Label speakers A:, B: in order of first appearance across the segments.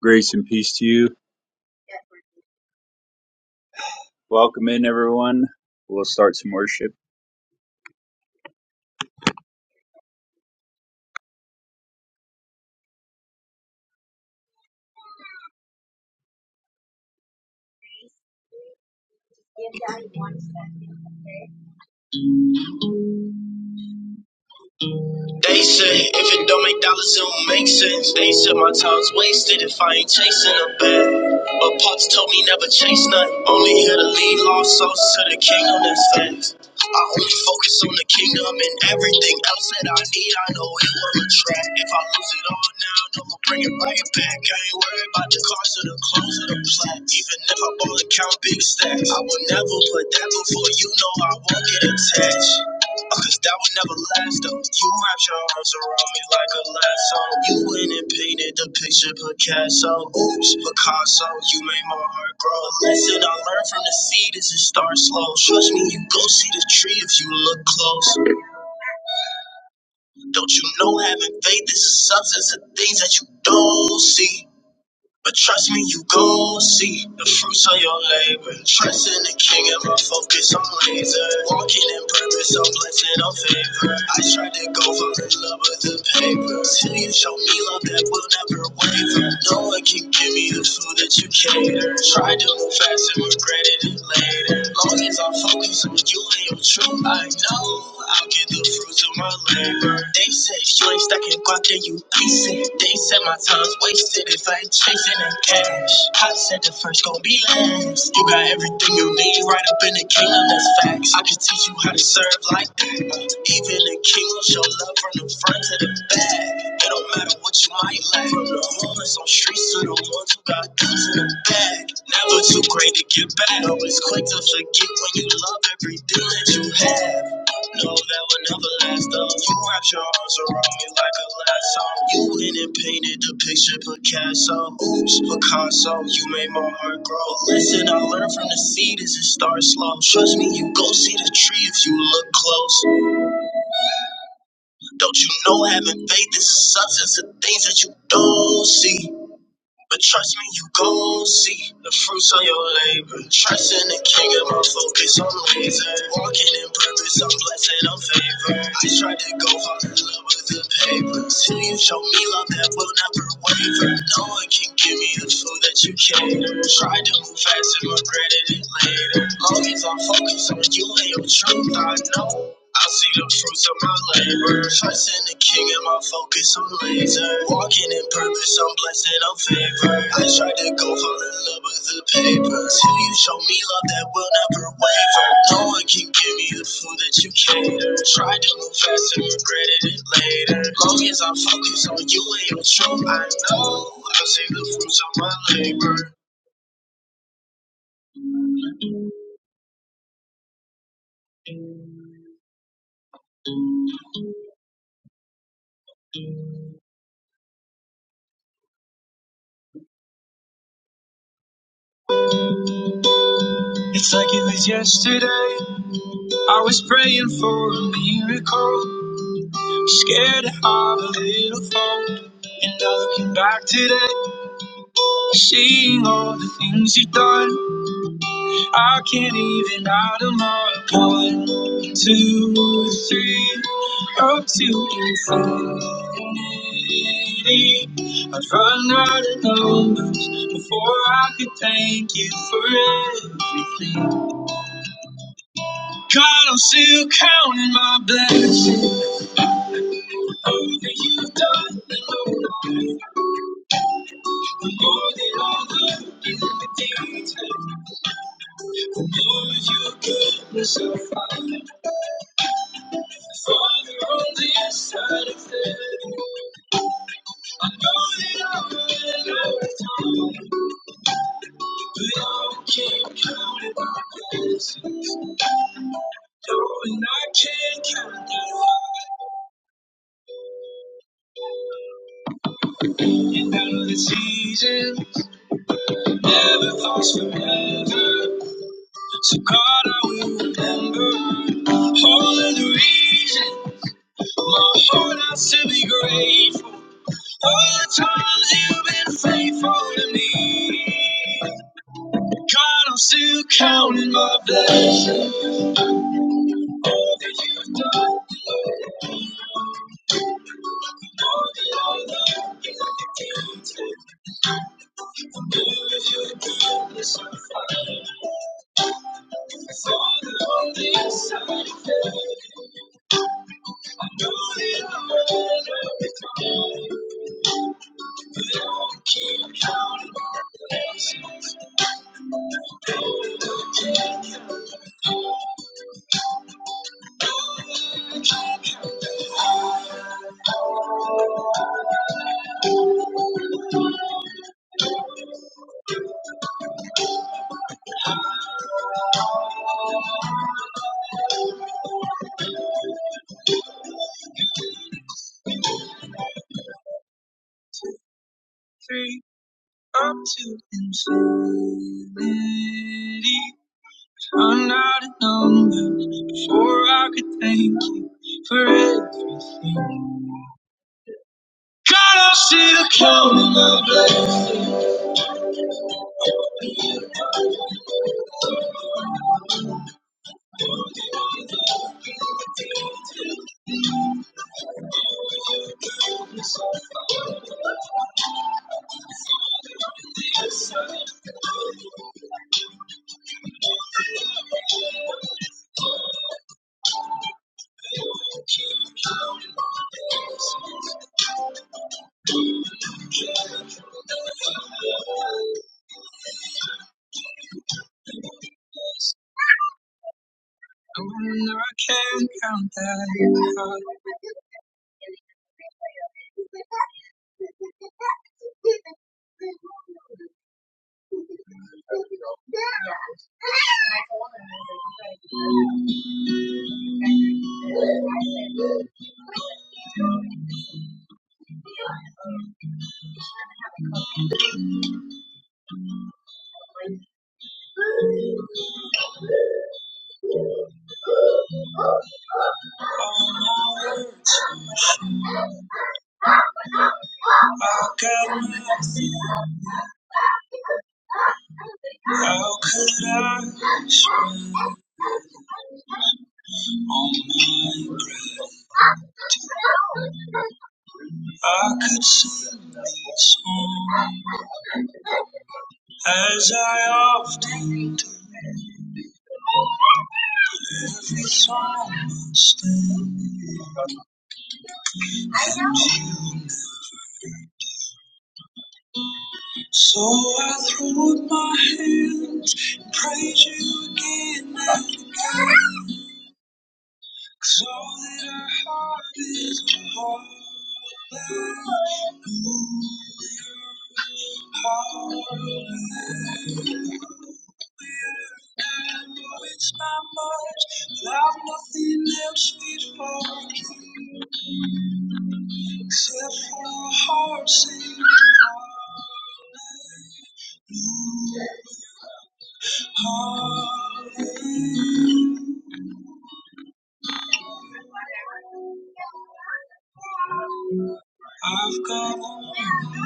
A: Grace and peace to you. Welcome in, everyone. We'll start some worship. They say if it don't make dollars, it don't make sense. They said my time's wasted if I ain't chasing a bag. But Pops told me never chase none. Only here to lead lost souls to the kingdom that's next. I only focus on the kingdom and everything else that I need. I know it will attract. If I lose it all now, no will bring it right back. I ain't worried about the cars or the clothes or the plaque. Even if I ball and count big stacks, I will never put that before you know I won't get attached. Cause that would never last though. You wrapped your arms around me like a lasso. You went and painted the picture Picasso. Oops, Picasso, you made my heart grow. Listen, I learned from the seed is it starts slow. Trust me, you go see the tree if you look close. Don't you know having faith is a substance of things that you don't see? But trust me, you gon' see the fruits of your labor. Trust in the king and my focus on laser. Walking in purpose, I'm blessed, I'm favored. I tried to go for the love of the paper. Till you show me love that will never waver. No one can give me the food that you cater. Tried to move fast and regretted it later. Long as I focus on you and your truth, I know. I'll get the fruits of my labor. They say if you ain't stacking guac, then you wasting. They said my time's wasted if I ain't chasing that cash. I said the first gon' be last. You got everything you need right up in the kingdom, that's facts. I can teach you how to serve like that. Even the kingdom show love from the front to the back. It don't matter what you might lack. From the homeless on streets to the ones who got guns in the bag. Never too great to get back. Always quick to forget when you love everything that you have. No, that would never last Though You wrapped your arms around me like a lasso. You went and painted the picture Picasso. Oops, Picasso, you made my heart grow. Listen, I learned from the seed is it starts slow. Trust me, you gon' see the tree if you look close. Don't you know having faith is a substance of things that you don't see? But trust me, you gon' see the fruits of your labor. Trust in the king of my focus, I'm laser. Walking in purpose, I'm blessed, I'm favored. I tried to go hard in love with the paper. Till you show me love that will never waver. No one can give me the food that you cater. Tried to move fast and regretted it later. Long as I focus on you and your truth, I know I see the fruits of my labor. Trusting the king and my focus on laser. Walking in purpose, I'm blessed, I'm favored. I tried to go fall in love with the paper. Till you show me love that will never waver. No one can give me the food that you cater. Tried to move fast and regretted it later. Long as I focus on you and your truth, I know I see the fruits of my labor. It's like it was yesterday. I was praying for a miracle. Scared to have a little hope. And now looking back today, seeing all the things you've done, I can't even add them up. One, two, three, up to infinity. I'd run out of numbers before I could thank you for everything. God, I'm still counting my blessings. All that you've done. More than in the invitation, Lord, your goodness so far. Father, on the inside of heaven, I know that I will never return. But I can't count it my blessings. Knowing I can't count it all. And now the seasons never last forever. So God, I will remember all of the reasons my heart has to be grateful. All the times you've been faithful to me. God, I'm still counting my blessings. If you're doing this, I'm fine. I saw that on the inside. I know that I'm on everything up to infinity. I'm not a number before I could thank you for everything, God, I'm still counting my blessings. When I can count that you are all I got nothing. How could I? wish I could sing this song as I often do. every song must end. So I threw up my hands and praise you again and again. 'Cause all that I have is a heart. that I know it's not much, but I've nothing else left for you except for a heart singing hallelujah. I've got one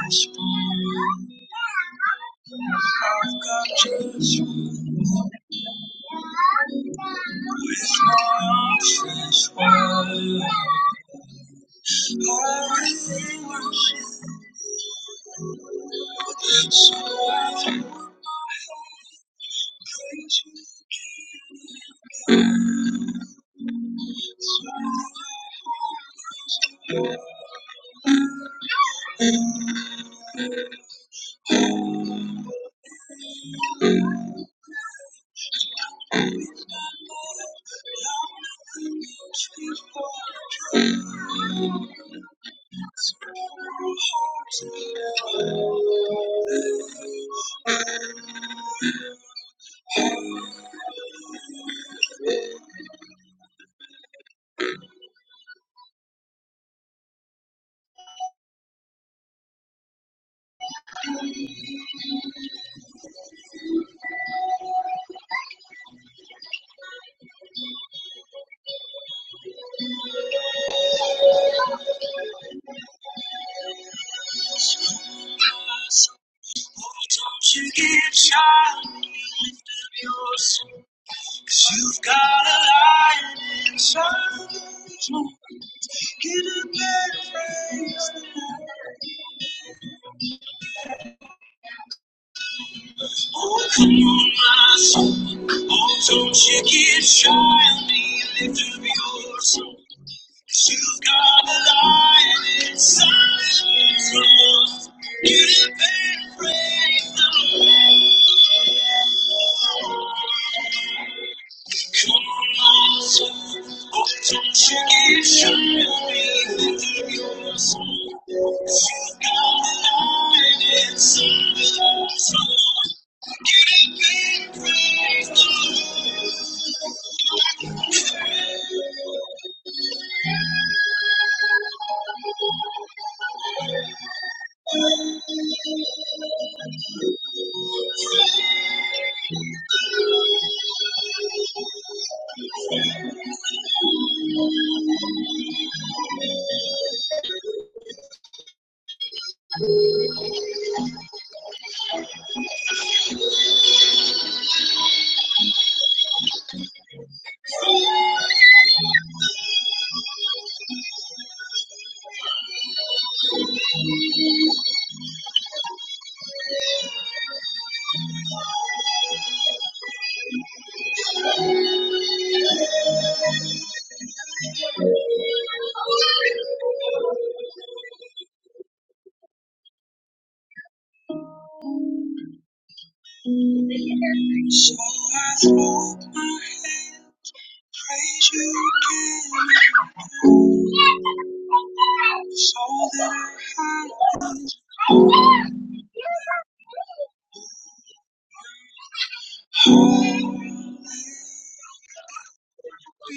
A: response. I've got just one. With my arms stretched wide, I worship. So I throw up my hands. Oh, Don't you get shy, lift up your soul, you you've got a lion inside of you. Get up and praise the Lord. Oh, come on, my soul. Oh, don't you get shy on me. Lift up your soul, you you've got a lion inside of you. So I throw up my hands. Praise you, King, so that I is holy. be.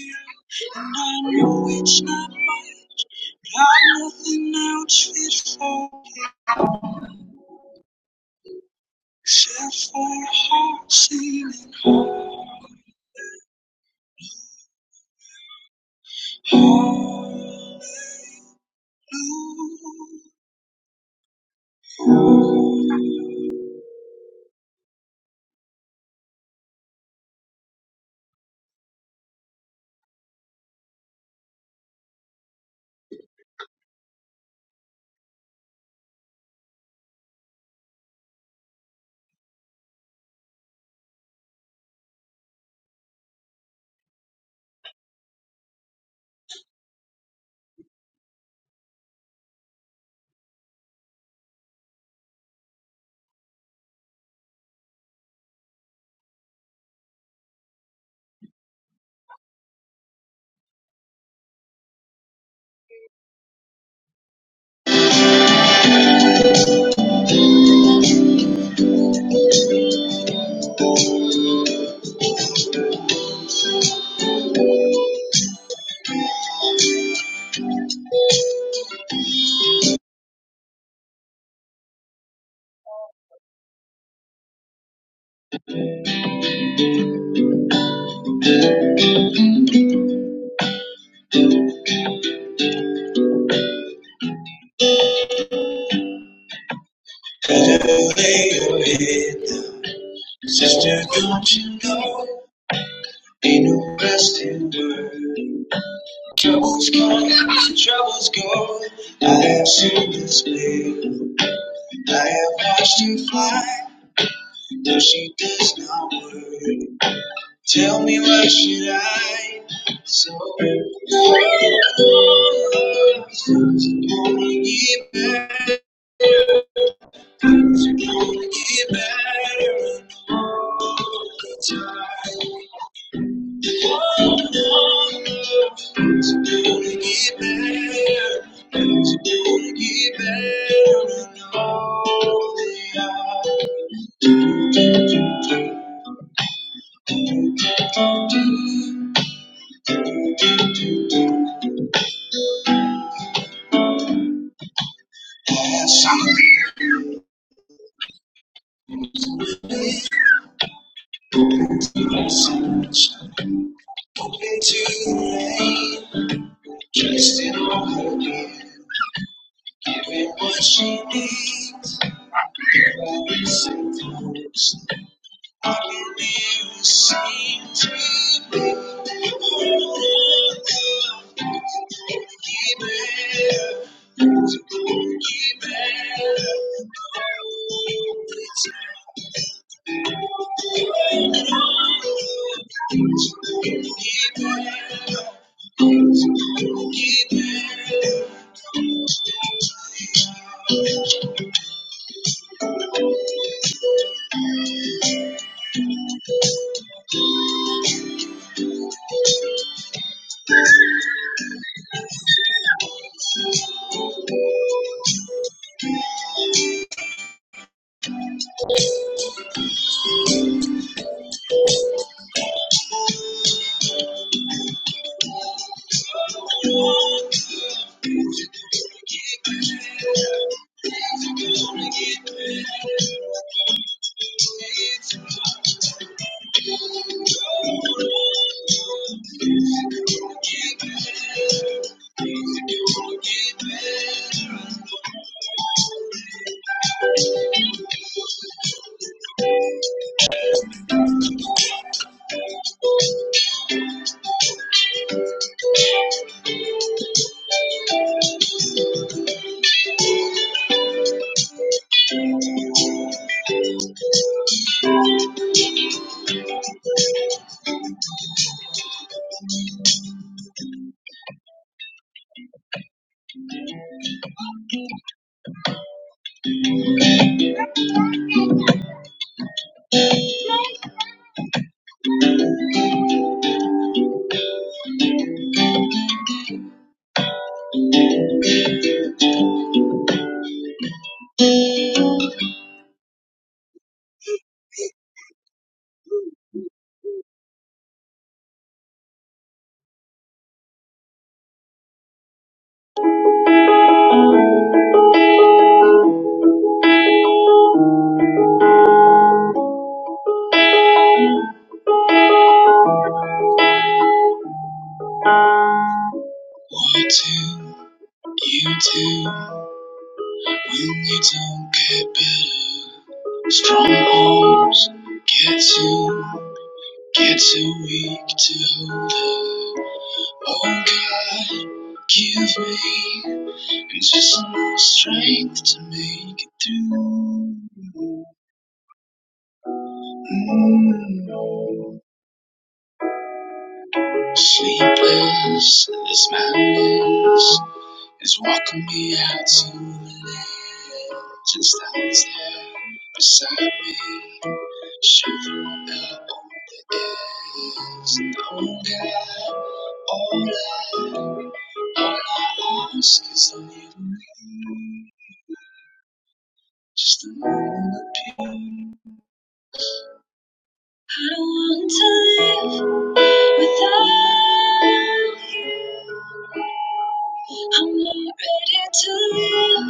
A: And I know it's not much, but I've nothing else fit for it, except for a heart singing hallelujah. Lay your head down, sister, don't you know? Ain't no rest in dirt. Troubles come, troubles go. I have seen this play. I have watched her fly. Now she does not worry. Tell me why should I? So oh, wanna get better, wanna get better. all the time. One love is gonna get better. Is gonna get better. And all the other things that we said we wouldn't. I can hear us sing to me. One love is gonna get better. Is gonna get better. Every time. Wanting you to when you don't get better. Strongholds get too, get too weak to hold up. Oh God, give me just enough strength to make it through. Mm. Sleepless, this madness. is walking me out to the land just always there beside me, shivering up on the edge. And Oh God, all I, all I ask is a little rain, just a little rain. I don't want to live without you. I'm not ready to live.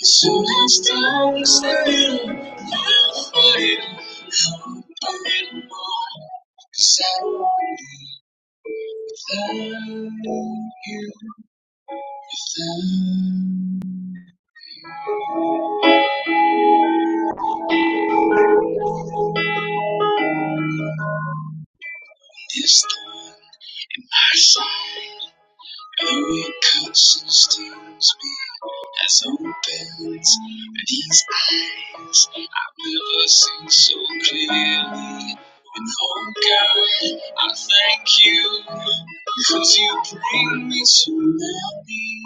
A: So let's dance in the fire. How a little more, 'cause I won't be without you. Without you. this thorn in my side. Your counsel steals me as opens these eyes. I've never seen so clearly. And oh God, I thank you because you bring me so many.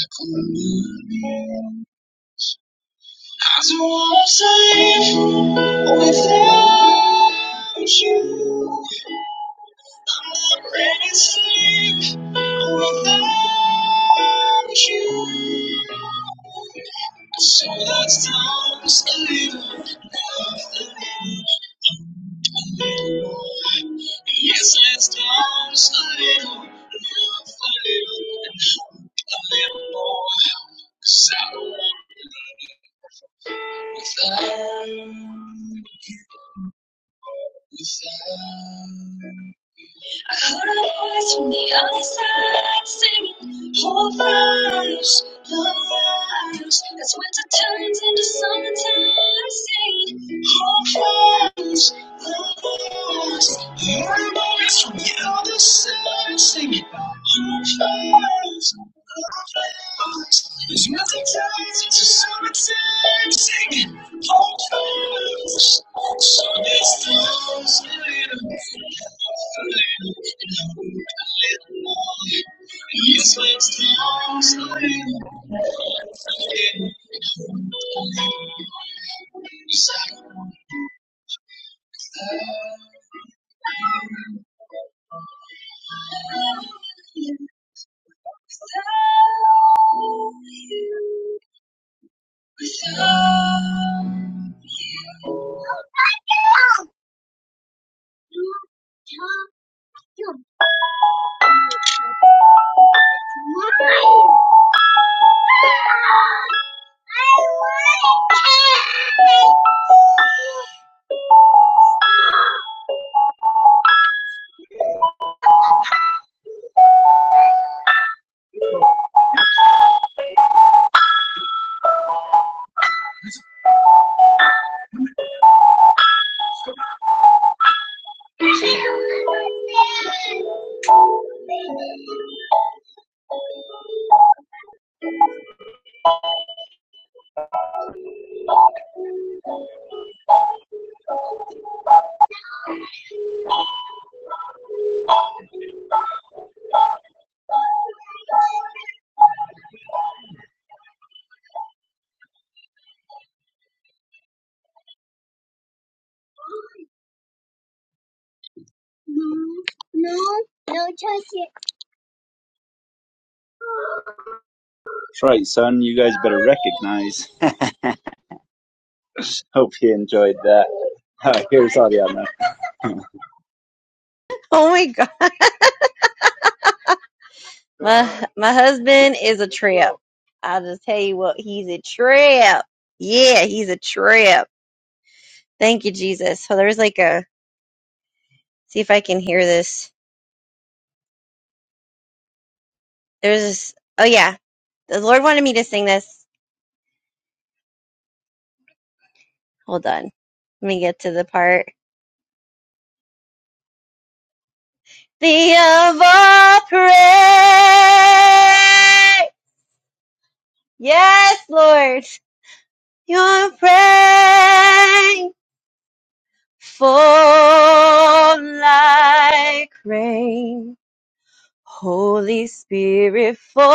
A: good news. I don't want to live without you. Already safe without you. So that's times a little, nothing. yes, let's times a little, love a little, a little more. 'Cause I don't want to live without, without. I heard a voice from the other side singing, Whole fires, the fires. That's winter turns into summertime. Singing, Whole fires, hear a voice from the other side singing, Whole fires, whole fires. There's nothing turns into summertime. Singing, Whole fires, whole fires. That's right, son. You guys better recognize. Hope you enjoyed that. Uh, here's Ariana.
B: Oh my god. My my husband is a trip. I'll just tell you what, he's a trip. Yeah, he's a trip. Thank you, Jesus. So there's like a see if I can hear this. There's this oh yeah. The Lord wanted me to sing this. Hold on. Let me get to the part. The of all praise. Yes, Lord. Your praying for like rain Holy Spirit, fall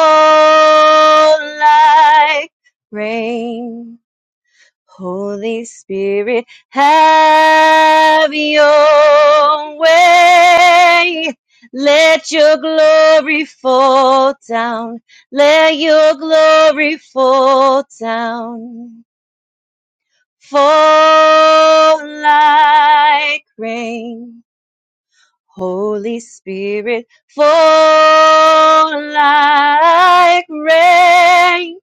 B: like rain. Holy Spirit, have your way. Let your glory fall down. Let your glory fall down. Fall like rain. Holy Spirit, fall like rain.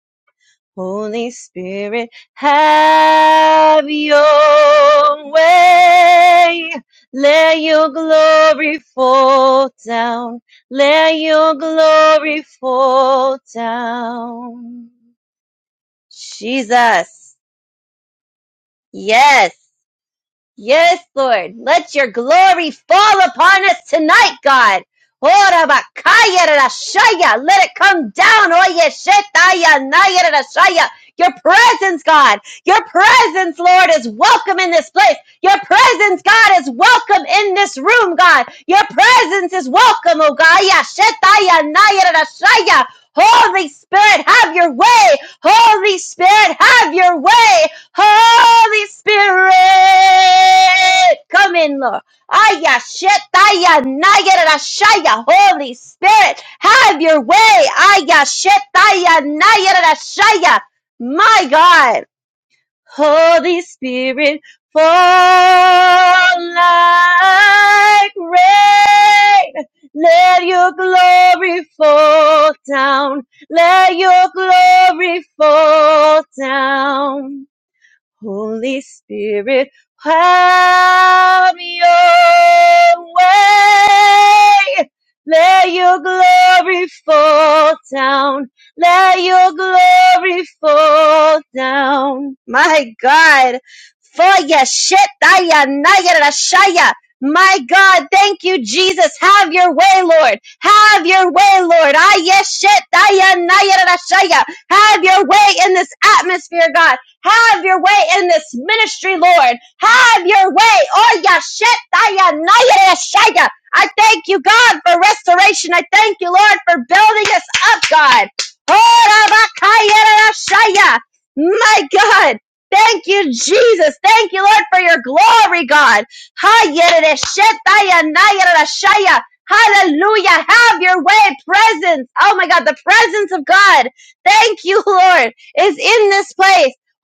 B: Holy Spirit, have your way. Let your glory fall down. Let your glory fall down. Jesus. Yes. Yes, Lord. Let your glory fall upon us tonight, God. Ora bakaya rarashaya. Let it come down. Oye shetaya naya rarashaya. Your presence, God. Your presence, Lord, is welcome in this place. Your presence, God, is welcome in this room, God. Your presence is welcome, O God. Ya shetaya naya rarashaya. Holy Spirit, have your way. Holy Spirit, have your way. Holy Spirit, come in, Lord. Aya shetaya nayara shaya. Holy Spirit, have your way. Aya shetaya nayara shaya. My God, Holy Spirit, fall like rain. Let your glory fall down. Let your glory fall down. Holy Spirit, have your way. Let your glory fall down. Let your glory fall down. My God. For your shit, daya, naya, rashaya. My God, thank you, Jesus. Have your way, Lord. Have your way, Lord. Ah, yes, shit, naya, rashaya. Have your way in this atmosphere, God. Have your way in this ministry, Lord. Have your way. Oh, yashetaya I thank you, God, for restoration. I thank you, Lord, for building us up, God. Oh, My God. Thank you, Jesus. Thank you, Lord, for your glory, God. Hallelujah. Have your way. Presence. Oh my God. The presence of God. Thank you, Lord, is in this place.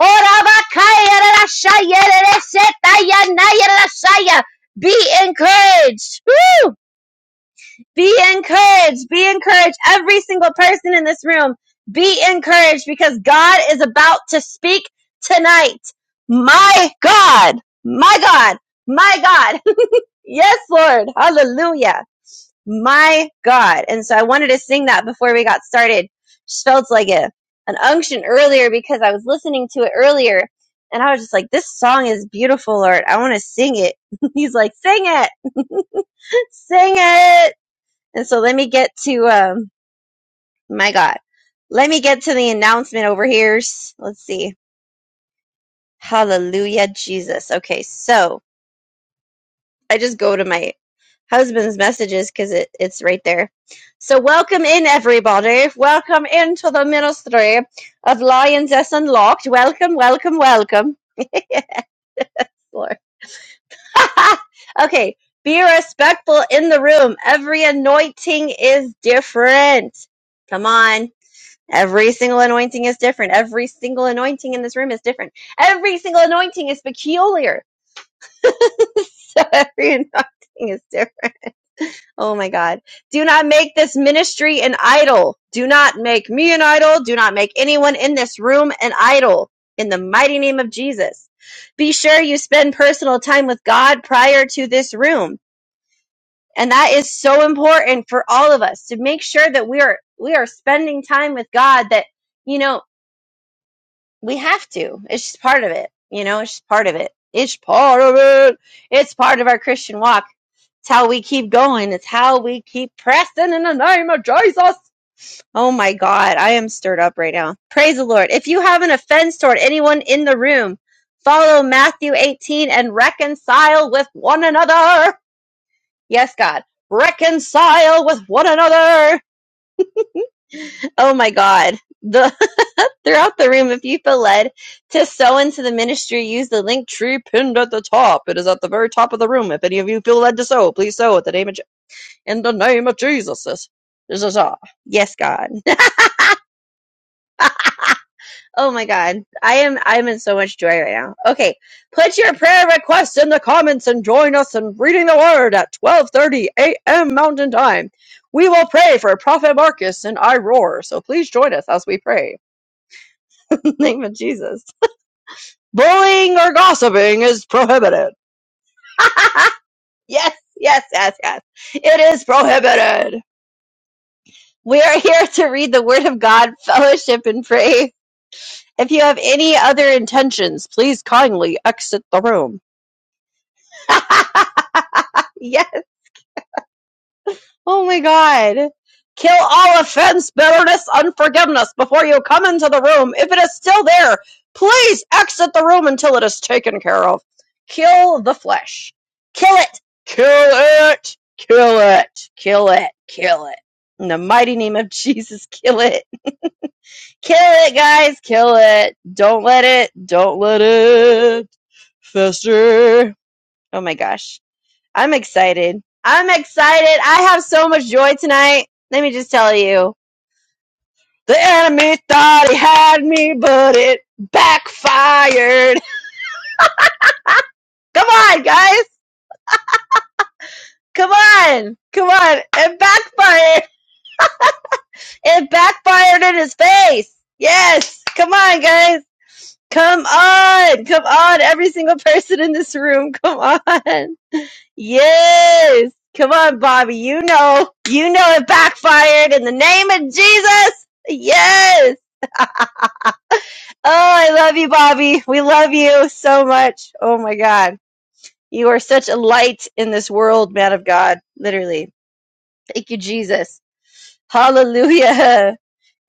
B: Orabakayarashayarashetayanayalasaya. Be encouraged. Woo! Be encouraged. Be encouraged. Every single person in this room, be encouraged because God is about to speak tonight. My God. My God. My God. Yes, Lord. Hallelujah. My God. And so I wanted to sing that before we got started. Just felt like a, an unction earlier because I was listening to it earlier and I was just like, this song is beautiful, Lord. I want to sing it. He's like, sing it, sing it. And so let me get to, um, my God. Let me get to the announcement over here. Let's see. Hallelujah, Jesus. Okay. So I just go to my husband's messages because it, it's right there. So welcome in everybody. Welcome into the ministry of Lioness Unlocked. Welcome, welcome, welcome. Lord. okay. Be respectful in the room. Every anointing is different. Come on. Every single anointing is different. Every single anointing in this room is different. Every single anointing is peculiar. So every anointing is different. Oh my God. Do not make this ministry an idol. Do not make me an idol. Do not make anyone in this room an idol. In the mighty name of Jesus. Be sure you spend personal time with God prior to this room. And that is so important for all of us to make sure that we are, we are spending time with God that, you know, we have to. It's just part of it. You know, it's just part of it. It's part of it. It's part of our Christian walk it's how we keep going. It's how we keep pressing in the name of Jesus. Oh my God, I am stirred up right now. Praise the Lord. If you have an offense toward anyone in the room, follow Matthew 18 and reconcile with one another. Yes, God. Reconcile with one another. Oh my God. The throughout the room, if you feel led to sow into the ministry, use the link tree pinned at the top. It is at the very top of the room. If any of you feel led to sow, please sow at the name of In the name of Jesus. This this is all. Yes, God. Oh my God. I am I'm in so much joy right now. Okay. Put your prayer requests in the comments and join us in reading the word at 12:30 a.m. Mountain Time. We will pray for Prophet Marcus and I roar. So please join us as we pray. In the name of Jesus. Bullying or gossiping is prohibited. yes, yes, yes, yes. It is prohibited. We are here to read the word of God, fellowship, and pray. If you have any other intentions, please kindly exit the room. yes. Oh my god. Kill all offense, bitterness, unforgiveness before you come into the room. If it is still there, please exit the room until it is taken care of. Kill the flesh. Kill it. Kill it. Kill it. Kill it. Kill it. In the mighty name of Jesus, kill it. Kill it, guys. Kill it. Don't let it. Don't let it fester. Oh my gosh. I'm excited. I'm excited. I have so much joy tonight. Let me just tell you. The enemy thought he had me, but it backfired. Come on, guys. Come on. Come on. It backfired. It backfired in his face. Yes. Come on, guys. Come on. Come on. Every single person in this room. Come on. Yes. Come on, Bobby. You know, you know it backfired in the name of Jesus. Yes. Oh, I love you, Bobby. We love you so much. Oh my God. You are such a light in this world, man of God. Literally. Thank you, Jesus. Hallelujah.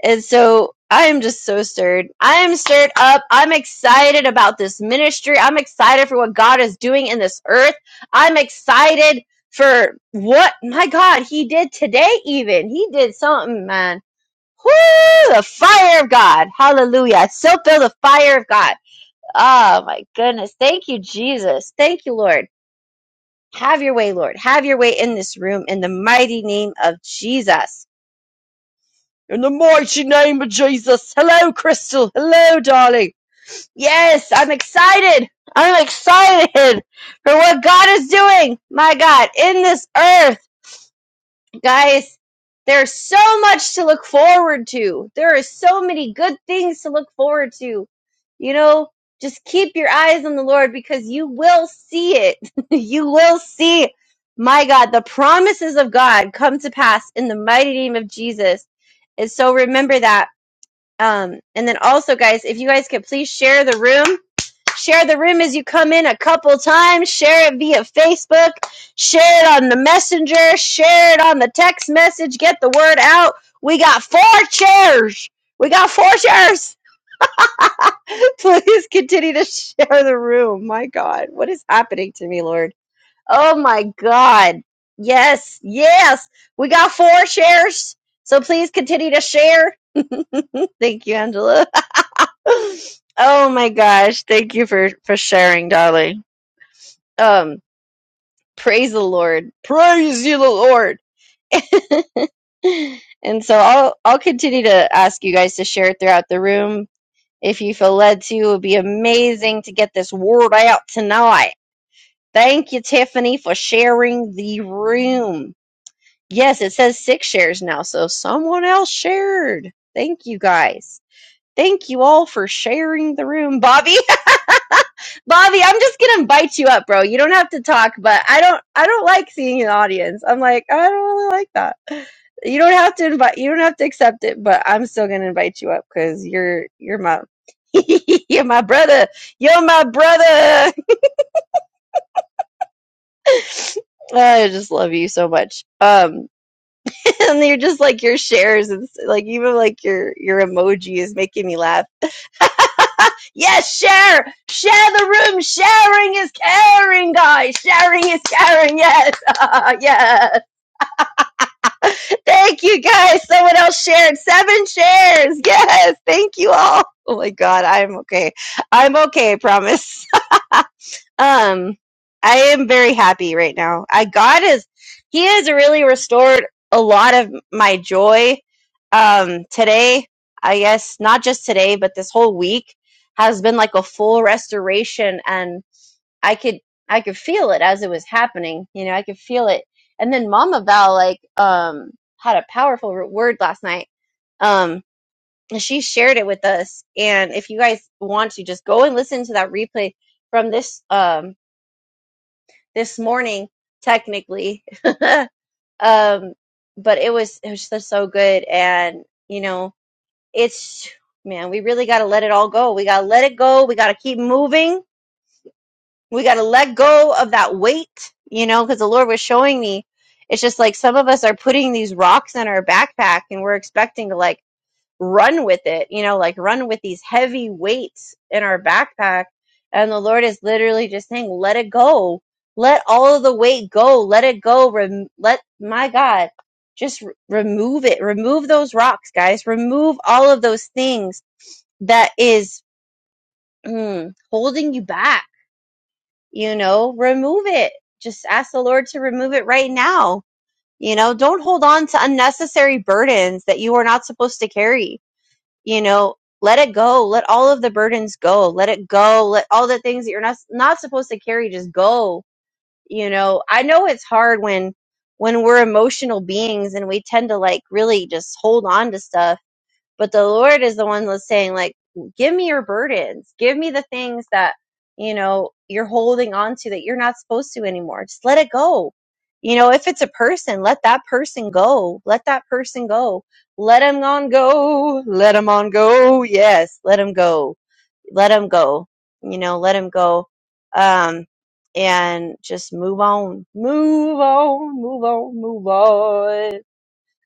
B: And so I am just so stirred. I am stirred up. I'm excited about this ministry. I'm excited for what God is doing in this earth. I'm excited for what my God He did today, even. He did something, man. Whoo! The fire of God. Hallelujah. I so feel the fire of God. Oh my goodness. Thank you, Jesus. Thank you, Lord. Have your way, Lord. Have your way in this room in the mighty name of Jesus. In the mighty name of Jesus. Hello, Crystal. Hello, darling. Yes, I'm excited. I'm excited for what God is doing. My God, in this earth, guys, there's so much to look forward to. There are so many good things to look forward to. You know, just keep your eyes on the Lord because you will see it. you will see, it. my God, the promises of God come to pass in the mighty name of Jesus. And so remember that um, and then also, guys, if you guys could please share the room, share the room as you come in a couple times, share it via Facebook, share it on the messenger, share it on the text message, get the word out. We got four chairs. We got four chairs. please continue to share the room. My God, what is happening to me, Lord? Oh my God. Yes, yes. We got four shares. So please continue to share. Thank you, Angela. oh my gosh. Thank you for, for sharing, darling. Um, praise the Lord. Praise you, the Lord. And so I'll, I'll continue to ask you guys to share it throughout the room. If you feel led to, it would be amazing to get this word out tonight. Thank you, Tiffany, for sharing the room. Yes, it says six shares now, so someone else shared. Thank you guys. Thank you all for sharing the room. Bobby, Bobby, I'm just gonna invite you up, bro. You don't have to talk, but I don't I don't like seeing an audience. I'm like, I don't really like that. You don't have to invite you don't have to accept it, but I'm still gonna invite you up because you're you're my you're my brother. You're my brother. I just love you so much. Um and you're just like your shares and s- like even like your your emoji is making me laugh Yes, share, share the room. Sharing is caring, guys. Sharing is caring. Yes, yes. Thank you, guys. Someone else shared seven shares. Yes, thank you all. Oh my God, I'm okay. I'm okay. I promise. um, I am very happy right now. I God is, He has really restored a lot of my joy. Um, today, I guess not just today, but this whole week has been like a full restoration and I could I could feel it as it was happening. You know, I could feel it. And then Mama Val like um had a powerful word last night. Um and she shared it with us. And if you guys want to just go and listen to that replay from this um this morning technically. um but it was it was just so good and you know, it's man, we really got to let it all go. We got to let it go. We got to keep moving we got to let go of that weight, you know, because the Lord was showing me. It's just like some of us are putting these rocks in our backpack and we're expecting to like run with it, you know, like run with these heavy weights in our backpack. And the Lord is literally just saying, let it go. Let all of the weight go. Let it go. Rem- let my God just r- remove it. Remove those rocks, guys. Remove all of those things that is mm, holding you back you know, remove it. Just ask the Lord to remove it right now. You know, don't hold on to unnecessary burdens that you are not supposed to carry. You know, let it go. Let all of the burdens go. Let it go. Let all the things that you're not not supposed to carry just go. You know, I know it's hard when when we're emotional beings and we tend to like really just hold on to stuff but the Lord is the one that's saying, like, give me your burdens. Give me the things that, you know, you're holding on to that you're not supposed to anymore. Just let it go. You know, if it's a person, let that person go. Let that person go. Let him on go. Let him on go. Yes. Let him go. Let him go. You know, let him go. Um, and just move on, move on, move on, move on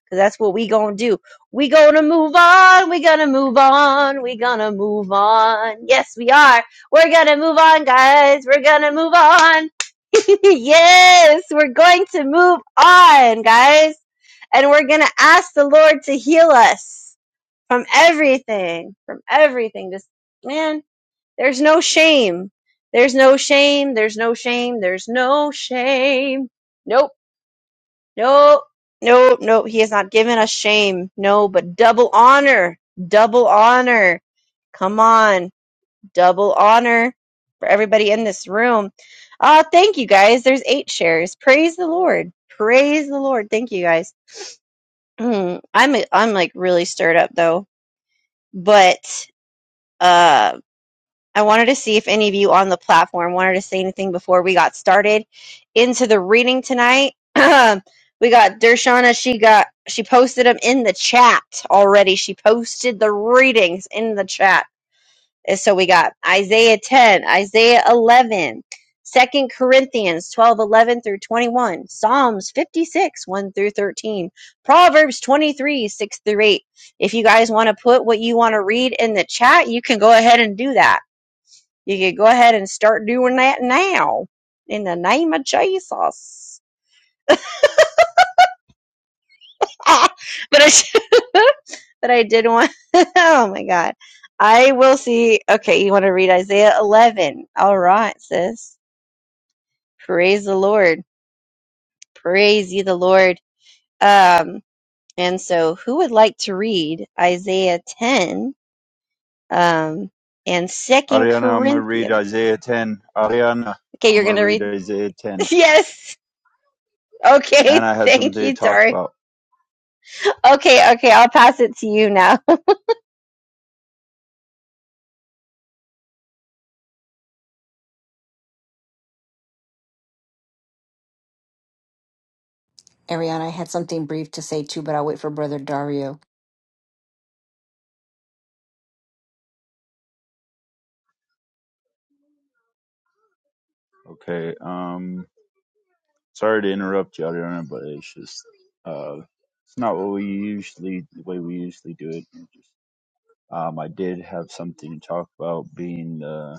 B: Cause that's what we gonna do. We gonna move on. We gonna move on. We gonna move on. Yes, we are. We're gonna move on, guys. We're gonna move on. yes, we're going to move on, guys. And we're gonna ask the Lord to heal us from everything, from everything. Just, man, there's no shame. There's no shame. There's no shame. There's no shame. Nope no, no, no. He has not given us shame. No, but double honor. Double honor. Come on. Double honor for everybody in this room. Uh, thank you guys. There's eight shares. Praise the Lord. Praise the Lord. Thank you guys. Mm, I'm I'm like really stirred up though. But um I wanted to see if any of you on the platform wanted to say anything before we got started into the reading tonight. we got Dershana. She got she posted them in the chat already. She posted the readings in the chat. And so we got Isaiah 10, Isaiah 11, Second Corinthians 12, 11 through 21, Psalms 56, 1 through 13, Proverbs 23, 6 through 8. If you guys want to put what you want to read in the chat, you can go ahead and do that you can go ahead and start doing that now in the name of Jesus. Ah, but I, but I did want. oh my God. I will see. Okay, you want to read Isaiah 11. All right, sis. Praise the Lord. Praise ye the Lord. Um, and so who would like to read Isaiah 10 um, and Second
A: Ariana, I'm going to read
B: Corinthians?
A: Isaiah 10. Ariana,
B: Okay,
A: I'm
B: you're
A: going
B: going
A: to
B: to
A: read
B: read.
A: Isaiah 10.
B: Yes.
A: And
B: Okay.
A: I had
B: Thank
A: something to
B: you,
A: talk
B: Tari.
A: about.
B: Okay, okay, I'll pass it to you now.
C: Ariana, I had something brief to say too, but I'll wait for Brother Dario.
A: Okay. Um, sorry to interrupt you, Ariana, but it's just, uh, it's not what we usually, the way we usually do it. It just- Um, I did have something to talk about being, the.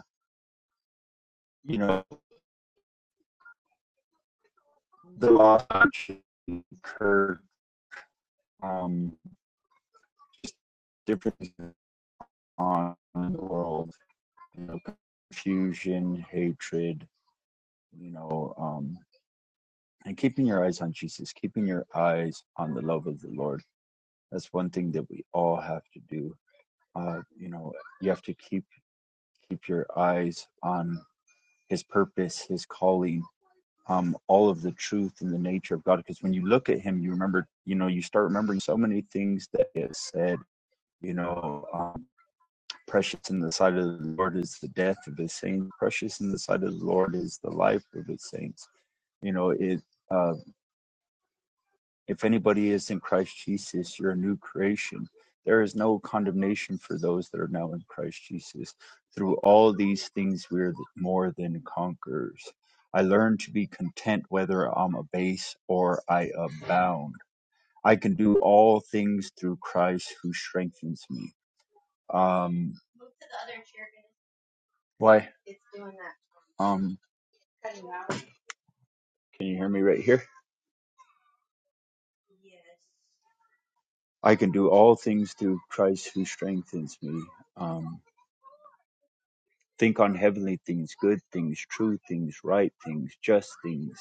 A: you know, the loss incurred um, differences on the world, you know, confusion, hatred, you know, um, and keeping your eyes on Jesus, keeping your eyes on the love of the Lord. That's one thing that we all have to do. Uh, you know, you have to keep keep your eyes on His purpose, His calling, um, all of the truth and the nature of God. Because when you look at Him, you remember, you know, you start remembering so many things that He has said You know, um, precious in the sight of the Lord is the death of his saints. Precious in the sight of the Lord is the life of his saints. You know, it, uh, if anybody is in Christ Jesus, you're a new creation. There is no condemnation for those that are now in Christ Jesus. Through all these things, we're more than conquerors. I learn to be content whether I'm abased or I abound. I can do all things through Christ who strengthens me. Um, why? Um. Can you hear me right here? I can do all things through Christ who strengthens me. Um, think on heavenly things, good things, true things, right things, just things,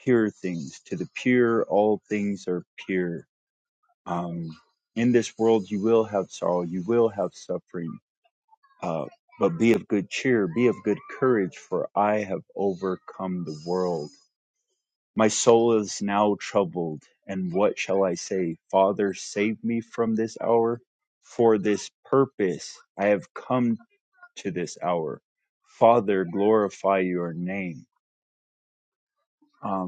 A: pure things. To the pure, all things are pure. Um, in this world, you will have sorrow, you will have suffering, uh, but be of good cheer, be of good courage, for I have overcome the world. My soul is now troubled, and what shall I say? Father, save me from this hour. For this purpose I have come to this hour. Father, glorify your name. Um,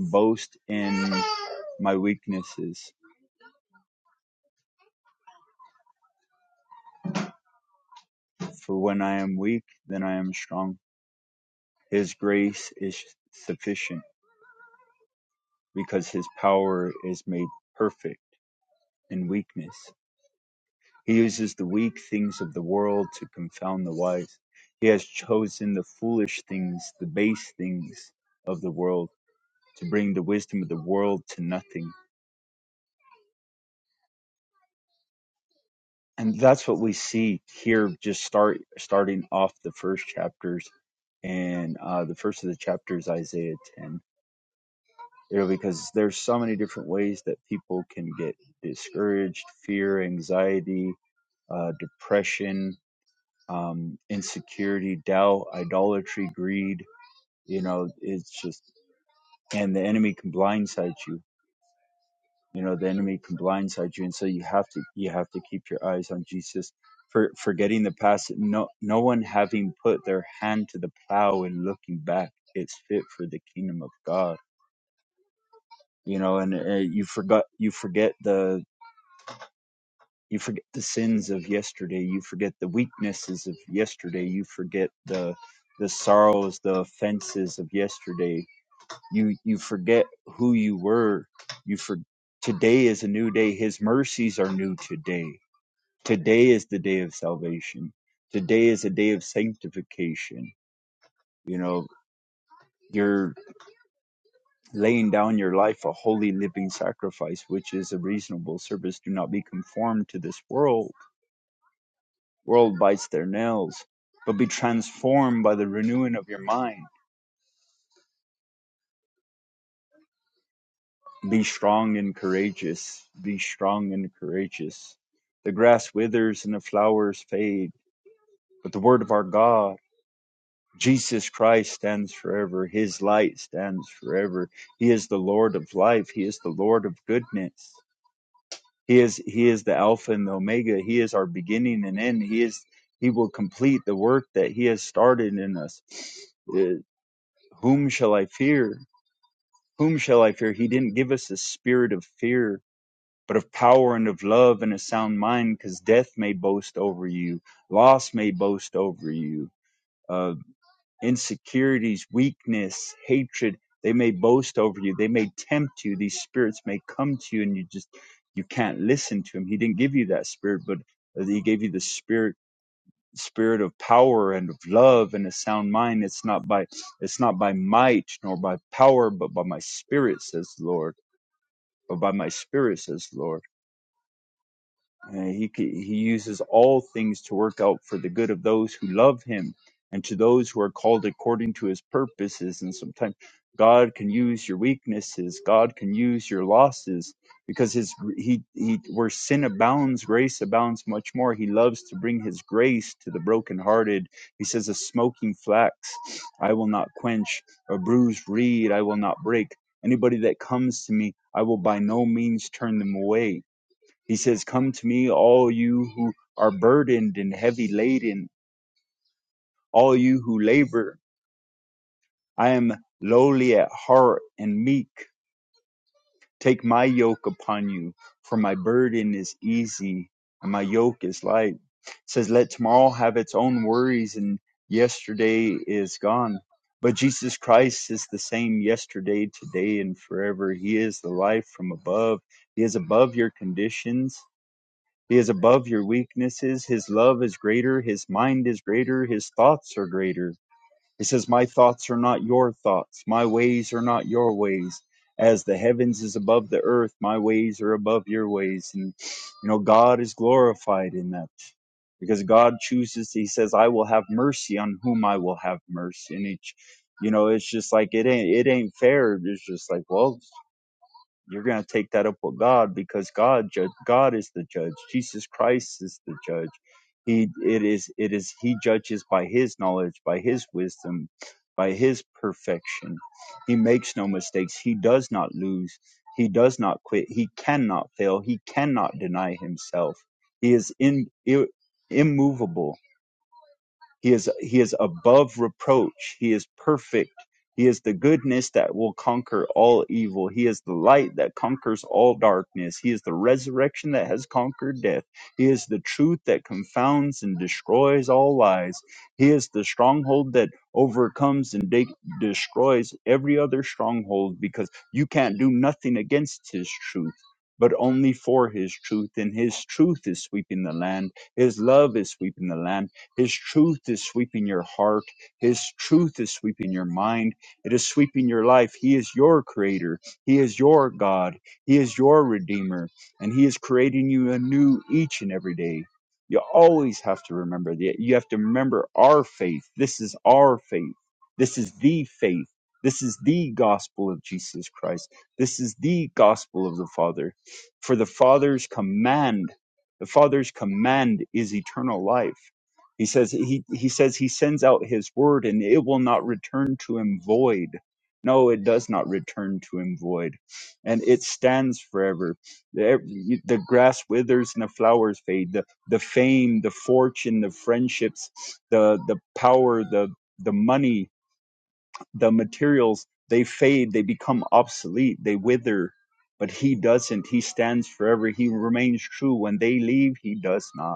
A: boast in my weaknesses, for when I am weak, then I am strong. His grace is sufficient, because his power is made perfect in weakness. He uses the weak things of the world to confound the wise. He has chosen the foolish things, the base things of the world to bring the wisdom of the world to nothing. And that's what we see here, just start starting off the first chapters. And uh, the first of the chapter is Isaiah 10. You know, because there's so many different ways that people can get discouraged, fear, anxiety, uh, depression, um, insecurity, doubt, idolatry, greed you know it's just and the enemy can blindside you you know the enemy can blindside you and so you have to you have to keep your eyes on jesus for forgetting the past no no one having put their hand to the plow and looking back it's fit for the kingdom of god you know and uh, you forgot you forget the you forget the sins of yesterday you forget the weaknesses of yesterday you forget the the sorrows the offenses of yesterday you you forget who you were you for today is a new day his mercies are new today today is the day of salvation today is a day of sanctification you know you're laying down your life a holy living sacrifice which is a reasonable service do not be conformed to this world world bites their nails but be transformed by the renewing of your mind Be strong and courageous. Be strong and courageous. The grass withers and the flowers fade, but the word of our God, Jesus Christ, stands forever. His light stands forever. He is the Lord of life. He is the Lord of goodness. He is He is the Alpha and the Omega. He is our beginning and end. He is He will complete the work that He has started in us. Uh, Whom shall I fear? Whom shall I fear? He didn't give us a spirit of fear but of power and of love and a sound mind, because death may boast over you, loss may boast over you, uh, insecurities, weakness, hatred, they may boast over you, they may tempt you, these spirits may come to you, and you just you can't listen to him. He didn't give you that spirit, but uh, he gave you the spirit spirit of power and of love and a sound mind it's not by it's not by might nor by power but by my spirit says the lord but by my spirit says the lord Uh, he he uses all things to work out for the good of those who love him and to those who are called according to his purposes and sometimes god can use your weaknesses god can use your losses because his he he where sin abounds grace abounds much more he loves to bring his grace to the brokenhearted he says a smoking flax i will not quench a bruised reed i will not break anybody that comes to me i will by no means turn them away he says, Come to me, all you who are burdened and heavy laden, all you who labor. I am lowly at heart and meek. Take my yoke upon you, for my burden is easy and my yoke is light. It says, Let tomorrow have its own worries, and yesterday is gone. But Jesus Christ is the same yesterday, today, and forever. He is the life from above. He is above your conditions. He is above your weaknesses. His love is greater. His mind is greater. His thoughts are greater. He says, My thoughts are not your thoughts. My ways are not your ways. As the heavens is above the earth, my ways are above your ways. And, you know, God is glorified in that because God chooses, He says, I will have mercy on whom I will have mercy. And each, you know, it's just like, it ain't, it ain't fair. It's just like, well, you're going to take that up with God because God God is the judge. Jesus Christ is the judge. He it is it is he judges by his knowledge, by his wisdom, by his perfection. He makes no mistakes. He does not lose. He does not quit. He cannot fail. He cannot deny himself. He is in, immovable. He is he is above reproach. He is perfect. He is the goodness that will conquer all evil. He is the light that conquers all darkness. He is the resurrection that has conquered death. He is the truth that confounds and destroys all lies. He is the stronghold that overcomes and de- destroys every other stronghold because you can't do nothing against his truth, but only for his truth. And his truth is sweeping the land. His love is sweeping the land. His truth is sweeping your heart. His truth is sweeping your mind. It is sweeping your life. He is your creator. He is your God. He is your redeemer. And He is creating you anew each and every day. You always have to remember that. You have to remember our faith. This is our faith. This is the faith. This is the gospel of Jesus Christ. This is the gospel of the Father. For the Father's command, the Father's command is eternal life. He says he, he says he sends out his word and it will not return to him void. No, it does not return to him void. And it stands forever. The, e- the grass withers and the flowers fade. The, the fame, the fortune, the friendships, the, the power, the, the money, the materials, they fade. They become obsolete. They wither. But he doesn't. He stands forever. He remains true. When they leave, he does not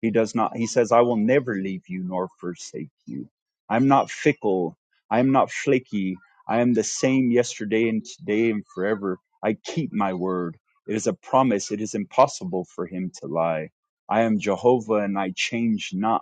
A: he does not, he says, I will never leave you nor forsake you. I'm not fickle. I am not flaky. I am the same yesterday and today and forever. I keep my word. It is a promise. It is impossible for him to lie. I am Jehovah and I change not.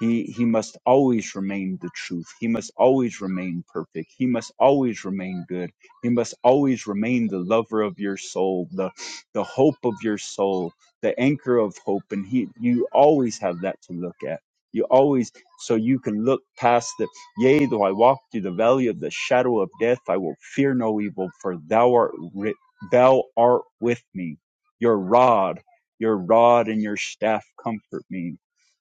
A: He, he must always remain the truth. He must always remain perfect. He must always remain good. He must always remain the lover of your soul, the, the hope of your soul, the anchor of hope. And he, you always have that to look at. You always, so you can look past the, yea, though I walk through the valley of the shadow of death, I will fear no evil, for thou art, ri- thou art with me. Your rod, your rod and your staff comfort me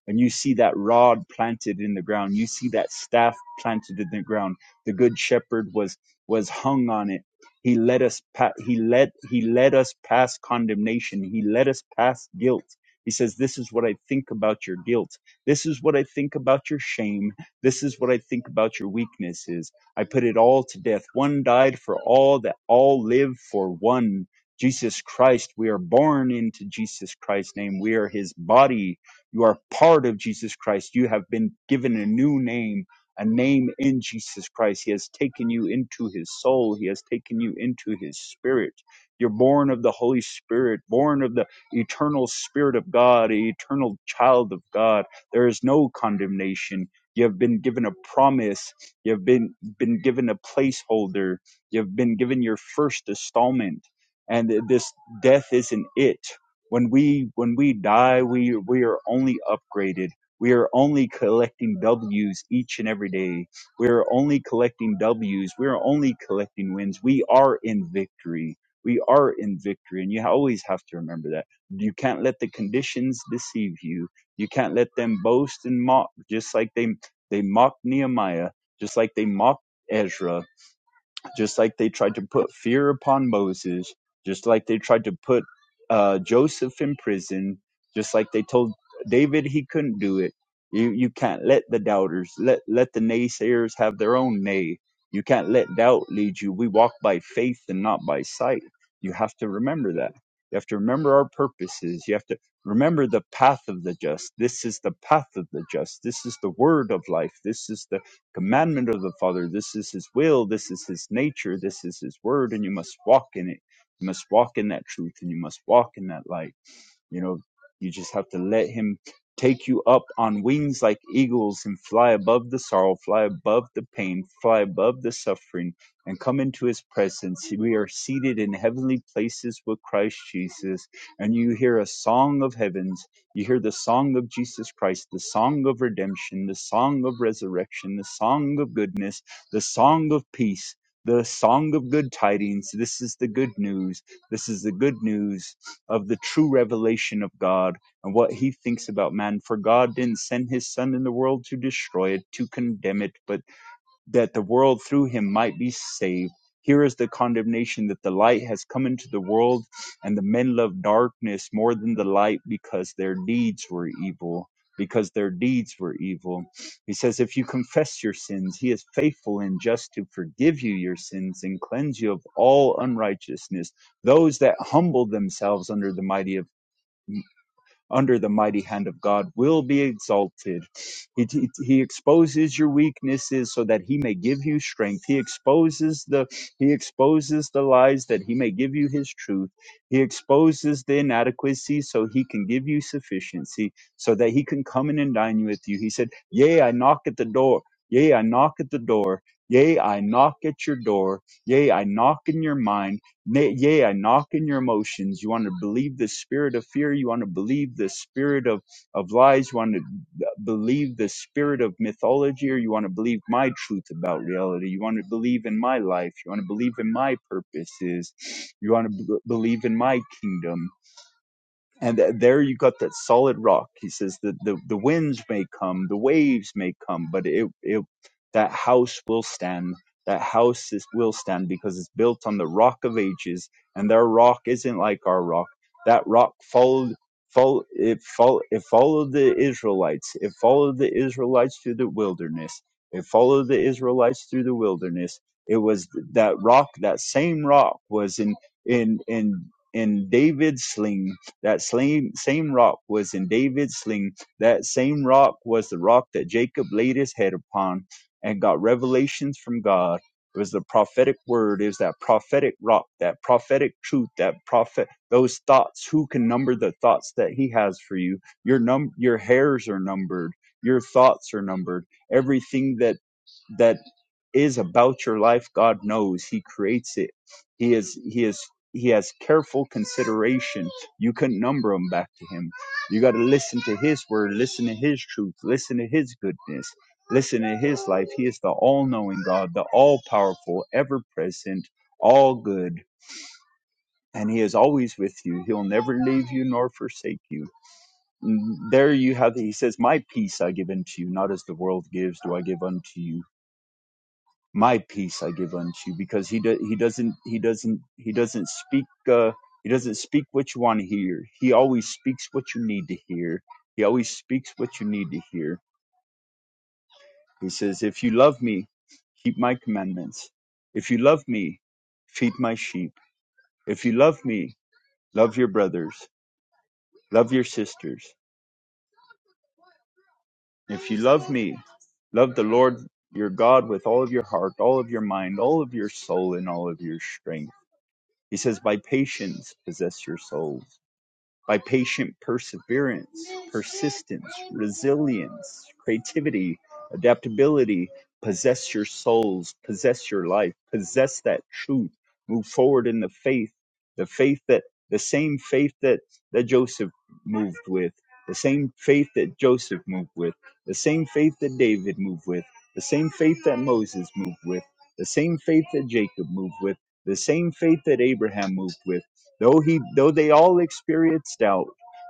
A: when you see that rod planted in the ground, you see that staff planted in the ground. The good shepherd was was hung on it. He let us pa- he let he let us past condemnation. He let us past guilt. He says, "This is what I think about your guilt. This is what I think about your shame. This is what I think about your weaknesses. I put it all to death. One died for all that all live for one." Jesus Christ. We are born into Jesus Christ's name. We are his body. You are part of Jesus Christ. You have been given a new name, a name in Jesus Christ. He has taken you into his soul, he has taken you into his spirit. You're born of the Holy Spirit, born of the eternal Spirit of God, an eternal child of God. There is no condemnation. You have been given a promise. You have been, been given a placeholder. You have been given your first installment. And this death isn't it when we when we die we we are only upgraded we are only collecting w's each and every day we are only collecting w's we are only collecting wins we are in victory we are in victory and you always have to remember that you can't let the conditions deceive you you can't let them boast and mock just like they they mocked nehemiah just like they mocked ezra just like they tried to put fear upon Moses, just like they tried to put uh, Joseph in prison, just like they told David he couldn't do it. You you can't let the doubters let let the naysayers have their own nay. You can't let doubt lead you. We walk by faith and not by sight. You have to remember that. You have to remember our purposes. You have to remember the path of the just. This is the path of the just. This is the word of life. This is the commandment of the Father. This is His will. This is His nature. This is His word. And you must walk in it. You must walk in that truth and you must walk in that light. You know, you just have to let Him take you up on wings like eagles and fly above the sorrow, fly above the pain, fly above the suffering, and come into His presence. We are seated in heavenly places with Christ Jesus, and you hear a song of heavens. You hear the song of Jesus Christ, the song of redemption, the song of resurrection, the song of goodness, the song of peace. The song of good tidings. This is the good news. This is the good news of the true revelation of God and what he thinks about man. For God didn't send his son in the world to destroy it, to condemn it, but that the world through him might be saved. Here is the condemnation that the light has come into the world, and the men love darkness more than the light because their deeds were evil. Because their deeds were evil. He says, If you confess your sins, he is faithful and just to forgive you your sins and cleanse you of all unrighteousness. Those that humble themselves under the mighty of under the mighty hand of God will be exalted. He, he, he exposes your weaknesses so that he may give you strength. He exposes the he exposes the lies that he may give you his truth. He exposes the inadequacy so he can give you sufficiency so that he can come in and dine with you. He said, "Yea, I knock at the door. Yea, I knock at the door. Yea, I knock at your door. Yea, I knock in your mind. Nay, yea, I knock in your emotions. You want to believe the spirit of fear. You want to believe the spirit of, of lies. You want to believe the spirit of mythology, or you want to believe my truth about reality. You want to believe in my life. You want to believe in my purposes. You want to b- believe in my kingdom and th- there you got that solid rock he says that the, the winds may come the waves may come but it, it that house will stand that house is, will stand because it's built on the rock of ages and their rock isn't like our rock that rock followed follow, it, follow, it followed the israelites it followed the israelites through the wilderness it followed the israelites through the wilderness it was that rock that same rock was in in in in david's sling that same, same rock was in David's sling. That same rock was the rock that Jacob laid his head upon and got revelations from God. It was the prophetic word. It was that prophetic rock, that prophetic truth, that prophet, those thoughts. Who can number the thoughts that he has for you? Your num, your hairs are numbered. Your thoughts are numbered. Everything that that is about your life god knows he creates it he is he is he has careful consideration you couldn't number them back to him you got to listen to his word listen to his truth listen to his goodness listen to his life he is the all-knowing god the all-powerful ever-present all good and he is always with you he'll never leave you nor forsake you there you have it. he says my peace i give unto you not as the world gives do i give unto you my peace I give unto you because he do, he doesn't he doesn't he doesn't speak uh, he doesn't speak what you want to hear. He always speaks what you need to hear. He always speaks what you need to hear. He says, "If you love me, keep my commandments. If you love me, feed my sheep. If you love me, love your brothers, love your sisters. If you love me, love the Lord your God with all of your heart, all of your mind, all of your soul, and all of your strength." He says, By patience possess your souls by patient perseverance, persistence, resilience, creativity, adaptability, possess your souls, possess your life, possess that truth, move forward in the faith, the faith that the same faith that, that Joseph moved with, the same faith that Joseph moved with, the same faith that David moved with, the same faith that Moses moved with, the same faith that Jacob moved with, the same faith that Abraham moved with Though he though they all experienced doubt,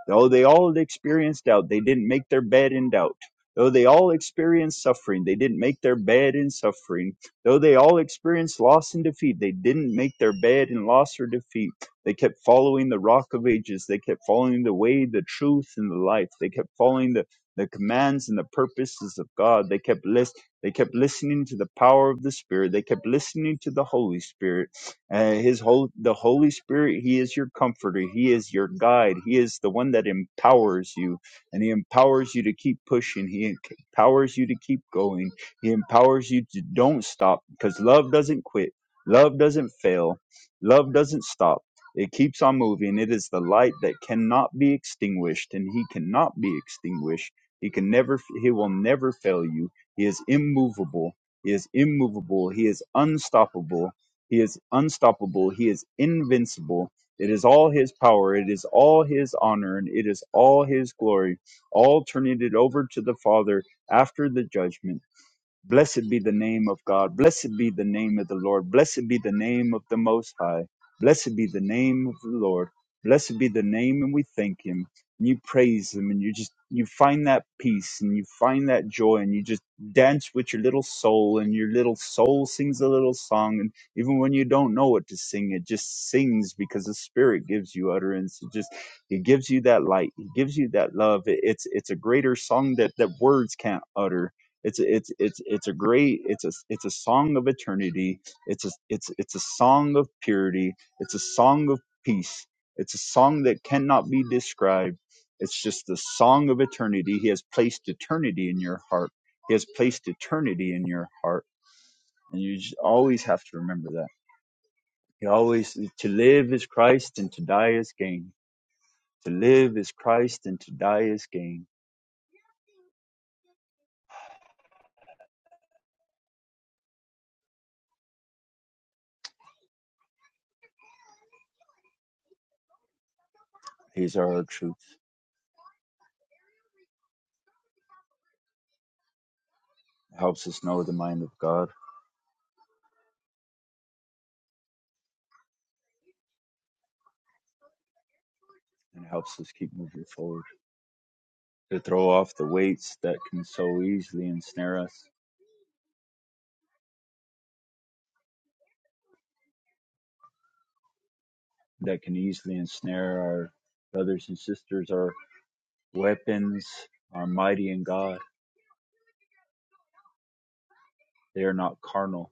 A: though they all experienced doubt, they didn't make their bed in doubt. Though they all experienced suffering, they didn't make their bed in suffering. Though they all experienced loss and defeat, they didn't make their bed in loss or defeat. They kept following the rock of ages. They kept following the way, the truth, and the life. They kept following the, the commands and the purposes of God. They kept list, they kept listening to the power of the Spirit. They kept listening to the Holy Spirit uh, his whole the Holy Spirit, he is your comforter, he is your guide, he is the one that empowers you, and he empowers you to keep pushing, he en- empowers you to keep going, he empowers you to don't stop because love doesn't quit, love doesn't fail, love doesn't stop. It keeps on moving. It is the light that cannot be extinguished, and he cannot be extinguished. He can never, he will never fail you. He is immovable. He is immovable. He is unstoppable he is unstoppable. He is invincible. It is all his power. It is all his honor. And it is all his glory. All turning it over to the Father after the judgment. Blessed be the name of God. Blessed be the name of the Lord. Blessed be the name of the Most High. Blessed be the name of the Lord. Blessed be the name, and we thank Him. And you praise Him, and you just you find that peace, and you find that joy, and you just dance with your little soul, and your little soul sings a little song, and even when you don't know what to sing, it just sings because the Spirit gives you utterance. It just He gives you that light. He gives you that love. It- It's it's a greater song that that words can't utter it's a, it's it's it's a great it's a it's a song of eternity. It's a it's it's a song of purity. It's a song of peace. It's a song that cannot be described. It's just the song of eternity. He has placed eternity in your heart. He has placed eternity in your heart, and you just always have to remember that. He always to live is Christ and to die is gain. To live is Christ and to die is gain. These are our truths. It helps us know the mind of God and helps us keep moving forward. to throw off the weights that can so easily ensnare us, that can easily ensnare our brothers and sisters. Our weapons are mighty in God. They are not carnal,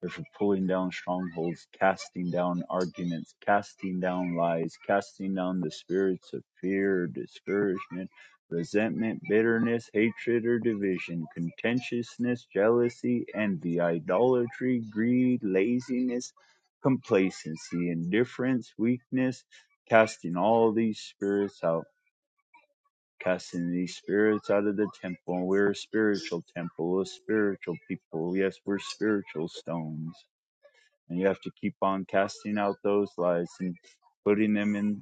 A: Therefore, pulling down strongholds, casting down arguments, casting down lies, casting down the spirits of fear, discouragement, resentment, bitterness, hatred, or division, contentiousness, jealousy, envy, idolatry, greed, laziness, complacency, indifference, weakness, casting all these spirits out. Casting these spirits out of the temple. We're a spiritual temple, a spiritual people. Yes, we're spiritual stones and you have to keep on casting out those lies and putting them in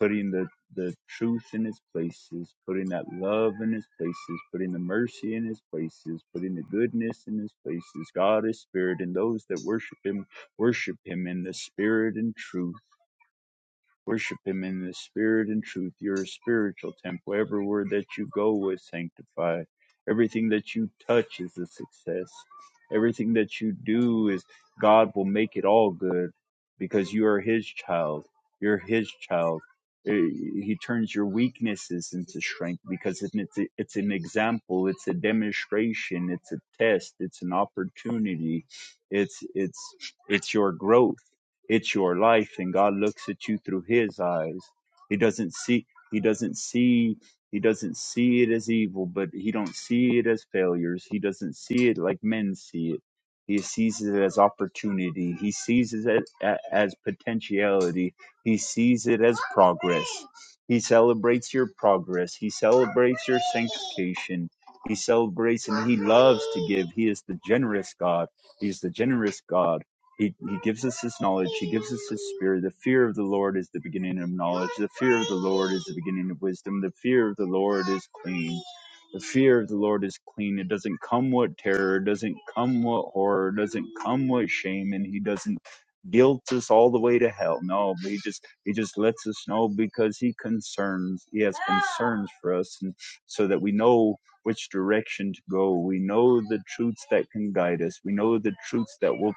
A: putting the the truth in its places putting that love in its places putting the mercy in its places putting the goodness in its places god is spirit and those that worship him worship him in the spirit and truth Worship Him in the spirit and truth. You're a spiritual temple. Every word that you go is sanctified. Everything that you touch is a success. Everything that you do is God will make it all good because you are His child. You're His child. Eh, He turns your weaknesses into strength because it's, a- it's an example, it's a demonstration, it's a test, it's an opportunity, it's it's it's your growth it's your life and God looks at you through his eyes. He doesn't see he doesn't see he doesn't see it as evil, but he don't see it as failures. He doesn't see it like men see it. He sees it as opportunity. He sees it as, a- as potentiality. He sees it as progress. He celebrates your progress. He celebrates your sanctification. He celebrates and he loves to give. He is the generous God. He's the generous God. He, he gives us his knowledge. He gives us his spirit. The fear of the Lord is the beginning of knowledge. The fear of the Lord is the beginning of wisdom. The fear of the Lord is clean. The fear of the Lord is clean. It doesn't come with terror. It doesn't come with horror. It doesn't come with shame. And he doesn't guilt us all the way to hell. No, but he just he just lets us know because he concerns he has concerns for us and so that we know which direction to go. We know the truths that can guide us. We know the truths that will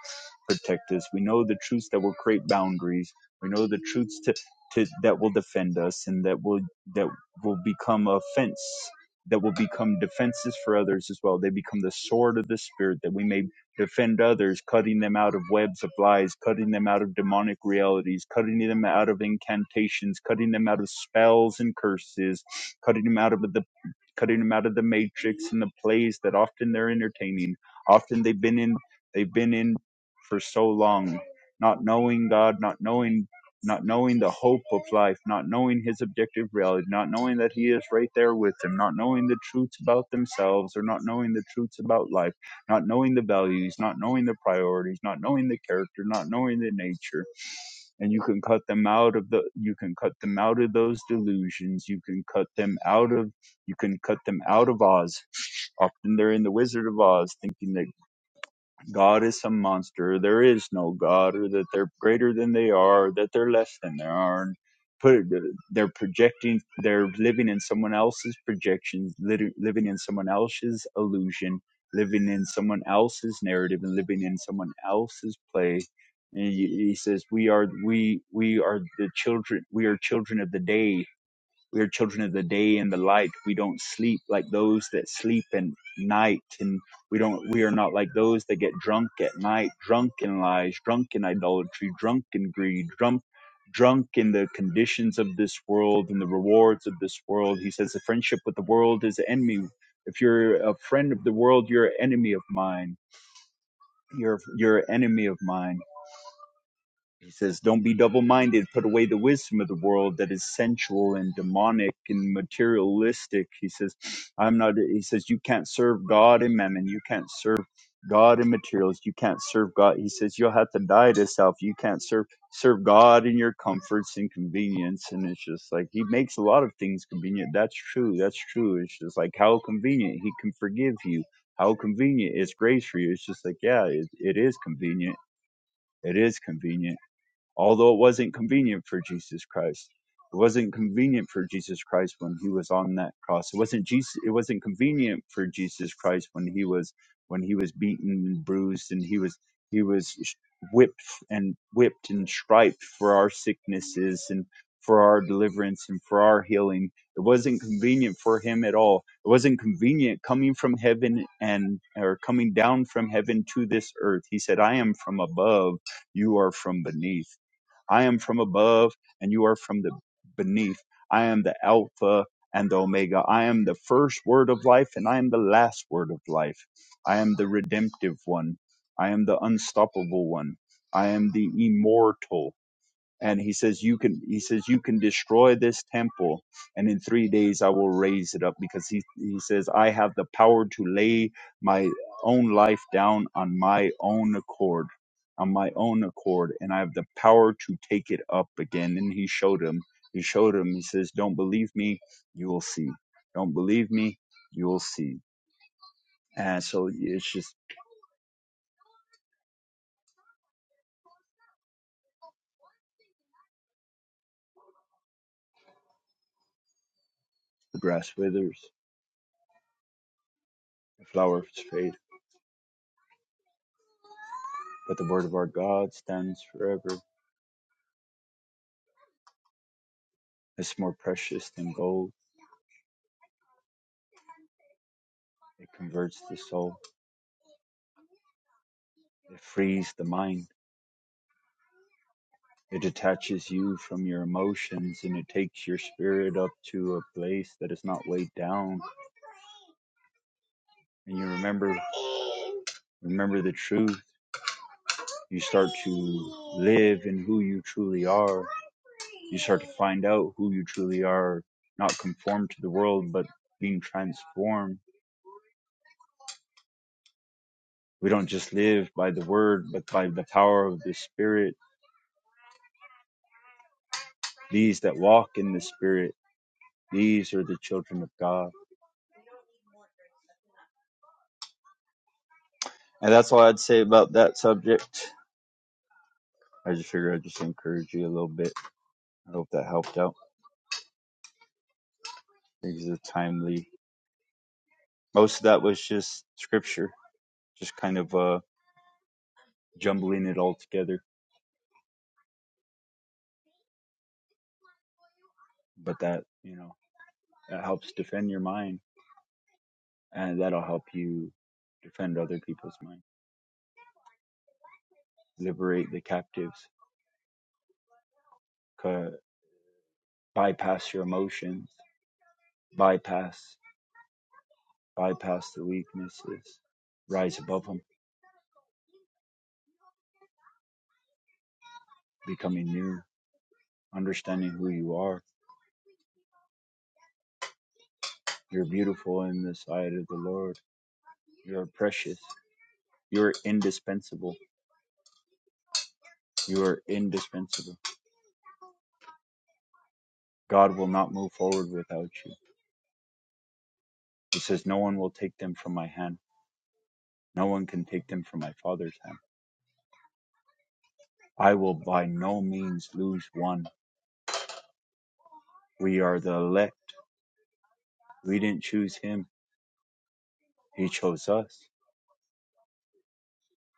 A: protect us. We know the truths that will create boundaries. We know the truths to, to that will defend us and that will that will become a fence that will become defenses for others as well. They become the sword of the spirit that we may defend others, cutting them out of webs of lies, cutting them out of demonic realities, cutting them out of incantations, cutting them out of spells and curses, cutting them out of the cutting them out of the matrix and the plays that often they're entertaining. Often they've been in they've been in for so long, not knowing God, not knowing not knowing the hope of life, not knowing his objective reality, not knowing that he is right there with them, not knowing the truths about themselves or not knowing the truths about life, not knowing the values, not knowing the priorities, not knowing the character, not knowing the nature. And you can cut them out of the you can cut them out of those delusions. You can cut them out of you can cut them out of Oz. Often they're in the Wizard of Oz thinking that God is some monster. There is no God, or that they're greater than they are, that they're less than they are. And put they're projecting, they're living in someone else's projections, living in someone else's illusion, living in someone else's narrative, and living in someone else's play. And he says, "We are we we are the children. We are children of the day. We are children of the day and the light. We don't sleep like those that sleep in night. And we don't, we are not like those that get drunk at night, drunk in lies, drunk in idolatry, drunk in greed, drunk, drunk in the conditions of this world and the rewards of this world. He says the friendship with the world is enemy. If you're a friend of the world, you're an enemy of mine. You're, you're an enemy of mine he says, Don't be double minded. Put away the wisdom of the world that is sensual and demonic and materialistic. He says, I'm not, he says, You can't serve God and mammon. You can't serve God and materials. You can't serve God. He says, You'll have to die to self. You can't serve, serve God in your comforts and convenience. And it's just like, He makes a lot of things convenient. That's true. That's true. It's just like, How convenient. He can forgive you. How convenient. It's grace for you. It's just like, Yeah, it, it is convenient. It is convenient although it wasn't convenient for Jesus Christ. It wasn't convenient for Jesus Christ when he was on that cross. It wasn't Jesus it wasn't convenient for Jesus Christ when he was when he was beaten and bruised and he was he was sh- whipped and whipped and striped for our sicknesses and for our deliverance and for our healing. It wasn't convenient for him at all. It wasn't convenient coming from heaven and or coming down from heaven to this earth. He said, I am from above, you are from beneath I am from above and you are from the beneath. I am the Alpha and the Omega. I am the first word of life and I am the last word of life. I am the redemptive one. I am the unstoppable one. I am the immortal and he says you can he says you can destroy this temple and in 3 days I will raise it up because he he says I have the power to lay my own life down on my own accord on my own accord and I have the power to take it up again and he showed him he showed him he says don't believe me you will see don't believe me you will see and so it's just the grass withers the flower but the word of our God stands forever it's more precious than gold It, it frees the mind. It detaches you from your emotions and it takes your spirit up to a place that is not weighed down. And you remember remember the truth, live in who you truly are, find out who you truly are, not conform to the world, but being transformed. We don't just live by the word, but by the power of the spirit. These that walk in the spirit, these are the children of God. And that's all I'd say about that subject. I just figure I'd just encourage you a little bit. I hope that helped out. These are timely. Most of that was just scripture, just kind of uh, jumbling it all together. But that, you know, that helps defend your mind, and that'll help you defend other people's mind, liberate the captives, Ca bypass your emotions, bypass, bypass the weaknesses, rise above them, becoming new, understanding who you are. You're beautiful in the sight of the Lord. You're precious. You're indispensable You are indispensable. God will not move forward without you. He says, No one will take them from my hand. No one can take them from my Father's hand. I will by no means lose one. We are the elect. We didn't choose him. He chose us.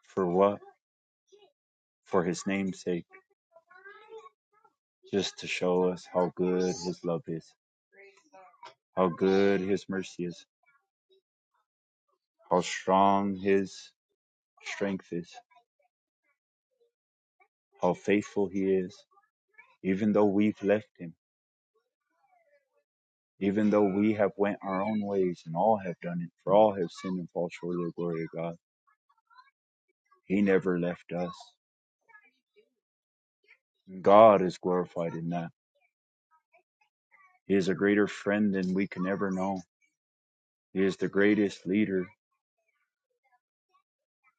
A: For what? For his name's sake. Just to show us how good his love is, how good his mercy is, how strong his strength is, how faithful he is, even though we've left him even though we have went our own ways and all have done it, for all have sinned and fall short of the glory of God. He never left us. God is glorified in that. He is a greater friend than we can ever know. He is the greatest leader.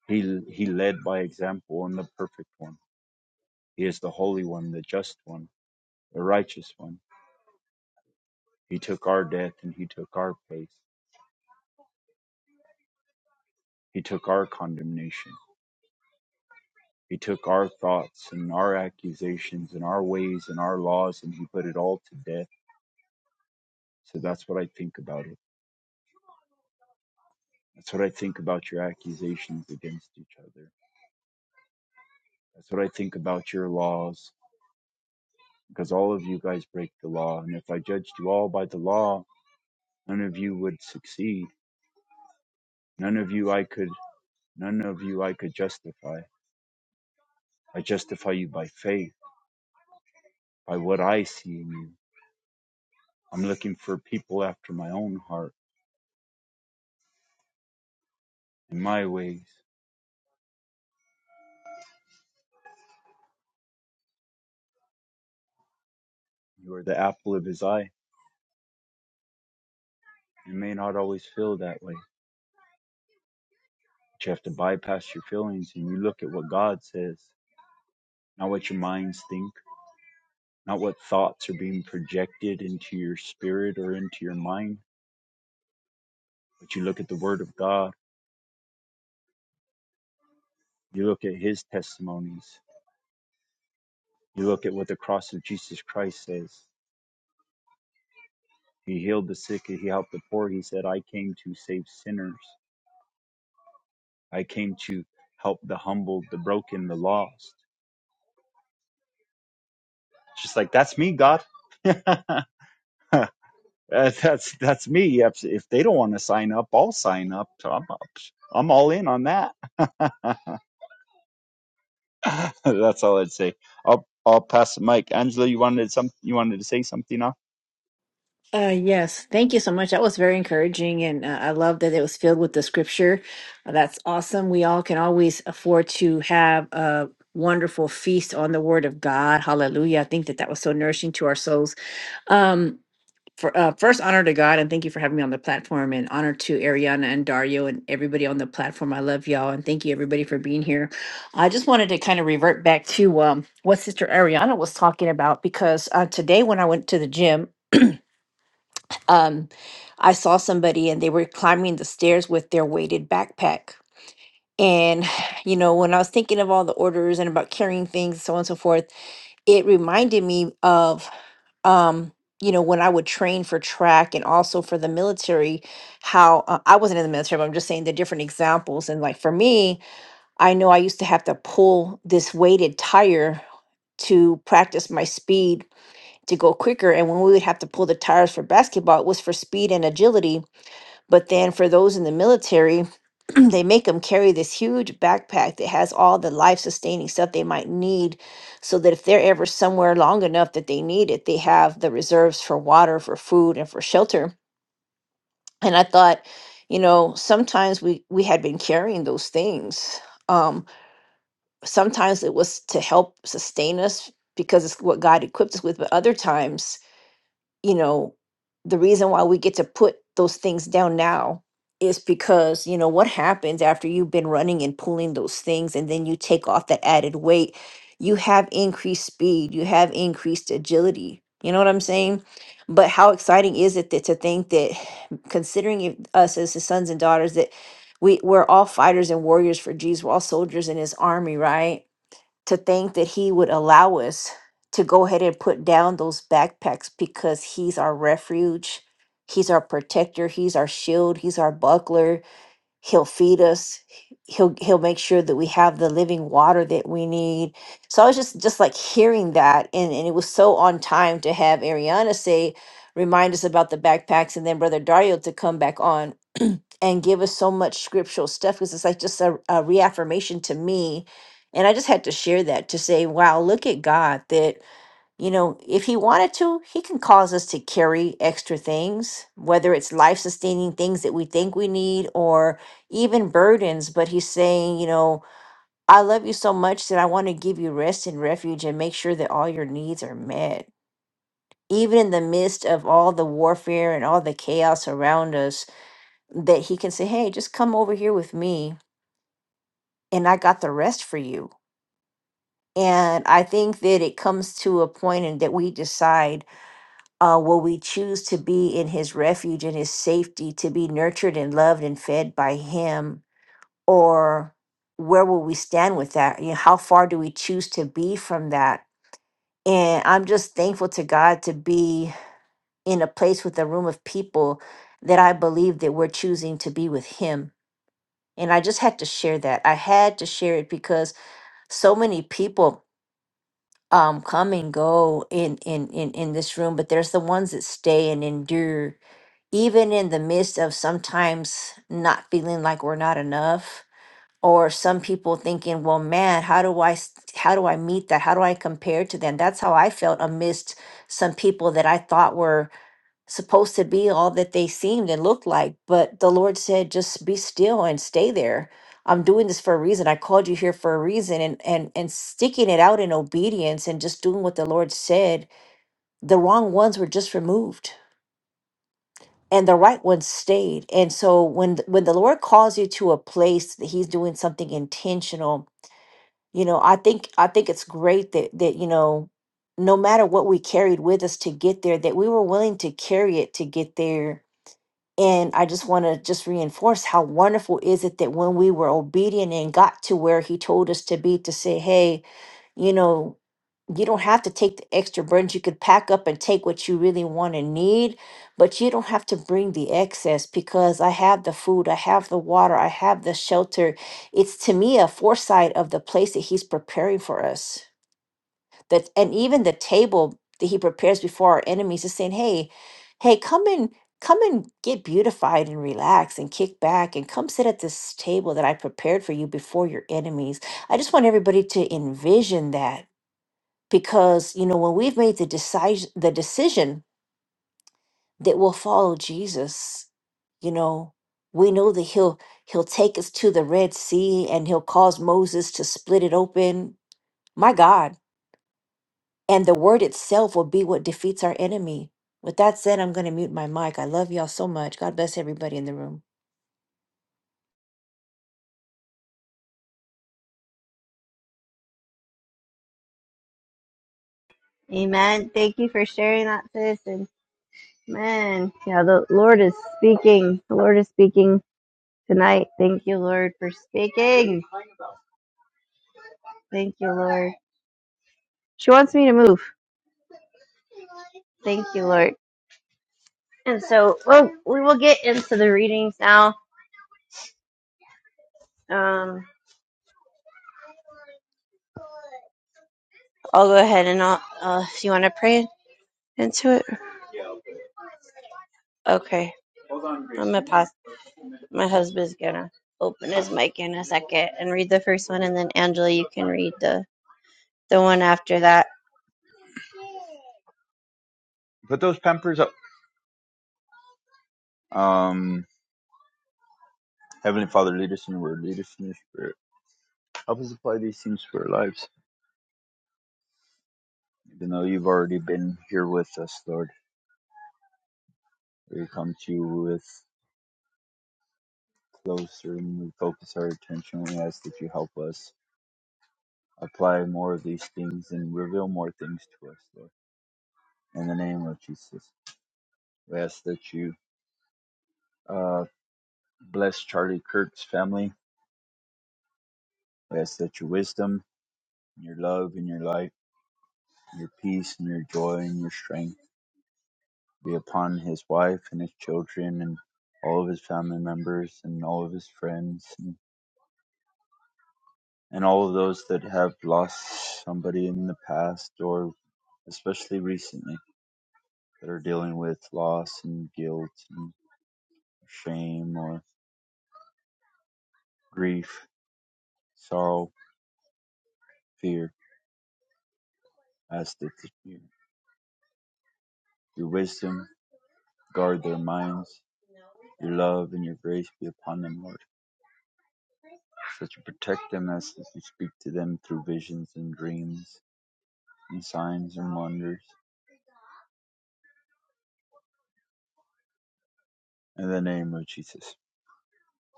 A: He he led by example and the perfect one. He is the holy one, the just one, the righteous one. He took our death and he took our place. He took our condemnation. He took our thoughts and our accusations and our ways and our laws and he put it all to death So that's what I think about it. That's what I think about your accusations against each other. That's what I think about your laws, because all of you guys break the law. And if I judged you all by the law, none of you would succeed. None of you I could, none of you I could justify. I justify you by faith, by what I see in you. I'm looking for people after my own heart and my ways. You are the apple of his eye. You may not always feel that way, but you have to bypass your feelings and you look at what God says not what your minds think, not what thoughts are being projected into your spirit or into your mind, but you look at the Word of God, you look at His testimonies, you look at what the cross of Jesus Christ says. He healed the sick, He helped the poor. He said, I came to save sinners, I came to help the humbled, the broken, the lost. Just like, that's me, God. Uh, that's that's me. If if they don't want to sign up, I'll sign up. So I'm, I'm all in on that. That's all I'd say. I'll I'll pass the mic. Angela, you wanted some you wanted to say something now?
C: Uh, yes, thank you so much. That was very encouraging, and uh, I love that it was filled with the scripture. Uh, that's awesome. We all can always afford to have a wonderful feast on the Word of God. Hallelujah! I think that that was so nourishing to our souls. Um, for uh, first honor to God and thank you for having me on the platform and honor to Ariana and Dario and everybody on the platform. I love y'all and thank you everybody for being here. I just wanted to kind of revert back to um, what Sister Ariana was talking about because uh, today when I went to the gym, um, I saw somebody and they were climbing the stairs with their weighted backpack. And you know, when I was thinking of all the orders and about carrying things, so on and so forth, it reminded me of um you know when i would train for track and also for the military how uh, i wasn't in the military but i'm just saying the different examples and like for me i know i used to have to pull this weighted tire to practice my speed to go quicker and when we would have to pull the tires for basketball it was for speed and agility but then for those in the military, they make them carry this huge backpack that has all the life sustaining stuff they might need so that if they're ever somewhere long enough that they need it, they have the reserves for water, for food, and for shelter. And I thought, you know, sometimes we we had been carrying those things. Um, sometimes it was to help sustain us because it's what God equipped us with, but other times you know, the reason why we get to put those things down now is because, you know, what happens after you've been running and pulling those things and then you take off that added weight, you have increased speed, you have increased agility. You know what I'm saying? But how exciting is it that to think that considering it- us as his sons and daughters that we, we're all fighters and warriors for Jesus, we're all soldiers in his army, right? to think that he would allow us to go ahead and put down those backpacks because he's our refuge, he's our protector, he's our shield, he's our buckler. He'll feed us. he- He'll he'll make sure that we have the living water that we need. So I was just just like hearing that and, and it was so on time to have Ariana say remind us about the backpacks and then brother Dario to come back on and give us so much scriptural stuff because it's like just a, a reaffirmation to me. And I just had to share that to say, wow, look at God that, you know, if He wanted to, He can cause us to carry extra things, whether it's life sustaining things that we think we need or even burdens. But He's saying, you know, I love you so much that I want to give you rest and refuge and make sure that all your needs are met. Even in the midst of all the warfare and all the chaos around us, that he can say, Hey, just come over here with me and I got the rest for you. And I think that it comes to a point and that we decide uh, will we choose to be in his refuge and his safety, to be nurtured and loved and fed by him, or where will we stand with that? You know, how far do we choose to be from that? And I'm just thankful to God to be in a place with a room of people that I believe that we're choosing to be with him And I just had to share that. I had to share it because so many people um, come and go in, in in in this room, but there's the ones that stay and endure, even in the midst of sometimes not feeling like we're not enough, or some people thinking, "Well, man, how do I s- how do I meet that? How do I compare to them?" That's how I felt amidst some people that I thought were supposed to be all that they seemed and looked like. But the Lord said, just be still and stay there. I'm doing this for a reason. I called you here for a reason and and and sticking it out in obedience and just doing what the Lord said, the wrong ones were just removed and the right ones stayed. And so when th- when the Lord calls you to a place that he's doing something intentional, you know, I think I think it's great that that you know no matter what we carried with us to get there that we were willing to carry it to get there and i just want to just reinforce how wonderful is it that when we were obedient and got to where he told us to be to say hey you know you don't have to take the extra burdens you could pack up and take what you really want and need but you don't have to bring the excess because i have the food i have the water i have the shelter it's to me a foresight of the place that he's preparing for us that and even the table that he prepares before our enemies is saying hey hey come and come and get beautified and relax and kick back and come sit at this table that i prepared for you before your enemies i just want everybody to envision that because you know when we've made the decision the decision that we'll follow jesus you know we know that he'll he'll take us to the red sea and he'll cause moses to split it open my god And the word itself will be what defeats our enemy. With that said, I'm going to mute my mic. I love y'all so much. God bless everybody in the room.
B: Amen. Thank you for sharing that, sis. And man, yeah, the Lord is speaking. The Lord is speaking tonight. Thank you, Lord, for speaking. Thank you, Lord. She wants me to move. Thank you, Lord. And so, well, we will get into the readings now. Um, I'll go ahead and I'll, uh, if you want to pray into it. Okay. I'm going to pass. My husband's going to open his mic in a second and read the first one. And then, Angela, you can read the the one after that.
A: Put those pampers up. Um Heavenly Father, lead us in your word, lead us in your spirit. Help us apply these things to our lives. Even though you've already been here with us, Lord. We come to you with. close and we focus our attention. We ask that you help us apply more of these things and reveal more things to us, Lord. In the name of Jesus, we ask that you uh, bless Charlie Kirk's family. We ask that your wisdom, your love, and your light, your peace, and your joy, and your strength be upon his wife and his children and all of his family members and all of his friends and, and all of those that have lost somebody in the past or especially recently. that are dealing with loss and guilt and shame or grief, sorrow, fear. Ask that you, your wisdom guard their minds, your love and your grace be upon them, Lord, so that you protect them as that you speak to them through visions and dreams and signs and wonders. In the name of Jesus.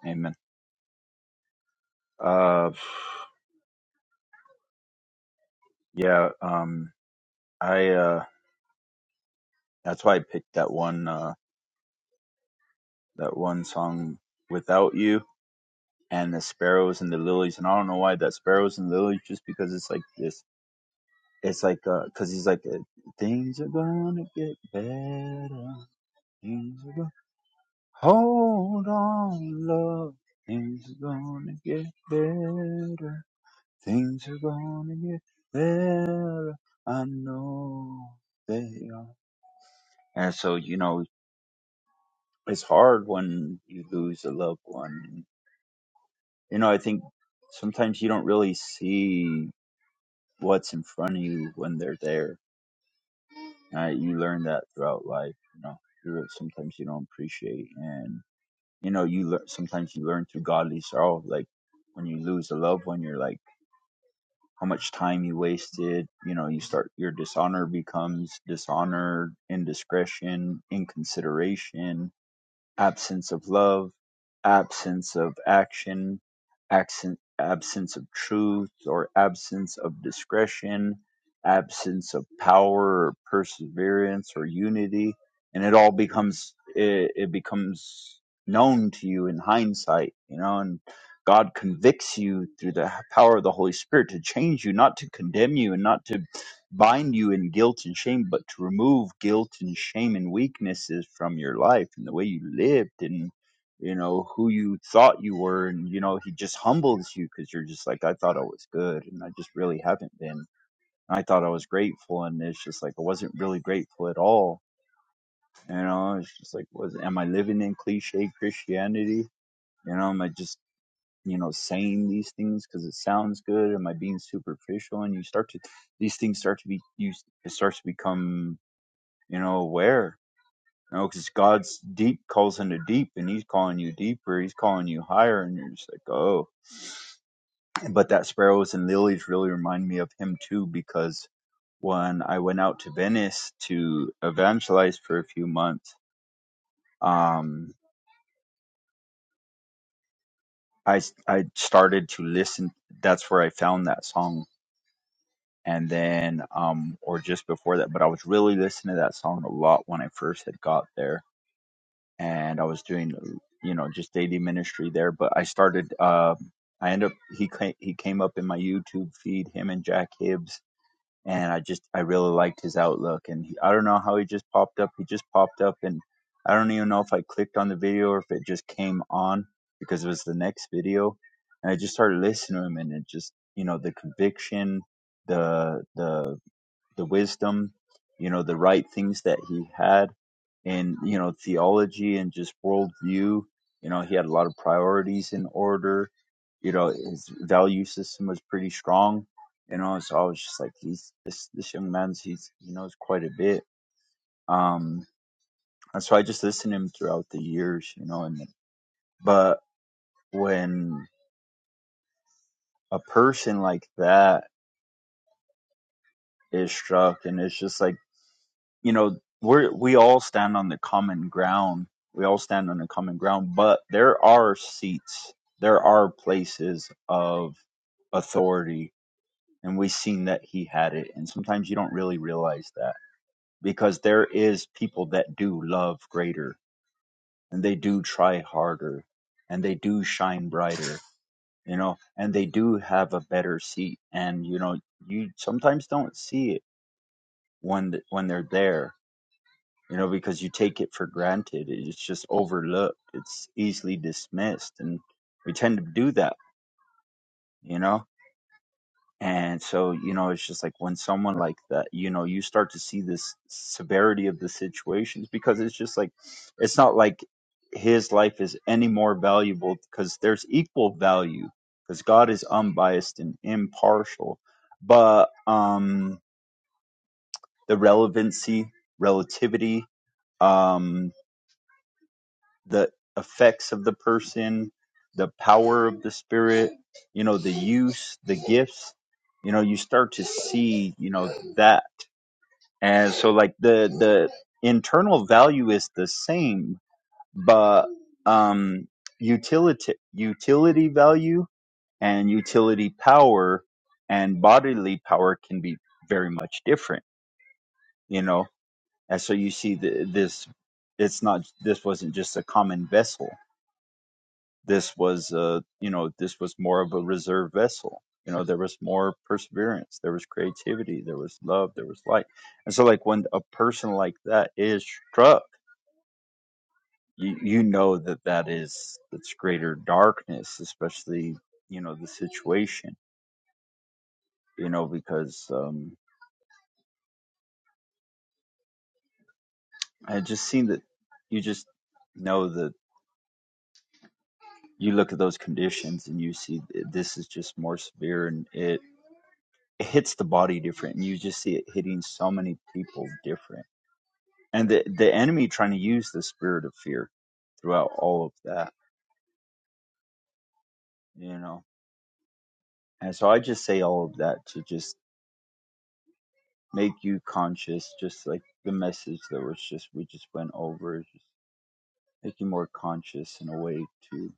A: Amen. Uh, yeah, um, I, uh, that's why I picked that one, uh, that one song, Without You and the sparrows and the lilies. And I don't know why that sparrows and lilies, just because it's like this. It's like, uh, cause he's like, uh, things are gonna get better. Things are gonna, hold on, love. Things are gonna get better. Things are gonna get better. I know they are. And so, you know, it's hard when you lose a loved one. You know, I think sometimes you don't really see. what's in front of you when they're there. Uh, you learn that throughout life. You know, you sometimes you don't appreciate, and you know, you learn. Sometimes you learn through godly sorrow, like when you lose a loved one, you're like how much time you wasted. You know, you start your dishonor becomes dishonor, indiscretion, inconsideration absence of love, absence of action, accent, absence of truth or absence of discretion, absence of power or perseverance or unity, and it all becomes it, it becomes known to you in hindsight, you know, and God convicts you through the power of the Holy Spirit to change you, not to condemn you and not to bind you in guilt and shame, but to remove guilt and shame and weaknesses from your life and the way you lived and you know who you thought you were and you know he just humbles you because you're just like i thought i was good and i just really haven't been i thought i was grateful and it's just like i wasn't really grateful at all you know it's just like was am i living in cliche christianity you know am i just you know saying these things because it sounds good am i being superficial and you start to these things start to be you it starts to become you know aware you know because god's deep calls into deep and he's calling you deeper he's calling you higher and you're just like oh but that sparrows and lilies really remind me of him too because when i went out to venice to evangelize for a few months um I I started to listen that's where i found that song and then um or just before that but i was really listening to that song a lot when i first had got there and i was doing you know just daily ministry there but i started uh, i ended up he came, he came up in my youtube feed him and jack hibbs and i just i really liked his outlook and he, i don't know how he just popped up he just popped up and i don't even know if i clicked on the video or if it just came on because it was the next video and i just started listening to him and it just you know the conviction the the the wisdom, you know, the right things that he had in, you know, theology and just worldview. You know, he had a lot of priorities in order. You know, his value system was pretty strong. You know, so I was just like, he's this this young man's he's he knows quite a bit. Um, and so I just listened to him throughout the years. You know, and but when a person like that is struck, and it's just like you know we're we all stand on the common ground we all stand on the common ground but there are seats there are places of authority and we've seen that he had it and sometimes you don't really realize that because there is people that do love greater and they do try harder and they do shine brighter you know and they do have a better seat and you know you sometimes don't see it when when they're there you know, because you take it for granted. It's just overlooked. It's easily dismissed. And we tend to do that, you know? And so, you know, it's just like when someone like that, you know, you start to see this severity of the situations because it's just like, it's not like his life is any more valuable because there's equal value because God is unbiased and impartial. But um, the relevancy, relativity, um, the effects of the person, the power of the spirit, you know, the use, the gifts, you know, you start to see, you know, that. And so like the the internal value is the same, but um utility utility value and utility power and bodily power can be very much different, you know. And so you see the, this it's not this wasn't just a common vessel this was uh you know this was more of a reserve vessel you know there was more perseverance there was creativity there was love there was light and so like when a person like that is struck you, you know that that is that's greater darkness especially you know the situation you know because um i just seen that you just know that you look at those conditions and you see th- this is just more severe and it it hits the body different and you just see it hitting so many people different and the the enemy trying to use the spirit of fear throughout all of that you know and so i just say all of that to just make you conscious just like the message that was just we just went over just make you more conscious in a way to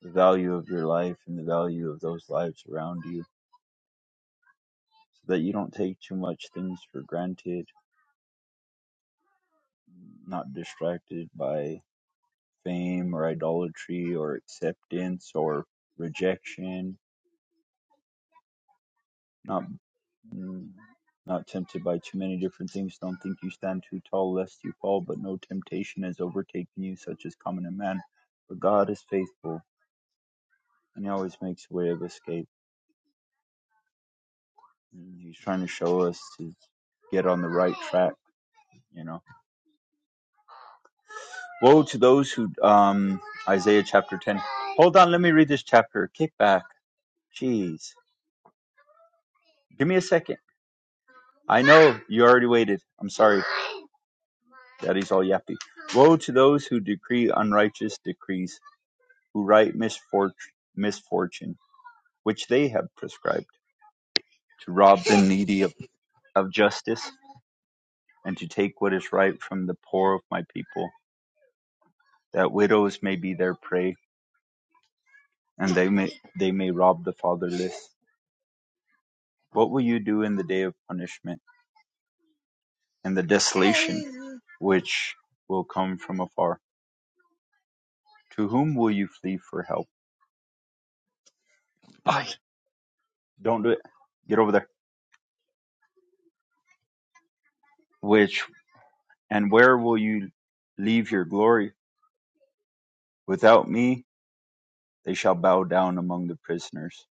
A: the value of your life and the value of those lives around you so that you don't take too much things for granted not distracted by fame or idolatry or acceptance or rejection. Not mm, not tempted by too many different things. Don't think you stand too tall lest you fall, but no temptation has overtaken you such as common to man. But God is faithful and he always makes a way of escape. And he's trying to show us to get on the right track, you know. Woe to those who um Isaiah chapter ten. Hold on, let me read this chapter. Kick back. Jeez. Give me a second. I know you already waited. I'm sorry. Daddy's all yappy. Woe to those who decree unrighteous decrees, who write misfortune, misfortune which they have prescribed, to rob the needy of, of justice, and to take what is right from the poor of my people, that widows may be their prey, and they may they may rob the fatherless. What will you do in the day of punishment and the desolation which will come from afar? To whom will you flee for help? Don't do it. Get over there. which and where will you leave your glory? Without me, they shall bow down among the prisoners,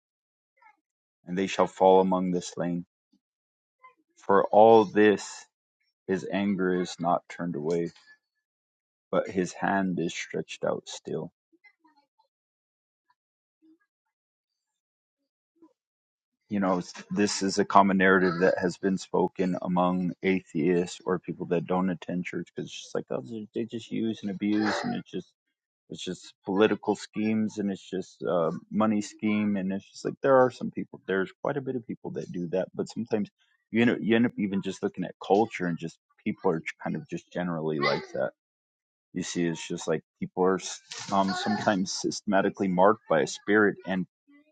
A: and they shall fall among the slain. For all this, his anger is not turned away, but his hand is stretched out still. You know, this is a common narrative that has been spoken among atheists or people that don't attend church because it's just like, oh, they they just use and abuse, and it's just It's just political schemes and it's just uh, money scheme and it's just like there are some people. There's quite a bit of people that do that, but sometimes you know you end up even just looking at culture and just people are kind of just generally like that. You see, it's just like people are um, sometimes systematically marked by a spirit, and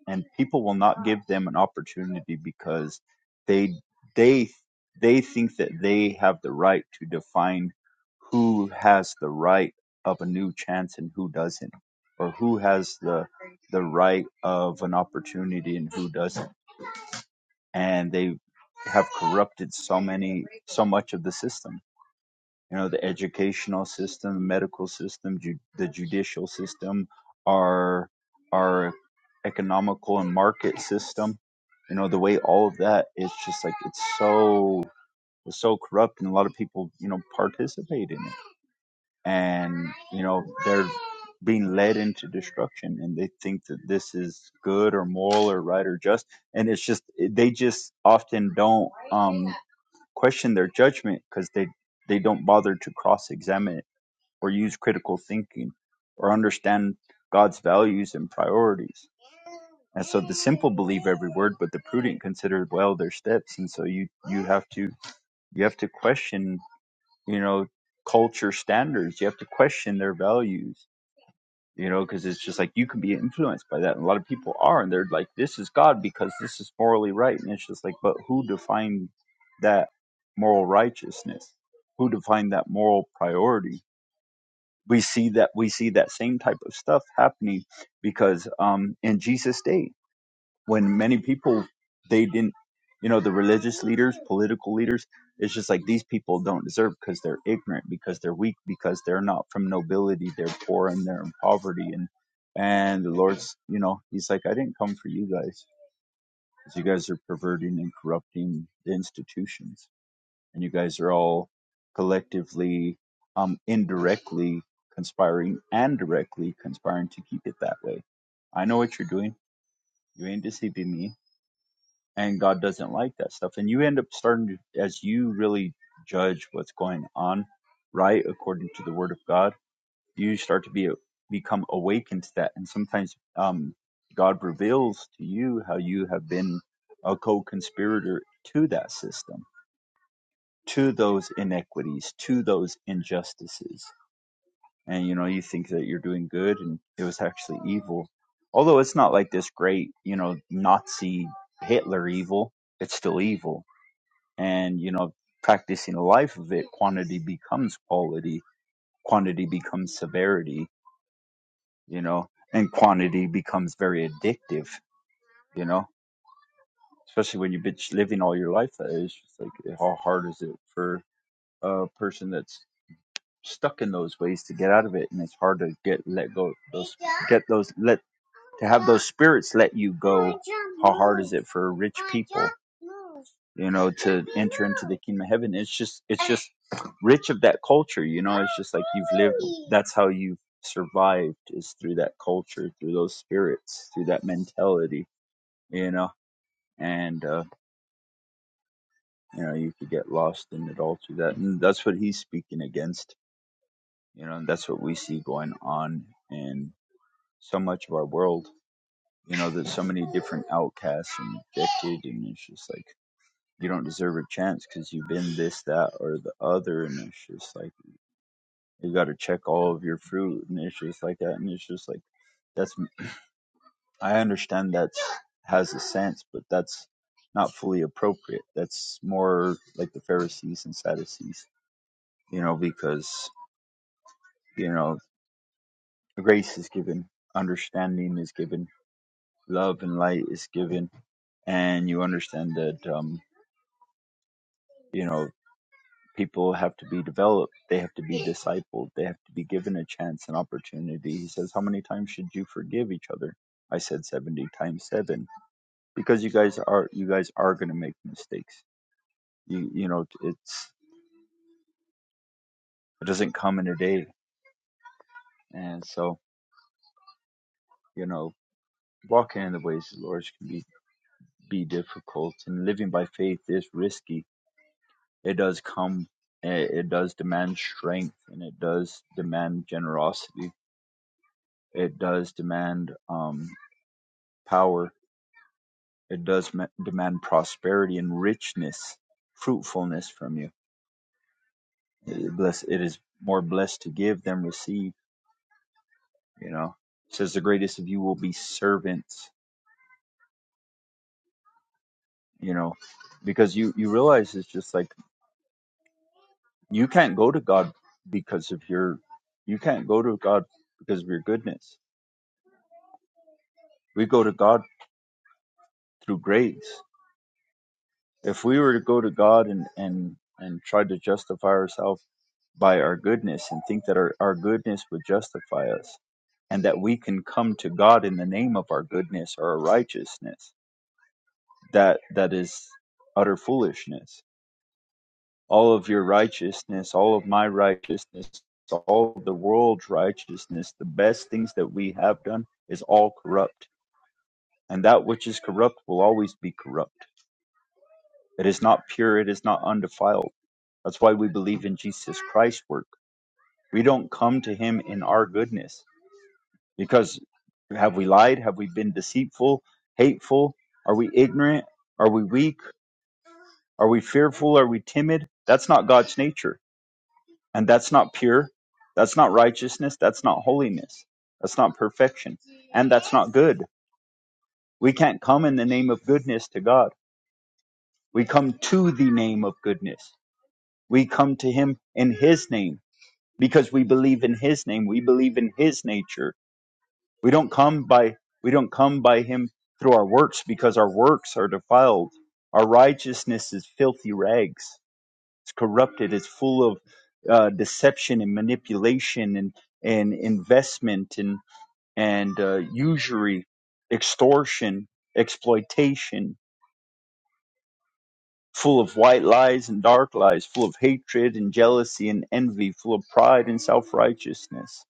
A: and people will not give them an opportunity because they they they think that they have the right to define who has the right of a new chance and who doesn't or who has the the right of an opportunity and who doesn't and they have corrupted so many so much of the system you know the educational system medical system ju- the judicial system our our economical and market system you know the way all of that is just like it's so it's so corrupt and a lot of people you know participate in it and you know they're being led into destruction and they think that this is good or moral or right or just and it's just they just often don't um question their judgment because they they don't bother to cross examine or use critical thinking or understand God's values and priorities. And so the simple believe every word, but the prudent consider well their steps. And so you you have to you have to question, you know, culture standards. You have to question their values, you know, because it's just like you can be influenced by that. And a lot of people are, and they're like, this is God because this is morally right. And it's just like, but who defined that moral righteousness? Who defined that moral priority? we see that we see that same type of stuff happening because um, in Jesus' day, when many people they didn't, you know, the religious leaders, political leaders, it's just like these people don't deserve because they're ignorant, because they're weak, because they're not from nobility, they're poor and they're in poverty, and and the Lord's, you know, He's like, I didn't come for you guys, 'cause you guys are perverting and corrupting the institutions and you guys are all collectively, um, indirectly conspiring and directly conspiring to keep it that way. I know what you're doing. You ain't deceiving me, and God doesn't like that stuff. And you end up starting to, as you really judge what's going on, right, according to the Word of God, you start to be become awakened to that, and sometimes, um, God reveals to you how you have been a co-conspirator to that system to those inequities, to those injustices. And you know, you think that you're doing good and it was actually evil. Although it's not like this great, you know, Nazi Hitler evil, it's still evil. And you know, practicing a life of it, quantity becomes quality, quantity becomes severity, you know, and quantity becomes very addictive, you know. Especially when you've been living all your life that is just like how hard is it for a person that's stuck in those ways to get out of it and it's hard to get let go get those let spirits let you go for rich you know kingdom of heaven it's just it's rich of that culture you know it's just like you've that's how you've survived is through that culture through those spirits through that mentality you know and uh you know you could get lost in it all through that and that's what he's speaking against you know and that's what we see going on in so much of our world you know there's so many different outcasts and rejected and it's just like you don't deserve a chance because you've been this that or the other and it's just like you got to check all of your fruit and it's just like that and it's just like that's i understand that's has a sense but that's not fully appropriate that's more like the pharisees and sadducees you know because you know grace is given understanding is given love and light is given and you understand that um you know, people have to be developed they have to be discipled they have to be given a chance and opportunity he says how many times should you forgive each other i said 70 times 7 because you guys are you guys are going to make mistakes you you know it's it doesn't come in a day and so you know walking in the ways of the lord can be be difficult and living by faith is risky it does come eh, it does demand strength and it does demand generosity it does demand um power It does demand prosperity and richness, fruitfulness from you. It is it is more blessed to give than receive. You know, it says the greatest of you will be servants. You know, because you you realize it's just like you can't go to God because of your, you can't go to God because of your goodness. We go to God through grace. If we were to go to God and and and try to justify ourselves by our goodness and think that our, our goodness would justify us and that we can come to God in the name of our goodness or our righteousness, that that is utter foolishness. All of your righteousness, all of my righteousness, all of the world's righteousness, the best things that we have done is all corrupt. And that which is corrupt will always be corrupt. It is not pure, it is not undefiled That's why we believe in Jesus Christ's work. We don't come to him in our goodness because have we lied? Have we been deceitful, hateful? Are we ignorant? Are we weak? Are we fearful? Are we timid? That's not God's nature. And that's not pure. That's not righteousness. That's not holiness. That's not perfection. And that's not good. We can't come in the name of goodness to God. We come to the name of goodness. We come to him in his name because we believe in his name we believe in his nature we don't come by we don't come by him through our works because our works are defiled our righteousness is filthy rags it's corrupted it's full of uh, deception and manipulation and and investment and and uh, usury extortion exploitation full of white lies and dark lies full of hatred and jealousy and envy full of pride and self-righteousness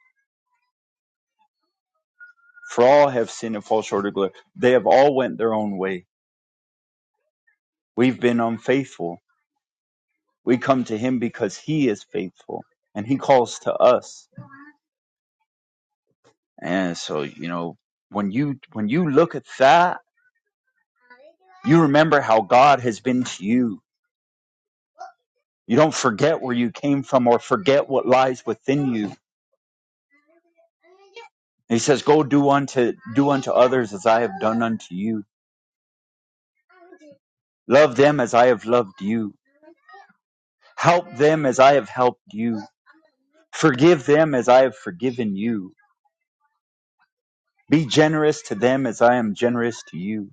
A: For all have sinned and fall short of glory. They have all went their own way. We've been unfaithful. We come to him because he is faithful and he calls to us. And so, you know, when you when you look at that, you remember how God has been to you. You don't forget where you came from or forget what lies within you. He says, Go do unto as I done unto you. Love them as I have loved you. Help them as I have helped you. Forgive them as I have forgiven you Be generous to them as I am generous to you.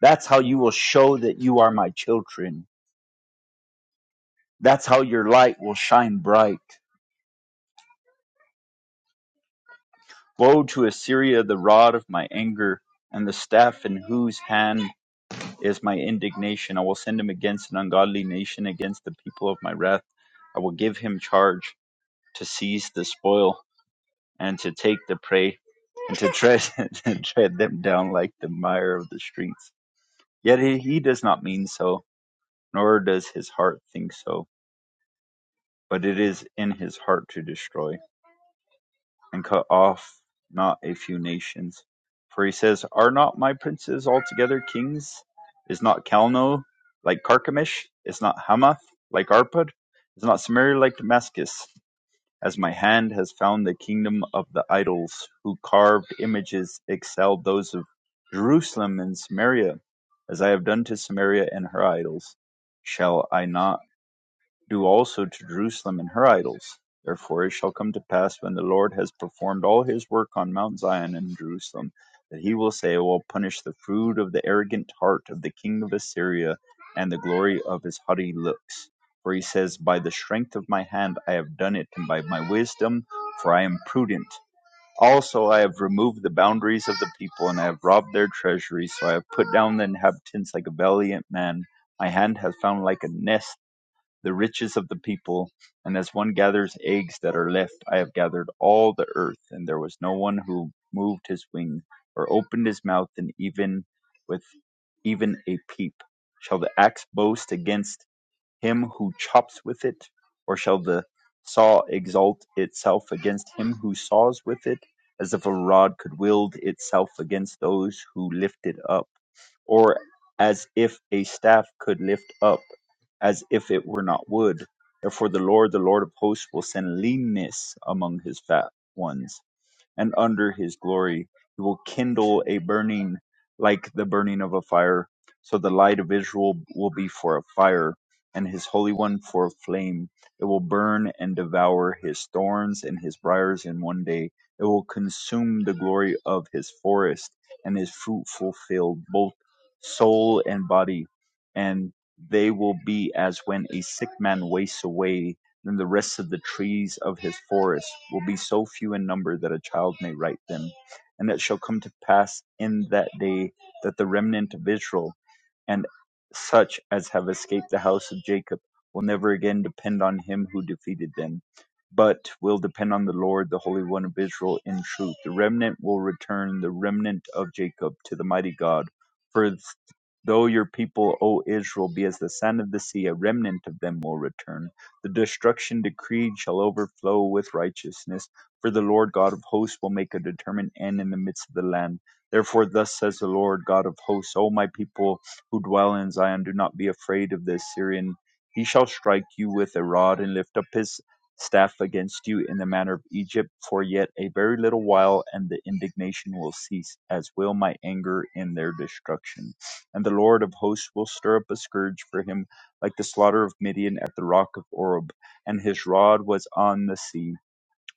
A: That's how you will show that you are my children. That's how your light will shine bright. Woe to Assyria, the rod of my anger, and the staff in whose hand is my indignation. I will send him against an ungodly nation, against the people of my wrath. I will give him charge to seize the spoil and to take the prey and to tread, to tread them down like the mire of the streets. Yet he, he does not mean so Nor does his heart think so: but it is in his heart to destroy, and cut off not a few nations. For he says, Are not my princes altogether kings? Is not Calno like Carchemish? Is not Hamath like Arpad? Is not Samaria like Damascus? As my hand has found the kingdom of the idols, who carved images excelled those of Jerusalem and Samaria, as I have done to Samaria and her idols. Shall I not Do also to Jerusalem and her idols. Therefore it shall come to pass when the Lord has performed all his work on Mount Zion and Jerusalem, that he will say, I will punish the fruit of the arrogant heart of the king of Assyria and the glory of his haughty looks. For he says, By the strength of my hand I have done it, and by my wisdom, for I am prudent. Also, I have removed the boundaries of the people, and I have robbed their treasury. So I have put down the inhabitants like a valiant man. My hand hath found like a nest the riches of the people, and as one gathers eggs that are left, I have gathered all the earth, and there was no one who moved his wing or opened his mouth, and even with even a peep shall the axe boast against him who chops with it? Or shall the saw exalt itself against him who saws with it, as if a rod could wield itself against those who lift it up, or as if a staff could lift up, as if it were not wood? Therefore, the Lord, the Lord of hosts, will send leanness among his fat ones, and under his glory. He will kindle a burning like the burning of a fire. So the light of Israel will be for a fire, and his Holy One for a flame. It will burn and devour his thorns and his briars in one day. It will consume the glory of his forest and his fruitful field, both soul and body, and they will be as when a sick man wastes away then the rest of the trees of his forest will be so few in number that a child may write them. And it shall come to pass in that day that the remnant of Israel and such as have escaped the house of Jacob will never again depend on him who defeated them, but will depend on the Lord, the Holy One of Israel, in truth. The remnant will return, the remnant of Jacob, to the mighty God. For though your people, O Israel, be as the sand of the sea, a remnant of them will return. The destruction decreed shall overflow with righteousness, for the Lord God of hosts will make a determined end in the midst of the land. Therefore, thus says the Lord God of hosts, O my people, who dwell in Zion, do not be afraid of the Assyrian. He shall strike you with a rod and lift up his staff against you in the manner of Egypt for yet a very little while, and the indignation will cease, as will my anger in their destruction. And the Lord of hosts will stir up a scourge for him, like the slaughter of Midian at the rock of Oreb, and his rod was on the sea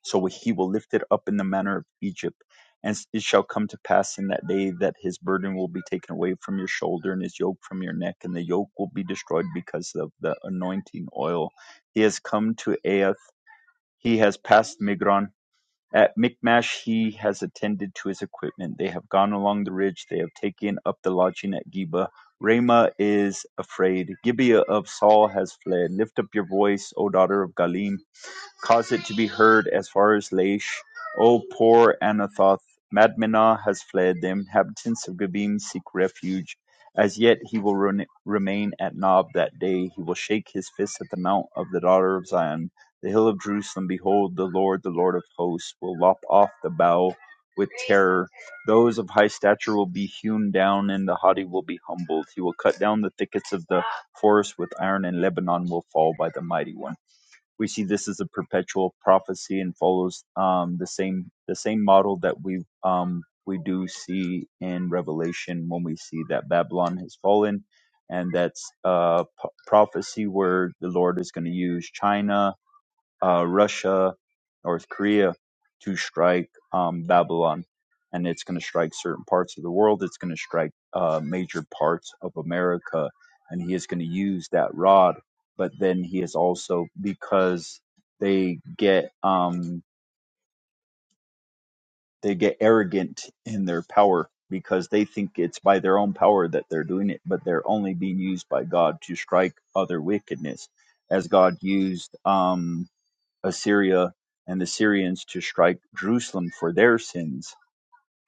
A: so he will lift it up in the manner of Egypt. And it shall come to pass in that day that his burden will be taken away from your shoulder and his yoke from your neck, and the yoke will be destroyed because of the anointing oil. He has come to Aath, he has passed Migron. At Michmash, he has attended to his equipment. They have gone along the ridge, they have taken up the lodging at Geba. Ramah is afraid. Gibeah of Saul has fled. Lift up your voice, O daughter of Galim Cause it to be heard as far as Laish. O poor Anathoth, Madmenah has fled. The inhabitants of Gabim seek refuge. As yet he will re- remain at Nob that day. He will shake his fist at the mount of the daughter of Zion, the hill of Jerusalem. Behold, the Lord, the Lord of hosts, will lop off the bough with terror. Those of high stature will be hewn down, and the haughty will be humbled. He will cut down the thickets of the forest with iron, and Lebanon will fall by the mighty one we see this as a perpetual prophecy and follows um, the same the same model that we um, we do see in Revelation when we see that Babylon has fallen, and that's a p- prophecy where the Lord is going to use China uh, Russia, North Korea to strike um, Babylon. And it's going to strike certain parts of the world. It's going to strike uh, major parts of America. And he is going to use that rod. But then he is also, because they get, um, they get arrogant in their power because they think it's by their own power that they're doing it, but they're only being used by God to strike other wickedness. As God used um, Assyria and the Syrians to strike Jerusalem for their sins,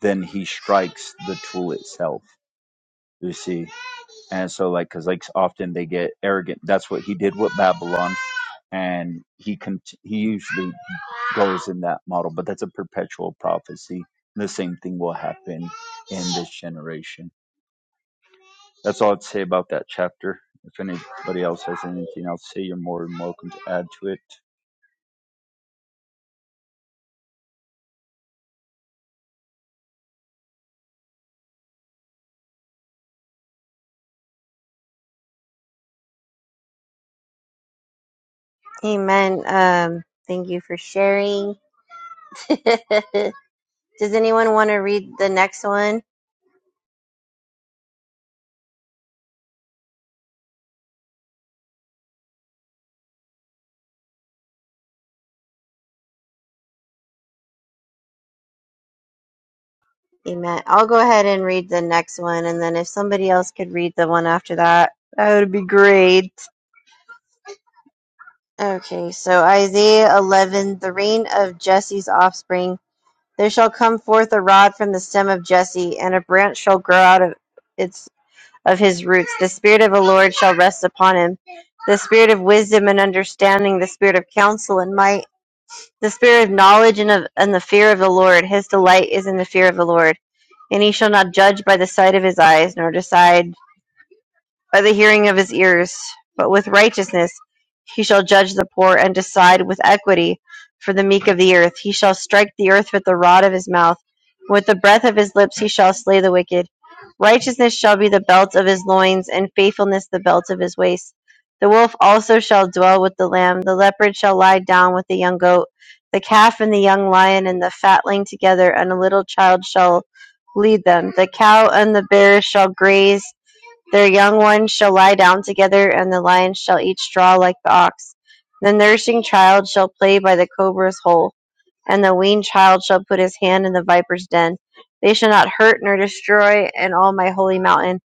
A: then he strikes the tool itself. You see, and so like, cause like often they get arrogant. That's what he did with Babylon, and he con- he usually goes in that model. But that's a perpetual prophecy. The same thing will happen in this generation. That's all I'd say about that chapter. If anybody else has anything else to say, you're more than welcome to add to it.
B: Amen. Um, thank you for sharing. Does anyone want to read the next one? Amen. I'll go ahead and read the next one, and then if somebody else could read the one after that, that would be great. Okay, so Isaiah 11, the reign of Jesse's offspring. There shall come forth a rod from the stem of Jesse, and a branch shall grow out of its. of his roots. The spirit of the Lord shall rest upon him, the spirit of wisdom and understanding, the spirit of counsel and might, the spirit of knowledge and of and the fear of the Lord. His delight is in the fear of the Lord. And he shall not judge by the sight of his eyes, nor decide by the hearing of his ears. But with righteousness he shall judge the poor, and decide with equity for the meek of the earth. He shall strike the earth with the rod of his mouth. With the breath of his lips he shall slay the wicked. Righteousness shall be the belt of his loins, and faithfulness the belt of his waist. The wolf also shall dwell with the lamb. The leopard shall lie down with the young goat. The calf and the young lion and the fatling together, and a little child shall lead them. The cow and the bear shall graze their young ones shall lie down together, and the lion shall eat straw like the ox. The nursing child shall play by the cobra's hole and the weaned child shall put his hand in the viper's den. They shall not hurt nor destroy in all my holy mountain,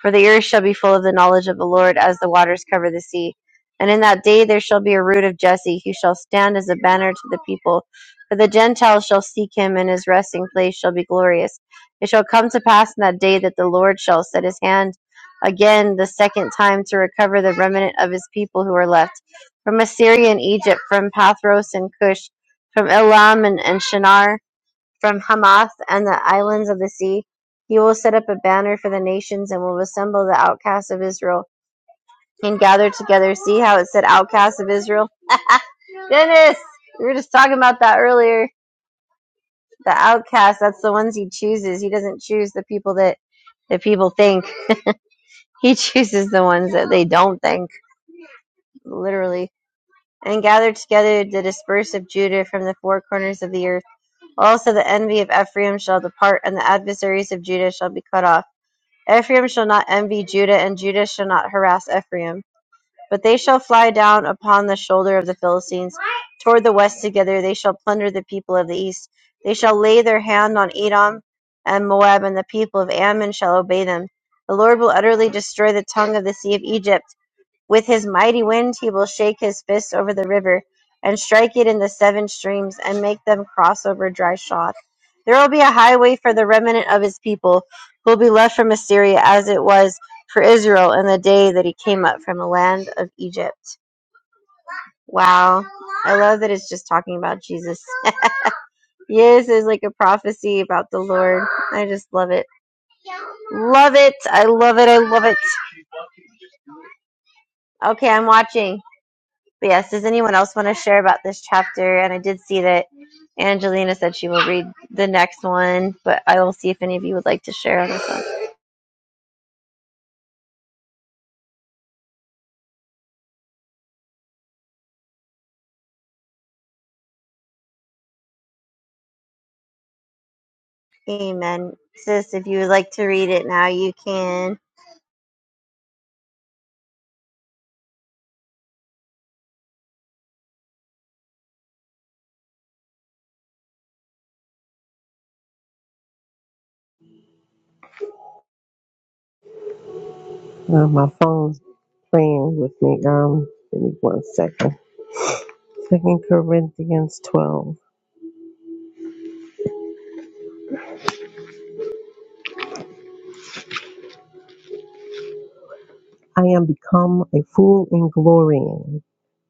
B: for the earth shall be full of the knowledge of the Lord as the waters cover the sea. And in that day there shall be a root of Jesse, who shall stand as a banner to the people. For the Gentiles shall seek him, and his resting place shall be glorious. It shall come to pass in that day that the Lord shall set his hand again the second time to recover the remnant of his people who are left from Assyria and Egypt, from Pathros and Cush from Elam and Shinar, from Hamath and the islands of the sea. He will set up a banner for the nations and will assemble the outcasts of Israel and gather together. See how it said outcasts of Israel? Dennis, we were just talking about that earlier. The outcasts, that's the ones he chooses. He doesn't choose the people that the people think. He chooses the ones that they don't think, literally. And gather together the dispersed of Judah from the four corners of the earth Also the envy of Ephraim shall depart, and the adversaries of Judah shall be cut off. Ephraim shall not envy Judah, and Judah shall not harass Ephraim. But they shall fly down upon the shoulder of the Philistines. Toward the west together they shall plunder the people of the east. They shall lay their hand on Edom and Moab, and the people of Ammon shall obey them. The Lord will utterly destroy the tongue of the sea of Egypt with his mighty wind he will shake his fist over the river, and strike it in the seven streams, and make them cross over dry shod. There will be a highway for the remnant of his people, who will be left from Assyria, as it was for Israel in the day that he came up from the land of Egypt. Wow. I love that it's just talking about Jesus. yes, it's like a prophecy about the Lord. I just love it. Love it. I love it. I love it. Okay, I'm watching. But yes, does anyone else want to share about this chapter? And I did see that Angelina said she will read the next one, but I will see if any of you would like to share on this one. Amen. Sis, if you would like to read it now, you can.
D: Uh, my phone's playing with me. Um, give me one second. Second Corinthians twelve. I am become a fool in glorying.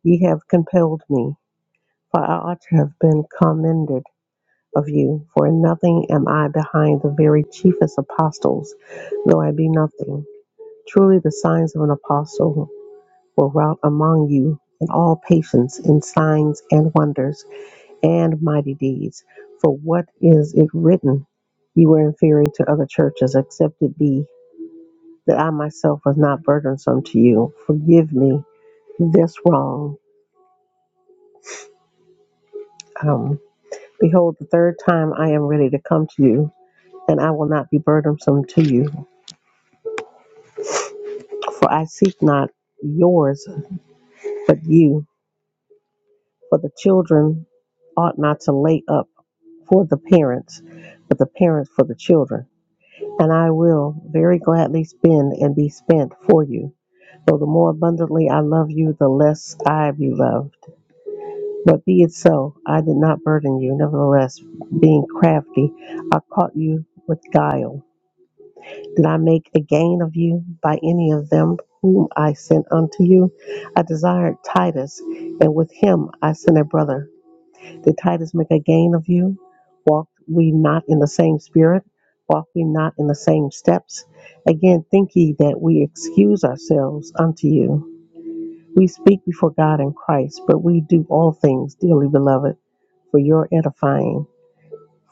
D: Ye have compelled me, for I ought to have been commended of you. For in nothing am I behind the very chiefest apostles, though I be nothing. Truly the signs of an apostle were wrought among you in all patience, in signs and wonders and mighty deeds. For what is it written? You were inferior to other churches, except it be that I myself was not burdensome to you. Forgive me this wrong. Um, behold, the third time I am ready to come to you, and I will not be burdensome to you. For I seek not yours, but you. For the children ought not to lay up for the parents, but the parents for the children. And I will very gladly spend and be spent for you. So the more abundantly I love you, the less I be loved. But be it so, I did not burden you. Nevertheless, being crafty, I caught you with guile. Did I make a gain of you by any of them whom I sent unto you? I desired Titus, and with him I sent a brother. Did Titus make a gain of you? Walked we not in the same spirit? Walked we not in the same steps? Again, think ye that we excuse ourselves unto you We speak before God in Christ, but we do all things, dearly beloved, for your edifying.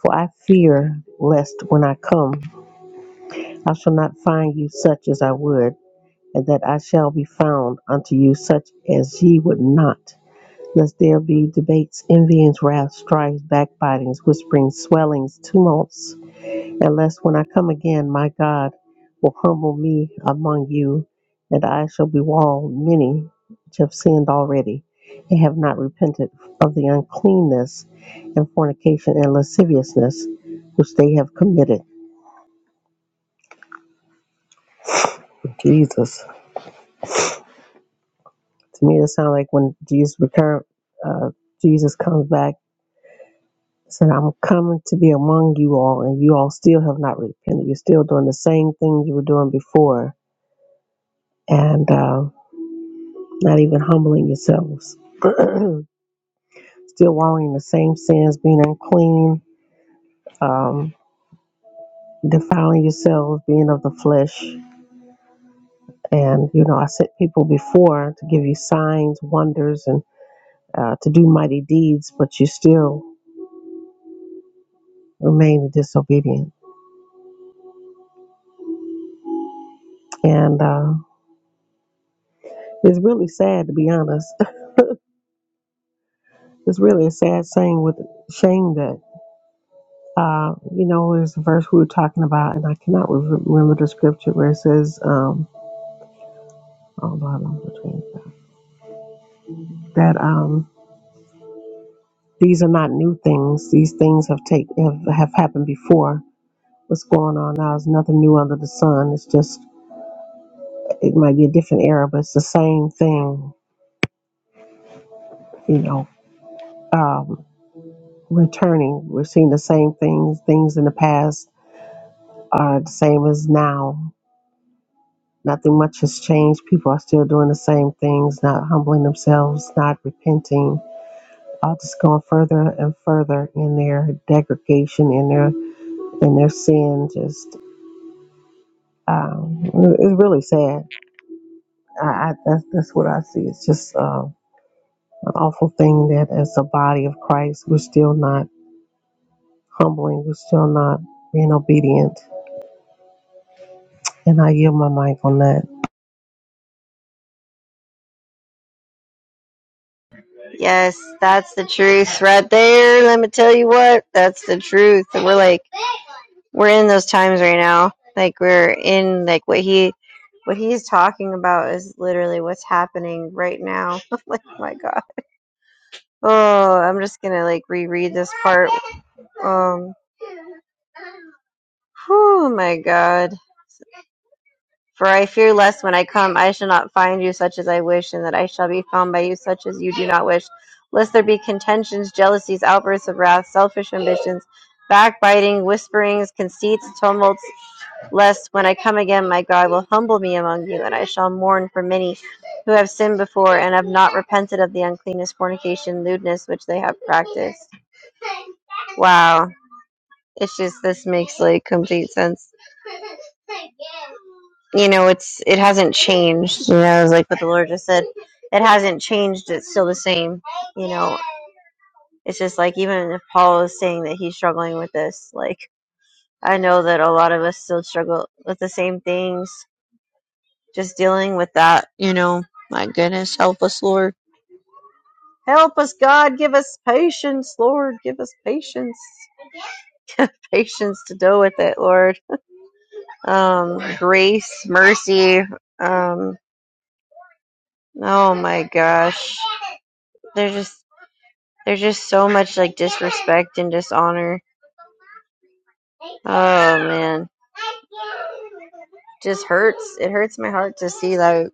D: For I fear lest when I come, I shall not find you such as I would, and that I shall be found unto you such as ye would not. Lest there be debates, envyings, wrath, strifes, backbitings, whisperings, swellings, tumults, unless when I come again, my God will humble me among you, and I shall bewail many which have sinned already, and have not repented of the uncleanness and fornication and lasciviousness which they have committed. Jesus, to me, it sounds like when Jesus return, uh, Jesus comes back. Said, I'm coming to be among you all, and you all still have not repented. You're still doing the same things you were doing before. And uh, not even humbling yourselves. Still wallowing in the same sins, being unclean, um, defiling yourselves, being of the flesh. And, you know, I sent people before to give you signs, wonders, and uh, to do mighty deeds, but you still remain disobedient. And uh, it's really sad, to be honest. It's really a sad saying with shame that, uh, you know, there's a verse we were talking about, and I cannot re- remember the scripture where it says, um, oh, Lord, I'm that um, these are not new things. These things have take have, have happened before. What's going on now is nothing new under the sun. It's just it might be a different era, but it's the same thing. You know, um, returning. We're seeing the same things. Things in the past are the same as now. Nothing much has changed. People are still doing the same things, not humbling themselves, not repenting. All just going further and further in their degradation, in their in their sin, Just Um, it- it's really sad. I, I, that's that's what I see. It's just uh, an awful thing that as a body of Christ, we're still not humbling. We're still not being obedient. And I yield my mic on that.
B: Yes, that's the truth right there. Let me tell you what, that's the truth. We're like, we're in those times right now. Like we're in like what he, what he's talking about is literally what's happening right now. like my God. Oh, I'm just gonna like reread this part Um, Oh my God. For I fear lest when I come, I shall not find you such as I wish, and that I shall be found by you such as you do not wish. Lest there be contentions, jealousies, outbursts of wrath, selfish ambitions, backbiting, whisperings, conceits, tumults. Lest when I come again, my God will humble me among you, and I shall mourn for many who have sinned before and have not repented of the uncleanness, fornication, lewdness which they have practiced. Wow. It's just, this makes like complete sense you know it's it hasn't changed you know it's like what the lord just said it hasn't changed it's still the same you know it's just like even if paul is saying that he's struggling with this like i know that a lot of us still struggle with the same things just dealing with that you know my goodness help us lord help us god give us patience lord give us patience patience to deal with it lord um grace mercy um oh my gosh there's just There's just so much like disrespect and dishonor. Oh man, just hurts. It hurts my heart to see like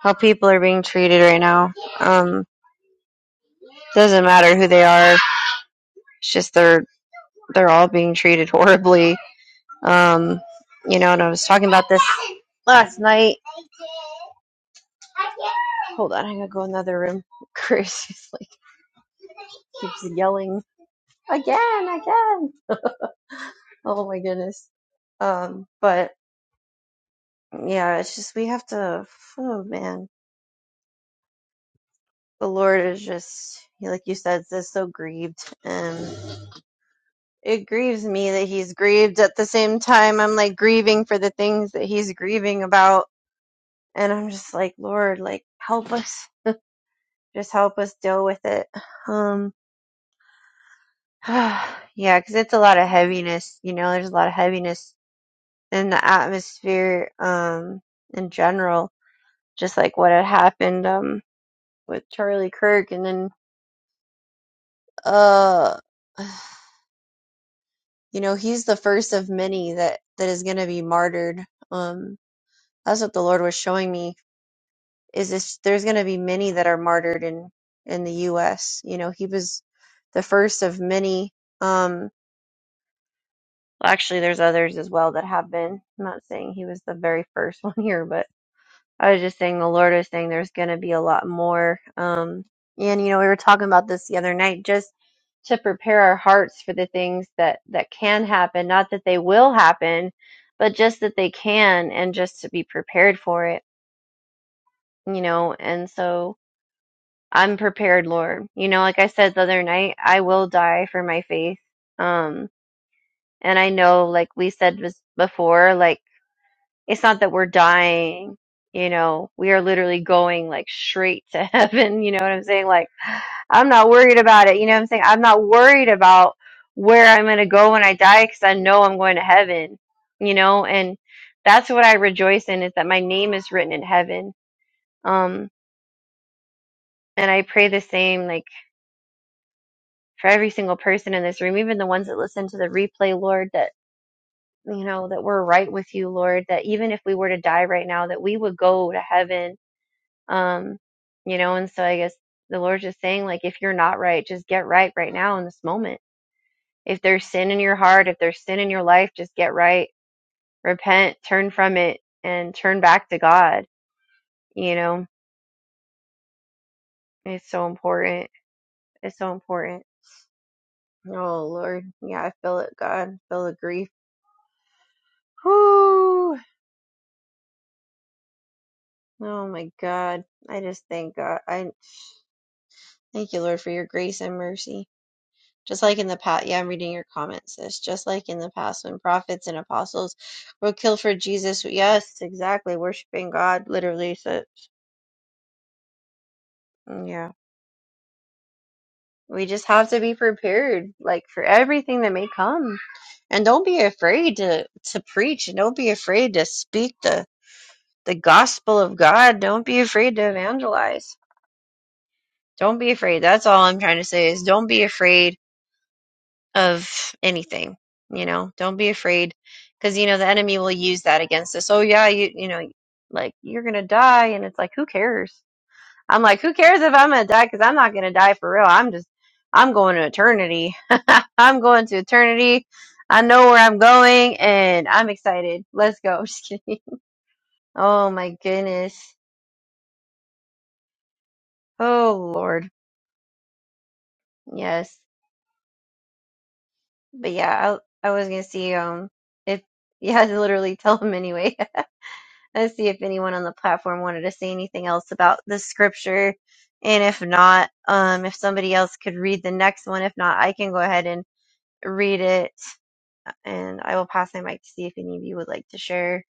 B: how people are being treated right now. Um, doesn't matter who they are. It's just they're they're all being treated horribly. Um, you know, and I was talking about this last night. Hold on, I gotta go in another room. Chris is like keeps yelling again, again. Oh my goodness. Um, but yeah, it's just we have to. Oh man, the Lord is just, like you said, is so grieved. And it grieves me that he's grieved. At the same time, I'm like grieving for the things that he's grieving about. And I'm just like, Lord, like, help us. Just help us deal with it. Um, yeah, because it's a lot of heaviness. You know, there's a lot of heaviness in the atmosphere um, in general, just like what had happened um, with Charlie Kirk. And then, uh, you know he's the first of many that that is going to be martyred um that's what the lord was showing me is this there's going to be many that are martyred in in the us you know he was the first of many um well, actually there's others as well that have been i'm not saying he was the very first one here but I was just saying the Lord is saying there's going to be a lot more. Um, and you know, we were talking about this the other night, just to prepare our hearts for the things that that can happen, not that they will happen, but just that they can, and just to be prepared for it. You know, and so I'm prepared, Lord. You know, like I said the other night, I will die for my faith. Um, and I know, like we said was before, like it's not that we're dying you know we are literally going like straight to heaven you know what i'm saying like i'm not worried about it you know what i'm saying i'm not worried about where i'm going to go when i die because i know i'm going to heaven you know and that's what i rejoice in is that my name is written in heaven um and i pray the same like for every single person in this room even the ones that listen to the replay lord that you know that we're right with you lord that even if we were to die right now that we would go to heaven Um, you know, and so I guess the Lord's just saying, like, if you're not right, just get right right now in this moment. If there's sin in your heart, if there's sin in your life, just get right, repent, turn from it, and turn back to God. You know, it's so important. It's so important. Oh Lord, yeah, I feel it, God. I feel the grief. Whew. Oh my God, I just thank God. I thank you, Lord, for your grace and mercy. Just like in the past, yeah, I'm reading your comments, sis. Just like in the past, when prophets and apostles were killed for Jesus, yes, exactly, worshiping God, literally. So, yeah, we just have to be prepared, like for everything that may come, and don't be afraid to to preach, and don't be afraid to speak the the gospel of God. Don't be afraid to evangelize. Don't be afraid. That's all I'm trying to say is don't be afraid of anything. You know, don't be afraid because you know the enemy will use that against us. Oh yeah, you you know, like you're gonna die, and it's like who cares? I'm like, who cares if I'm gonna die? Because I'm not gonna die for real. I'm just, I'm going to eternity. I'm going to eternity. I know where I'm going, and I'm excited. Let's go. Just kidding. Oh my goodness. Oh Lord. Yes. But yeah, I I was gonna see um if yeah, literally tell him anyway. Let's see if anyone on the platform wanted to say anything else about the scripture. And if not, um, if somebody else could read the next one. If not, I can go ahead and read it. And I will pass my mic to see if any of you would like to share.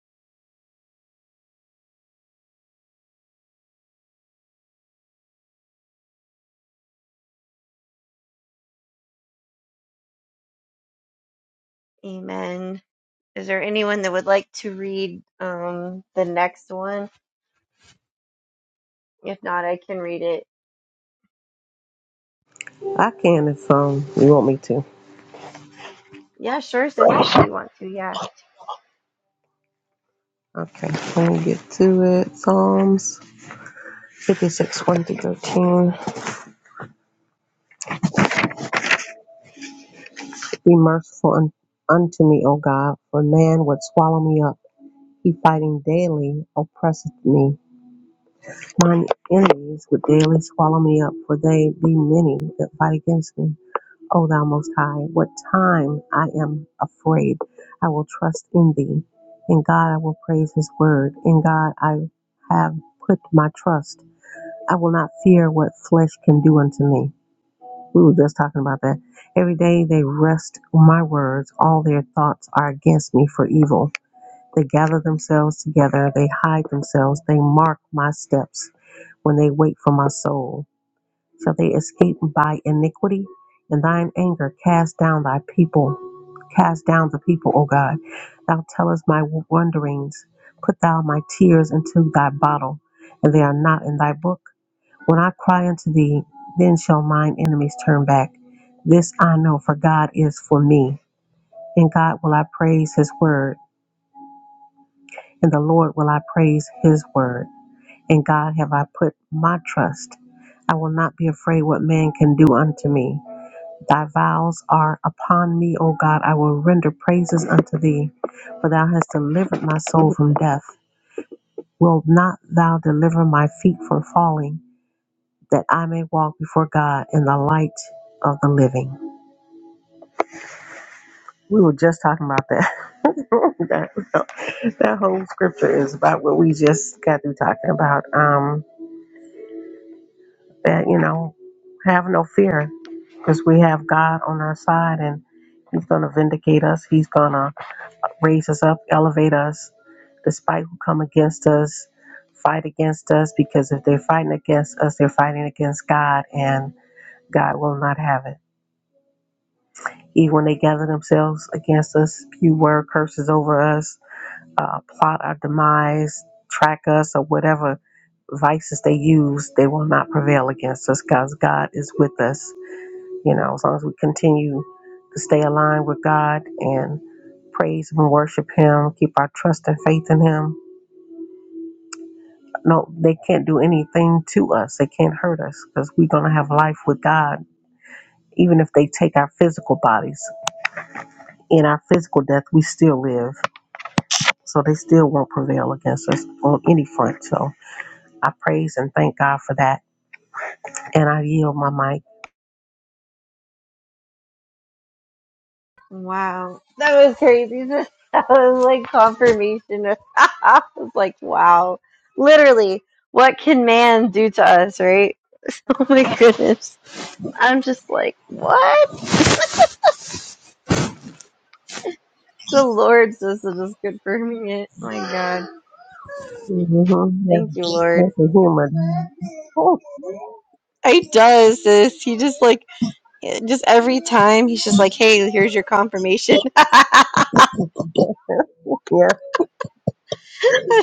B: Amen. Is there anyone that would like to read um, the next one? If not, I can read it.
D: I can if um you want me to.
B: Yeah, sure, sis, if you want to. Yeah.
D: Okay, let me get to it. Psalms 56, 1 to 13. Be merciful un- unto me, O God, for man would swallow me up. He fighting daily oppresseth me. Mine enemies would daily swallow me up, for they be many that fight against me. O thou most high, what time I am afraid, I will trust in thee. In God I will praise his word. In God I have put my trust. I will not fear what flesh can do unto me. We were just talking about that. Every day they wrest my words, all their thoughts are against me for evil. They gather themselves together, they hide themselves, they mark my steps when they wait for my soul. Shall they escape by iniquity? In thine anger, cast down thy people. Cast down the people, O God. Thou tellest my wanderings. Put thou my tears into thy bottle, and they are not in thy book. When I cry unto thee, then shall mine enemies turn back. This I know, for God is for me. In God will I praise his word. In the Lord will I praise his word. In God have I put my trust. I will not be afraid what man can do unto me. Thy vows are upon me, O God. I will render praises unto thee, for thou hast delivered my soul from death. Will not thou deliver my feet from falling, that I may walk before God in the light of the living? We were just talking about that. that, that whole scripture is about what we just got through talking about. Um, that you know have no fear because we have god on our side and he's going to vindicate us he's going to raise us up elevate us despite who come against us fight against us because if they're fighting against us they're fighting against god and god will not have it even when they gather themselves against us few word curses over us uh, plot our demise track us or whatever vices they use they will not prevail against us because god is with us you know, as long as we continue to stay aligned with God and praise and worship Him, keep our trust and faith in Him. No, they can't do anything to us. They can't hurt us because we're going to have life with God. Even if they take our physical bodies, in our physical death, we still live. So they still won't prevail against us on any front. So I praise and thank God for that. And I yield my mic.
B: Wow, that was crazy. That was like confirmation. I was like, wow, literally, what can man do to us, right? Oh my goodness, I'm just like, what? The Lord says it is confirming it. Oh my God,
D: Mm-hmm. Yeah,
B: thank you, Lord.
D: sense of humor.
B: He does this. He just like, just every time he's just like, hey, here's your confirmation. I'm
D: yeah,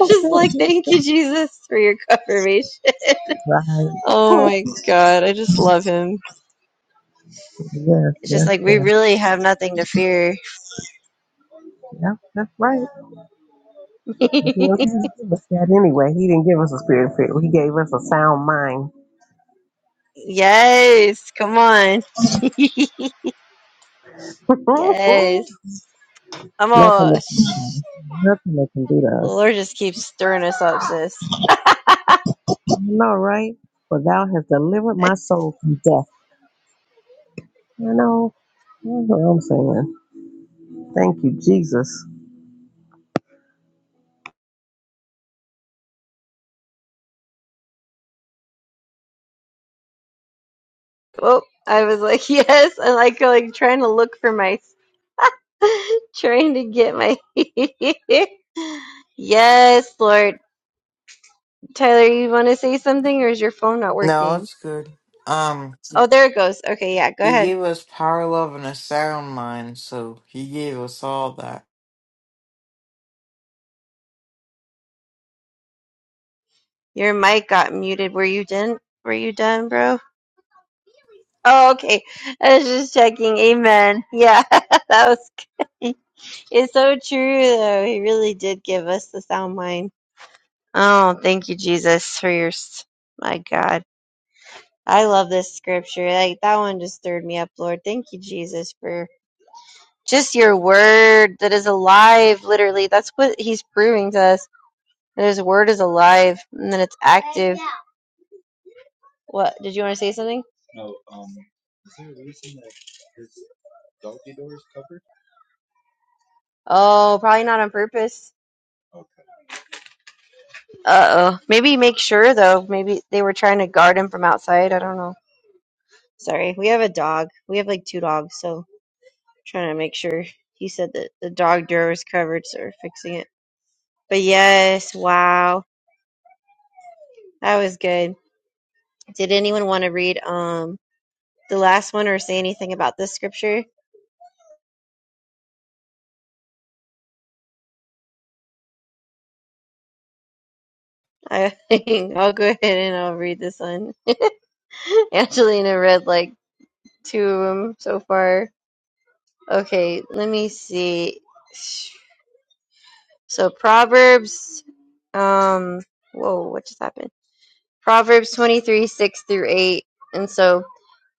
B: just like, thank you, Jesus, for your confirmation. Oh
D: right.
B: my God, I just love him.
D: Yes,
B: It's just
D: yes,
B: like
D: yes.
B: we really have nothing to fear.
D: yeah. that's right. But you know, he didn't give us that anyway. He didn't give us a spirit of fear. He gave us a sound mind.
B: yes, come on. yes.
D: nothing,
B: I'm all
D: that-
B: shh.
D: nothing that can do to
B: The
D: us.
B: Lord just keeps stirring us up, sis.
D: I know, right? For thou hast delivered my soul from death. You know, that's what I'm saying. Thank you, Jesus.
B: Oh, I was like, yes, I like like trying to look for my trying to get my Yes, Lord. Tyler, you want to say something or is your phone not
E: No,
B: working?
E: it's good. Um,
B: Oh, there it goes. Okay, yeah, go
E: he
B: ahead.
E: gave us power, love, and a sound mind, so he gave us all that.
B: Your mic got muted. Were you done? Were you done, bro? Oh, okay. I was just checking. Amen. Yeah, that was good. It's so true, though. He really did give us the sound mind. Oh, thank you, Jesus, for your. s- My God. I love this scripture. Like, that one just stirred me up, Lord. Thank you, Jesus, for just your word that is alive, literally. That's what he's proving to us. That his word is alive and that it's active. What? Did you want to say something? Oh, probably not on purpose. Uh oh. Maybe make sure though. Maybe they were trying to guard him from outside. I don't know. Sorry. We have a dog. We have like two dogs, so trying to make sure. He said that the dog door was covered, so we're fixing it. But yes, wow. That was good. Did anyone want to read um the last one or say anything about this scripture? I I'll go ahead and I'll read this one. Angelina read like two of them so far. Okay, let me see. So Proverbs, um, whoa, what just happened? Proverbs 23, 6 through 8. And so,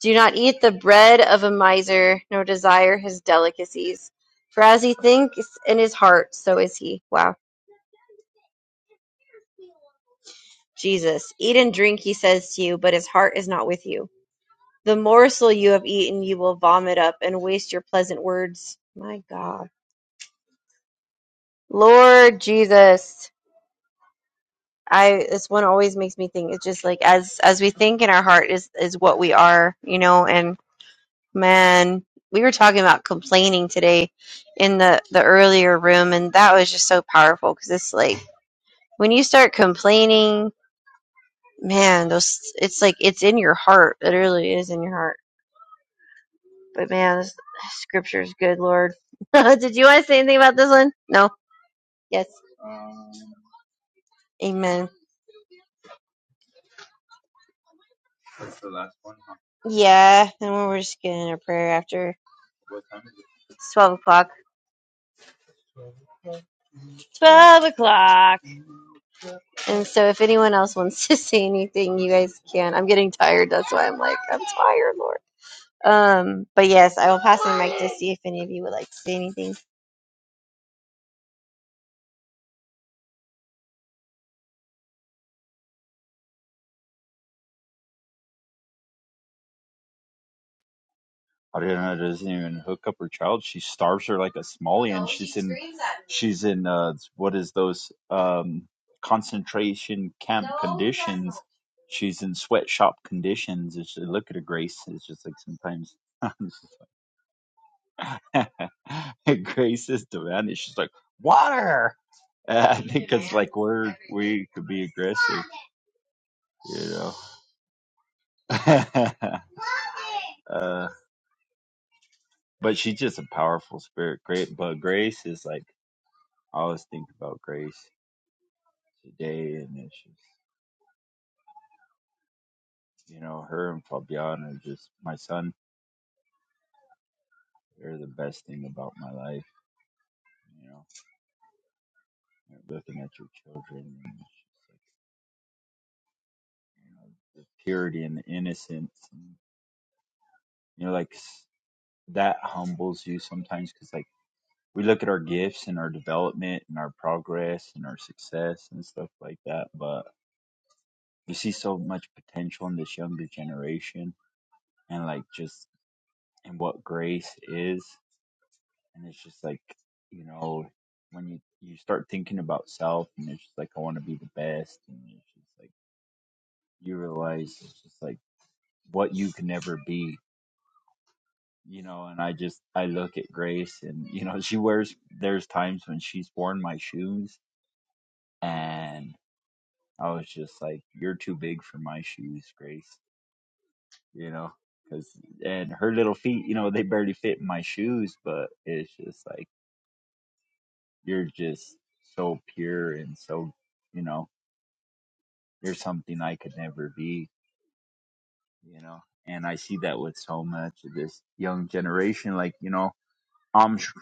B: do not eat the bread of a miser, nor desire his delicacies. For as he thinks in his heart, so is he. Wow. Jesus, eat and drink, he says to you, but his heart is not with you. The morsel you have eaten, you will vomit up and waste your pleasant words. My God. Lord Jesus. I this one always makes me think. It's just like as as we think in our heart is is what we are, you know. And man, we were talking about complaining today in the the earlier room, and that was just so powerful because it's like when you start complaining, man, those it's like it's in your heart. It really is in your heart. But man, this scripture is good, Lord. Did you want to say anything about this one? No. Yes. Amen. Yeah, and we're just getting a prayer after twelve o'clock. 12 o'clock. And so if anyone else wants to say anything, you guys can. I'm getting tired. That's why I'm like, I'm tired, Lord. Um, but yes, I will pass the mic to see if any of you would like to say anything.
A: Ariana doesn't even hook up her child. She starves her like a She's in uh, what is those um, concentration camp? She's in sweatshop conditions. It's just- look at her, Grace. It's just like sometimes it's just like- Grace is demanding. She's like water. Uh, We could Grace, you know. uh, but she's just a powerful spirit. Great, but Grace is like I always think about Grace today, and it's just you know her and Fabiana, are just my son. They're the best thing about my life. You know. You're looking at your children, and it's just like you know the purity and the innocence, and you know like s- that humbles you sometimes because like we look at our gifts and our development and our progress and our success and stuff like that, but you see so much potential in this younger generation and like just and what grace is, and it's just like you know when you you start thinking about self and it's just like I want to be the best and it's just like you realize it's just like what you can never be you know and i just i look at grace and you know she wears there's times when she's worn my shoes and i was just like you're too big for my shoes grace you know because and her little feet you know they barely fit in my shoes but it's just like you're just so pure and so you know you're something i could never be you know and i see that with so much of this young generation like you know I'm, sh-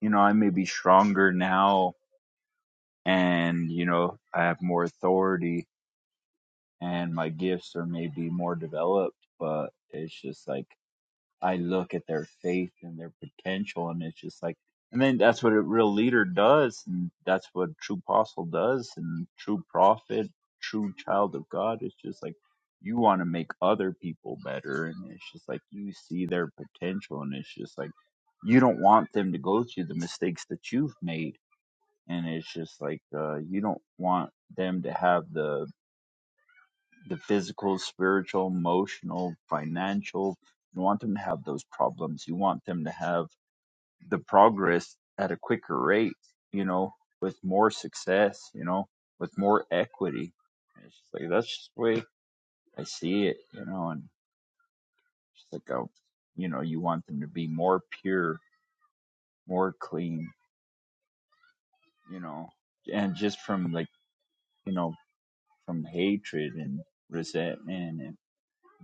A: you know, I may be stronger now and, you know, I have more authority and my gifts are maybe more developed, but it's just like I look at their faith and their potential, and it's just like, and then that's what a real leader does, and that's what a true apostle does, and true prophet, true child of God. It's just like you want to make other people better, and it's just like you see their potential, and it's just like you don't want them to go through the mistakes that you've made, and it's just like uh, you don't want them to have the the physical, spiritual, emotional, financial. You don't want them to have those problems. You want them to have the progress at a quicker rate, you know, with more success, you know, with more equity. And it's just like that's just the way I see it, you know, and just like oh you know, you want them to be more pure, more clean, you know. And just from like, you know, from hatred and resentment and.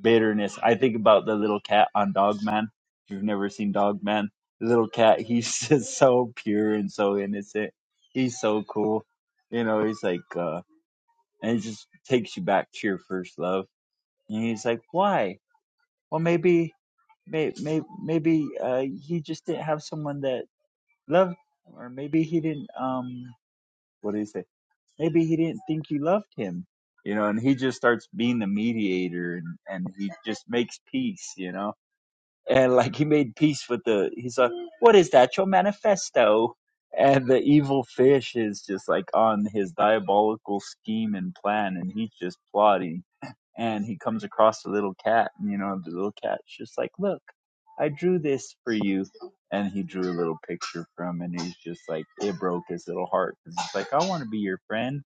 A: bitterness. I think about the little cat on Dogman. If you've never seen Dogman, the little cat, he's just so pure and so innocent. He's so cool. You know, he's like, uh, and he just takes you back to your first love. And he's like, why? Well, maybe, may, may, maybe, uh, he just didn't have someone that loved, him, or maybe he didn't, um, what do you say? Maybe he didn't think you loved him. You know, and he just starts being the mediator and, and he just makes peace, you know? and like he made peace with the he's like what is that your manifesto and the evil fish is just like on his diabolical scheme and plan and he's just plotting and he comes across the little cat and you know the little cat's just like look i drew this for you and he drew a little picture for him and he's just like it broke his little heart because he's like i want to be your friend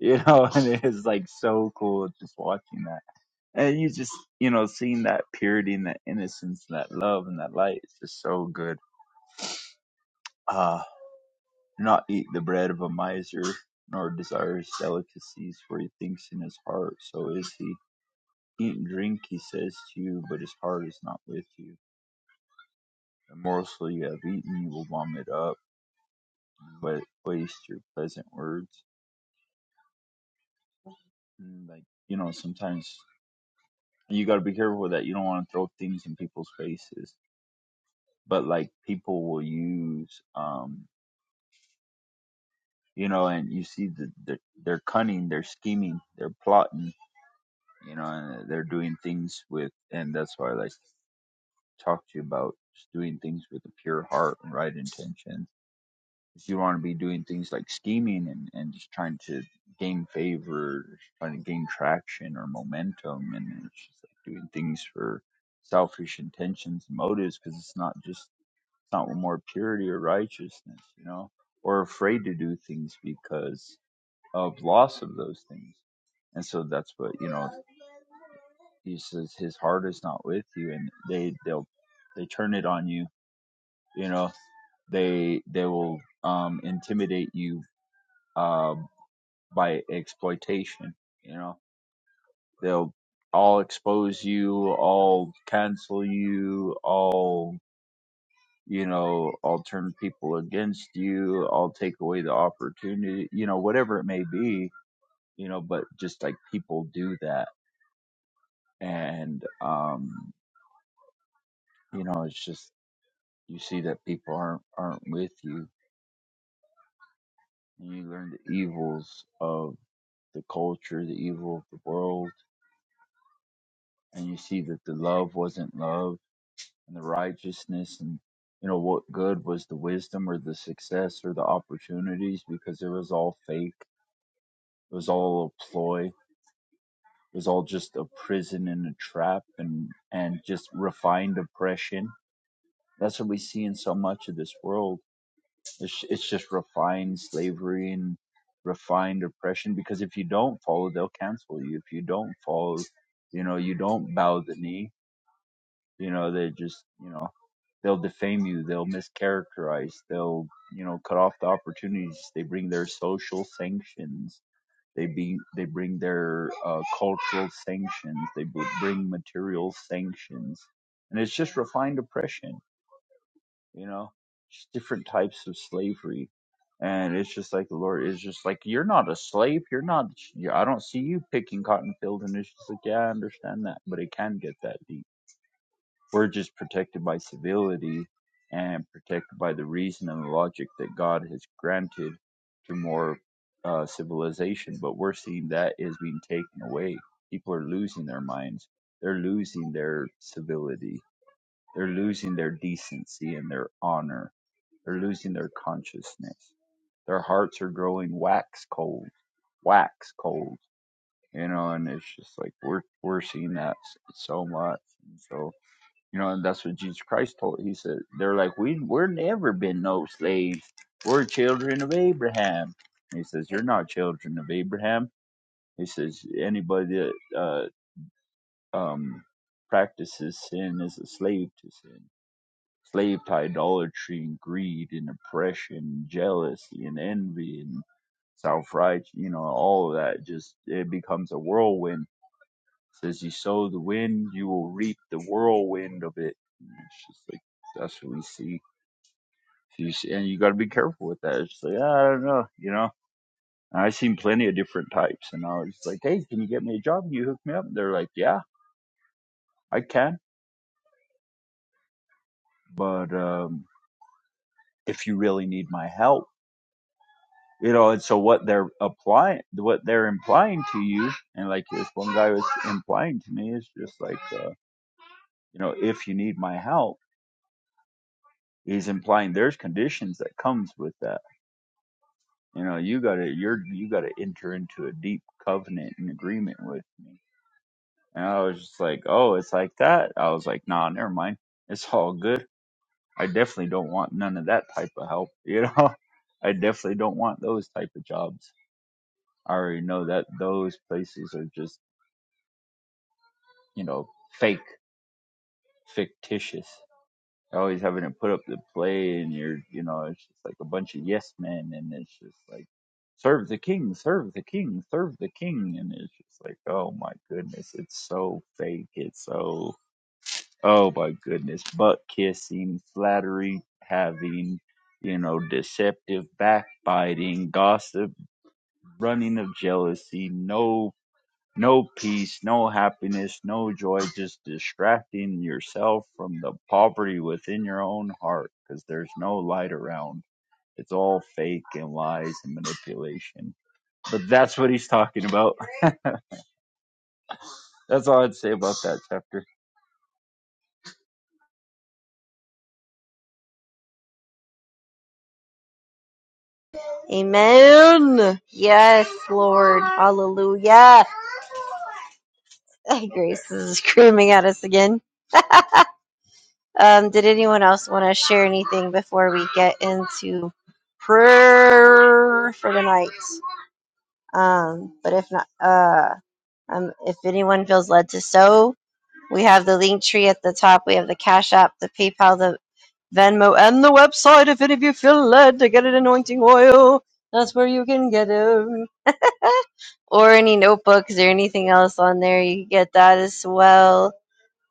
A: you know and it's like so cool just watching that and you just, you know, seeing that purity and that innocence and that love and that light its just so good. Uh, "Do not eat the bread of a miser, nor desire his delicacies, for he thinks in his heart, so is he. Eat and drink, he says to you, but his heart is not with you. The morsel you have eaten, you will vomit up, and wa- waste your pleasant words. And like, you know, sometimes you got to be careful with that. You don't want to throw things in people's faces, but like people will use, um, you know, and you see that the, they're cunning, they're scheming, they're plotting, you know, and they're doing things with, and that's why I like to talk to you about just doing things with a pure heart and right intentions. If you want to be doing things like scheming and, and just trying to gain favor, trying to gain traction or momentum, and it's just like doing things for selfish intentions and motives because it's not just, it's not more purity or righteousness, you know, or afraid to do things because of loss of those things. And so that's what you know. He says his heart is not with you, and they they'll they turn it on you. You know, they they will um, intimidate you um, by exploitation. You know, they'll all expose you, all cancel you, all you know, all turn people against you, all take away the opportunity. You know, whatever it may be. You know, but just like people do that and um, you know it's just you see that people aren't aren't with you and you learn the evils of the culture the evil of the world and you see that the love wasn't love and the righteousness and you know what good was the wisdom or the success or the opportunities because it was all fake it was all a ploy it was all just a prison and a trap and and just refined oppression that's what we see in so much of this world It's, it's just refined slavery and refined oppression because if you don't follow, they'll cancel you. If you don't follow, you know, you don't bow the knee, you know, they just, you know, they'll defame you, they'll mischaracterize, they'll, you know, cut off the opportunities. They bring their social sanctions. They be, they bring their uh, cultural sanctions. They b- bring material sanctions, and it's just refined oppression you know just different types of slavery and it's just like the lord is just like you're not a slave you're not you i don't see you picking cotton field and it's just like yeah i understand that but it can get that deep we're just protected by civility and protected by the reason and the logic that god has granted to more uh, civilization but we're seeing that is being taken away people are losing their minds they're losing their civility they're losing their decency and their honor they're losing their consciousness. Their hearts are growing wax cold, wax cold. You know, and it's just like we're we're seeing that so much. And so you know, and that's what Jesus Christ told. He said they're like we we're never been no slaves. We're children of Abraham. And he says you're not children of Abraham. He says anybody that uh, um, practices sin is a slave to sin slave to idolatry and greed and oppression and jealousy and envy and self right you know all of that just it becomes a whirlwind It says you sow the wind you will reap the whirlwind of it And it's just like that's what we see you see, and you got to be careful with that it's just like "Ah, i don't know you know and i've seen plenty of different types and i was like hey can you get me a job Can you hook me up And they're like yeah i can but um if you really need my help you know and so what they're applying what they're implying to you and like this one guy was implying to me is just like uh, you know if you need my help he's implying there's conditions that comes with that you know you gotta you're you gotta enter into a deep covenant and agreement with me and i was just like oh it's like that i was like nah never mind it's all good i definitely don't want none of that type of help you know i definitely don't want those type of jobs i already know that those places are just you know, fake, fictitious. They're Always having to put up the play, and you're, you know, it's just like a bunch of yes men, and it's just like, serve the king, serve the king, serve the king, and it's just like, oh my goodness, it's so fake, it's so, oh my goodness, butt kissing, flattery having, you know, deceptive, backbiting, gossip, running of jealousy, no. No peace, no happiness, no joy, just distracting yourself from the poverty within your own heart because there's no light around. It's all fake and lies and manipulation. But that's what he's talking about. That's all I'd say about that chapter.
B: Amen. Yes, Lord. Hallelujah. Grace is screaming at us again. Um, did anyone else want to share anything before we get into prayer for the night? Um, but if not, uh, um, if anyone feels led to sow, We have the link tree at the top. We have the Cash App, the PayPal, the Venmo, and the website. If any of you feel led to get an anointing oil, that's where you can get them. Or any notebooks or anything else on there, you can get that as well.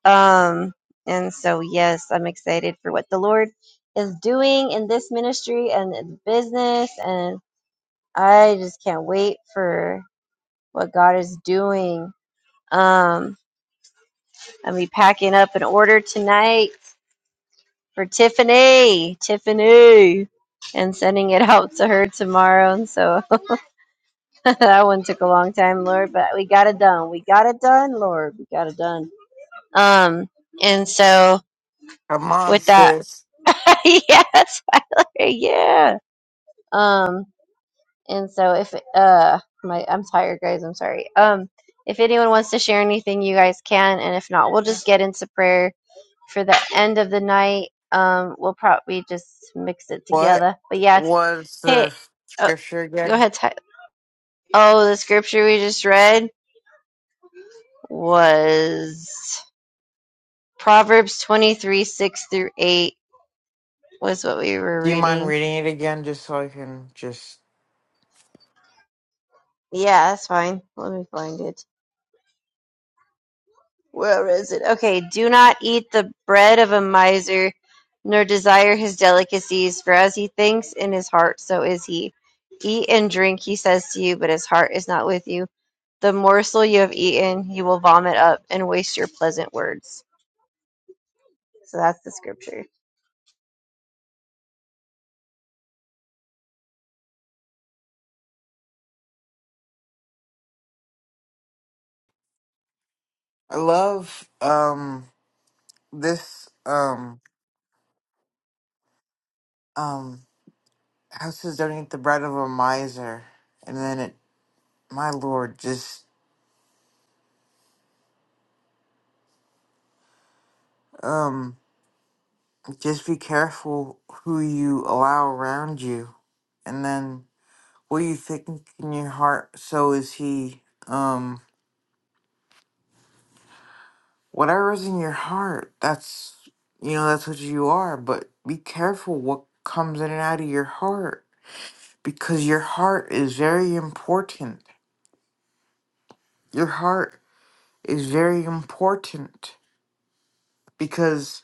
B: Um, and so, yes, I'm excited for what the Lord is doing in this ministry and in business, and I just can't wait for what God is doing. Um, I'll be packing up an order tonight for Tiffany, Tiffany, and sending it out to her tomorrow. And so that one took a long time, Lord, but we got it done. We got it done, Lord. We got it done. Um, and so
E: Come on,
B: with that,
E: sis.
B: yes, Tyler, yeah. Um, and so if uh, my I'm tired, guys. I'm sorry. Um, if anyone wants to share anything, you guys can, and if not, we'll just get into prayer for the end of the night. Um, we'll probably just mix it
E: What
B: together. But yes,
E: was
B: hey,
E: the
B: oh,
E: scripture
B: go
E: again?
B: ahead. Ty- oh, the scripture we just read was Proverbs twenty three six through eight was what we were
E: Do you mind
B: reading.
E: reading it again, just so I can just?
B: Yeah, that's fine. Let me find it. Where is it? Okay, do not eat the bread of a miser, nor desire his delicacies, for as he thinks in his heart, so is he. Eat and drink, he says to you, but his heart is not with you. The morsel you have eaten, you will vomit up and waste your pleasant words. So that's the scripture.
E: I love um this um um houses don't eat the bread of a miser, and then it. My lord, just um, just be careful who you allow around you, and then. What do you think in your heart? So is he. Um, whatever is in your heart, that's you know that's what you are. But be careful what comes in and out of your heart because your heart is very important. Your heart is very important because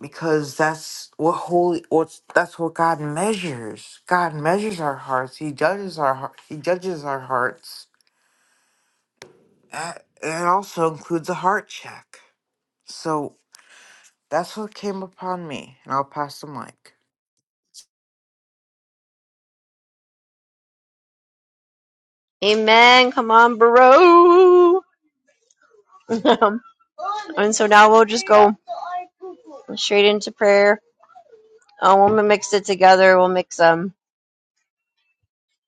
E: because that's what holy what's that's what God measures. God measures our hearts. He judges our heart. He judges our hearts. That, that also includes a heart check. So That's what came upon me, and I'll pass the mic.
B: Amen. Come on, bro. and so now we'll just go straight into prayer. Uh, when we mix it together, we'll mix um,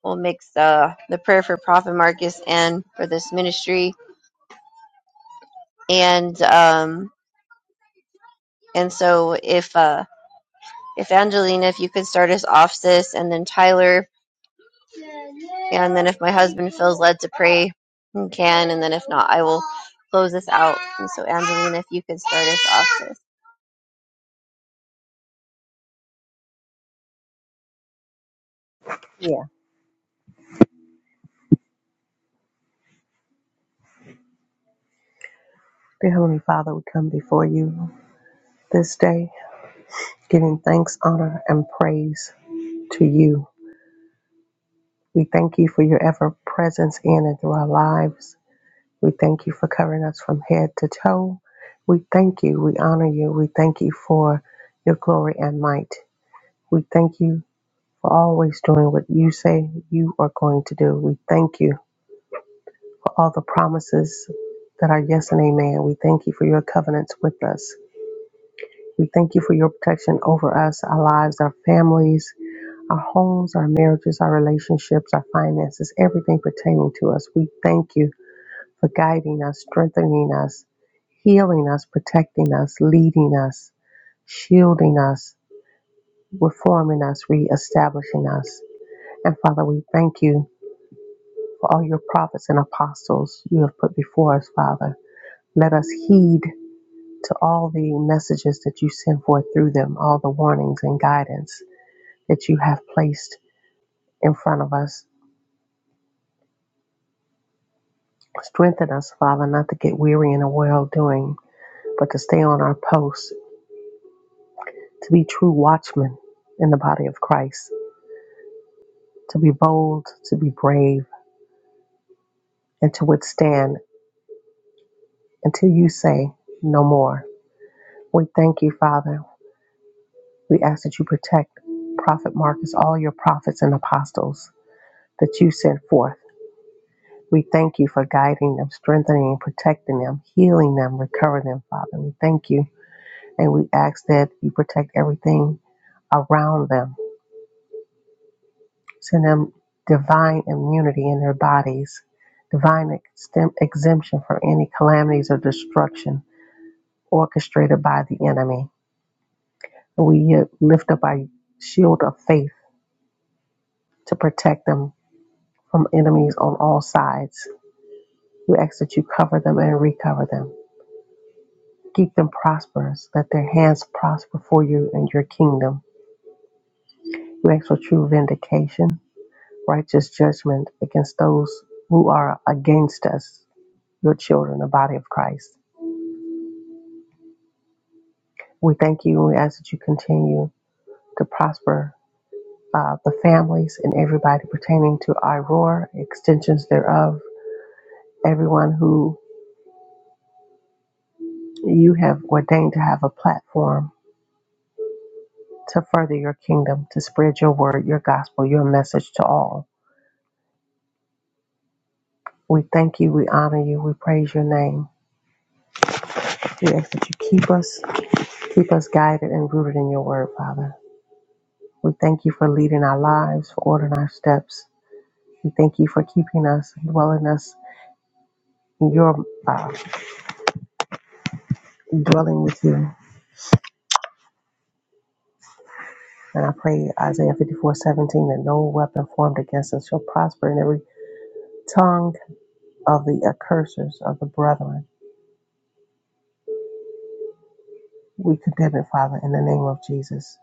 B: we'll mix the uh, the prayer for Prophet Marcus and for this ministry. And um, and so if uh, if Angelina, if you could start us off, sis, and then Tyler, Yeah, and then if my husband feels led to pray, he can. And then if not, I will close this out. And so, Angelina, if you could start us off, sis.
D: Yeah. Dear Heavenly Father, we come before you this day, giving thanks, honor, and praise to you. We thank you for your ever presence in and through our lives. We thank you for covering us from head to toe. We thank you. We honor you. We thank you for your glory and might. We thank you for always doing what you say you are going to do. We thank you for all the promises that are yes and amen. We thank you for your covenants with us. We thank you for your protection over us, our lives, our families, our homes, our marriages, our relationships, our finances, everything pertaining to us. We thank you for guiding us, strengthening us, healing us, protecting us, leading us, shielding us, reforming us, reestablishing us. And Father, we thank you for all your prophets and apostles you have put before us, Father. Let us heed to all the messages that you send forth through them, all the warnings and guidance that you have placed in front of us. Strengthen us, Father, not to get weary in a well doing, but to stay on our posts to be true watchmen in the body of Christ, to be bold, to be brave, and to withstand until you say no more. We thank you, Father. We ask that you protect Prophet Marcus, all your prophets and apostles that you sent forth. We thank you for guiding them, strengthening, protecting them, healing them, recovering them, Father. We thank you. And we ask that you protect everything around them send them divine immunity in their bodies, divine extem- exemption from any calamities or destruction orchestrated by the enemy. We uh, lift up our shield of faith to protect them from enemies on all sides. We ask that you cover them and recover them. Keep them prosperous. Let their hands prosper for you and your kingdom. We ask for true vindication, righteous judgment against those who are against us, your children, the body of Christ. We thank you and we ask that you continue to prosper uh, the families and everybody pertaining to IROAR, extensions thereof, everyone who you have ordained to have a platform to further your kingdom, to spread your word, your gospel, your message to all. We thank you, we honor you, we praise your name. We ask that you keep us, keep us guided and rooted in your word, Father. We thank you for leading our lives, for ordering our steps. We thank you for keeping us, dwelling us in your uh, and dwelling with you. And I pray Isaiah 54 17 that no weapon formed against us shall prosper, and every tongue of the accursers of the brethren we condemn it, Father, in the name of Jesus.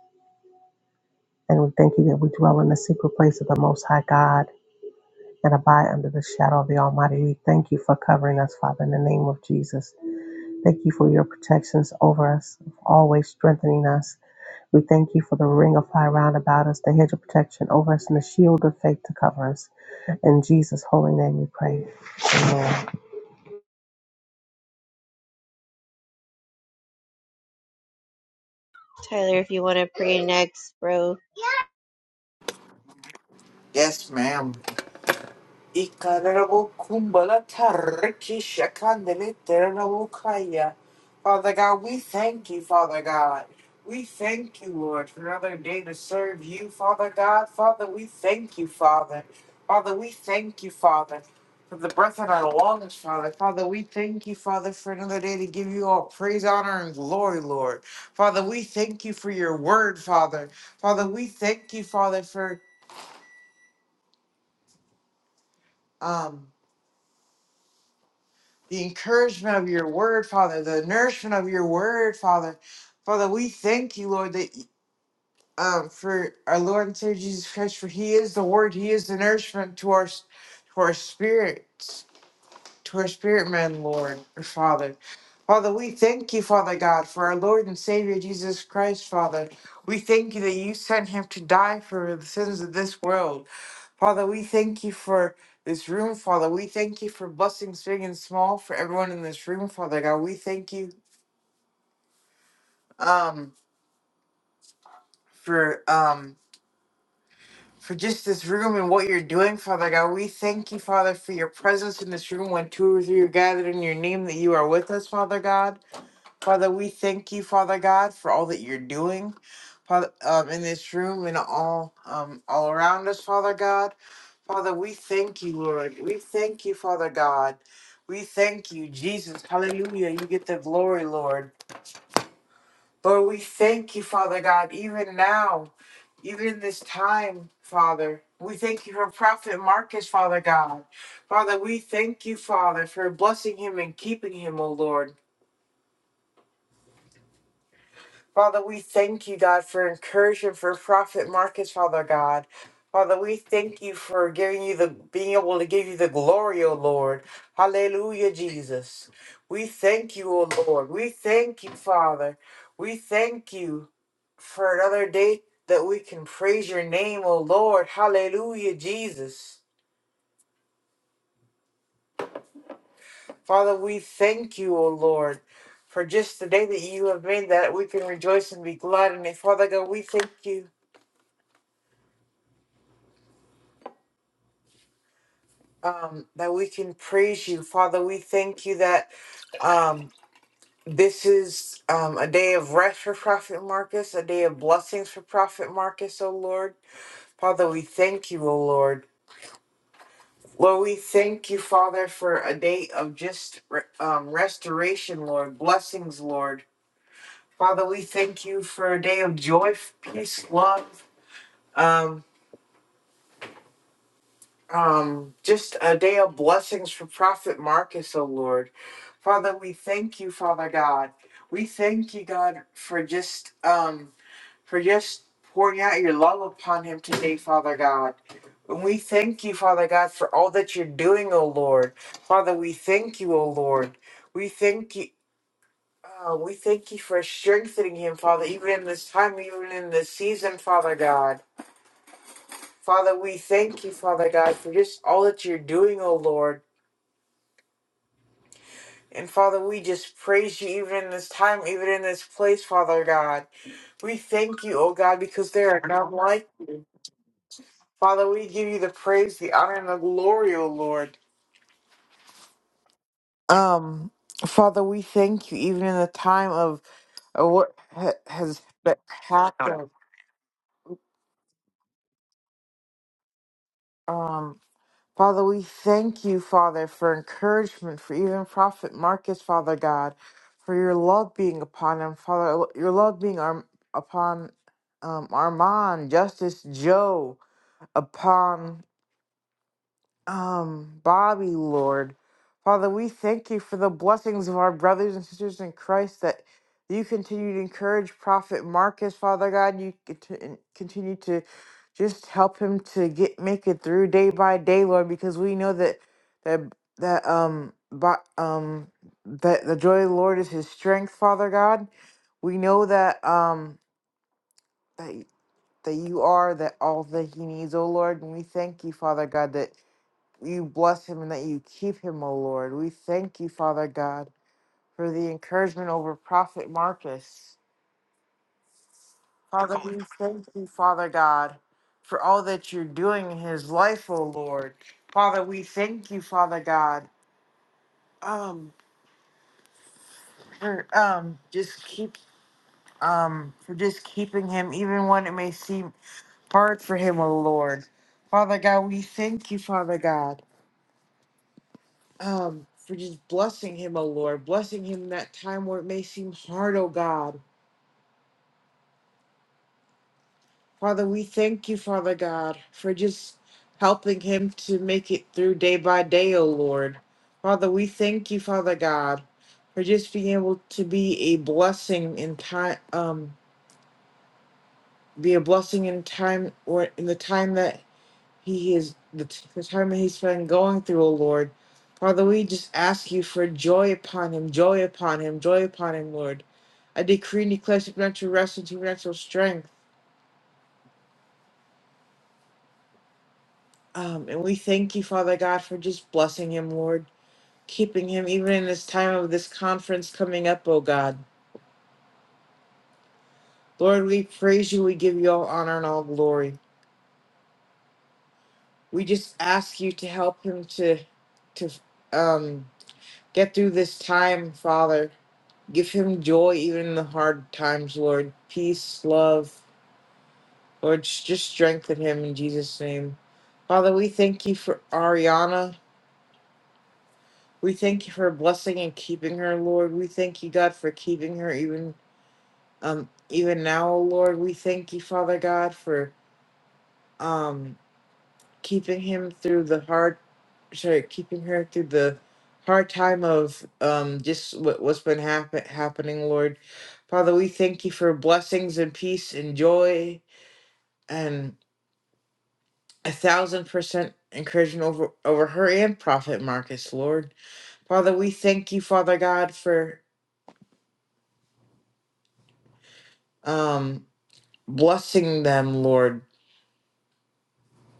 D: And we thank you that we dwell in the secret place of the Most High God and abide under the shadow of the Almighty. We thank you for covering us, Father, in the name of Jesus. Thank you for your protections over us, always strengthening us. We thank you for the ring of fire round about us, the hedge of protection over us, and the shield of faith to cover us. In Jesus' holy name we pray. Amen.
B: Tyler, if you want to pray next, bro.
E: Yes, ma'am. Ikarabo kumbala tariki shakandele terabo kaya. Father God, we thank you, Father God. We thank you, Lord, for another day to serve you, Father God. Father, we thank you, Father. Father, we thank you, Father, for the breath in our lungs, Father. Father, we thank you, Father, for another day to give you all praise, honor, and glory, Lord. Father, we thank you for your word, Father. Father, we thank you, Father, for um the encouragement of your word, Father, the nourishment of your word, Father. Father, we thank you, Lord, that um, for our Lord and Savior Jesus Christ, for He is the Word, He is the nourishment to our to our spirit to our spirit man, Lord, or Father. Father, we thank you, Father God, for our Lord and Savior Jesus Christ, Father. We thank you that you sent him to die for the sins of this world. Father, we thank you for this room, Father. We thank you for blessings big and small for everyone in this room, Father God. We thank you um for um for just this room and what you're doing, Father God. We thank you, Father, for your presence in this room when two or three are gathered in your name that you are with us, Father God. Father, we thank you, Father God, for all that you're doing, Father, um, in this room and all, um, all around us, Father God. Father, we thank you, Lord. We thank you, Father God. We thank you, Jesus. Hallelujah. You get the glory, Lord. Lord, we thank you, Father God, even now, even in this time, Father. We thank you for Prophet Marcus, Father God. Father, we thank you, Father, for blessing him and keeping him, O Lord. Father, we thank you, God, for encouragement for prophet, Marcus. Father God. Father, we thank you for giving you the being able to give you the glory, O Lord. Hallelujah, Jesus. We thank you, O Lord. We thank you, Father. We thank you for another day that we can praise your name, O Lord. Hallelujah, Jesus. Father, we thank you, O Lord, for just the day that you have made that we can rejoice and be glad in it. Father God, we thank you um, that we can praise you. Father, we thank you that um, this is um, a day of rest for Prophet Marcus, a day of blessings for Prophet Marcus, O Lord. Father, we thank you, O Lord. Lord, we thank you, Father, for a day of just re- um, restoration, Lord, blessings, Lord. Father, we thank you for a day of joy, peace, love. Um, um, just a day of blessings for Prophet Marcus, O Lord. Father, we thank you, Father God. We thank you, God, for just um, for just pouring out your love upon him today, Father God. And we thank you, Father God, for all that you're doing, O Lord. Father, we thank you, O Lord. We thank you. Uh, we thank you for strengthening him, Father, even in this time, even in this season, Father God. Father, we thank you, Father God, for just all that you're doing, O Lord. And Father, we just praise you even in this time, even in this place, Father God. We thank you, oh God, because there are none like you. Father, we give you the praise, the honor, and the glory, oh Lord. Um, Father, we thank you even in the time of, of what ha- has been happened. Father, we thank you, Father, for encouragement, for even Prophet Marcus, Father God, for your love being upon him, Father, your love being our, upon um, Armand, Justice Joe, upon um, Bobby, Lord. Father, we thank you for the blessings of our brothers and sisters in Christ that you continue to encourage Prophet Marcus, Father God. You conti- continue to just help him to get make it through day by day, Lord, because we know that that that um bo- um that the joy of the Lord is his strength, Father God. We know that um that that you are that all that he needs, oh Lord, and we thank you, Father God, that you bless him and that you keep him, O Lord. We thank you, Father God, for the encouragement over Prophet Marcus. Father, we thank you, Father God, for all that you're doing in his life, O Lord. Father, we thank you, Father God, um, for um, just keep um, for just keeping him, even when it may seem hard for him, O Lord. Father God, we thank you, Father God. um, for just blessing him, O Lord, blessing him in that time where it may seem hard, O God. Father, we thank you, Father God, for just helping him to make it through day by day, O Lord. Father, we thank you, Father God, for just being able to be a blessing in time, um, be a blessing in time or in the time that he is the t- the time that he's been going through, O Lord. Father, we just ask you for joy upon him, joy upon him, joy upon him, Lord. I decree and declare supernatural rest and supernatural strength. Um, and we thank you, Father God, for just blessing him, Lord, keeping him even in this time of this conference coming up, O God. Lord, we praise you. We give you all honor and all glory. We just ask you to help him to, to um, get through this time, Father Give him joy even in the hard times, Lord. Peace, love. Lord, just strengthen him in Jesus' name. Father, we thank you for Ariana. We thank you for blessing and keeping her, Lord. We thank you, God, for keeping her even um even now, Lord. We thank you, Father God, for um keeping him through the hard sorry keeping her through the hard time of um just what, what's been happen, happening lord father we thank you for blessings and peace and joy and a thousand percent encouragement over over her and prophet marcus lord father we thank you father god for um blessing them lord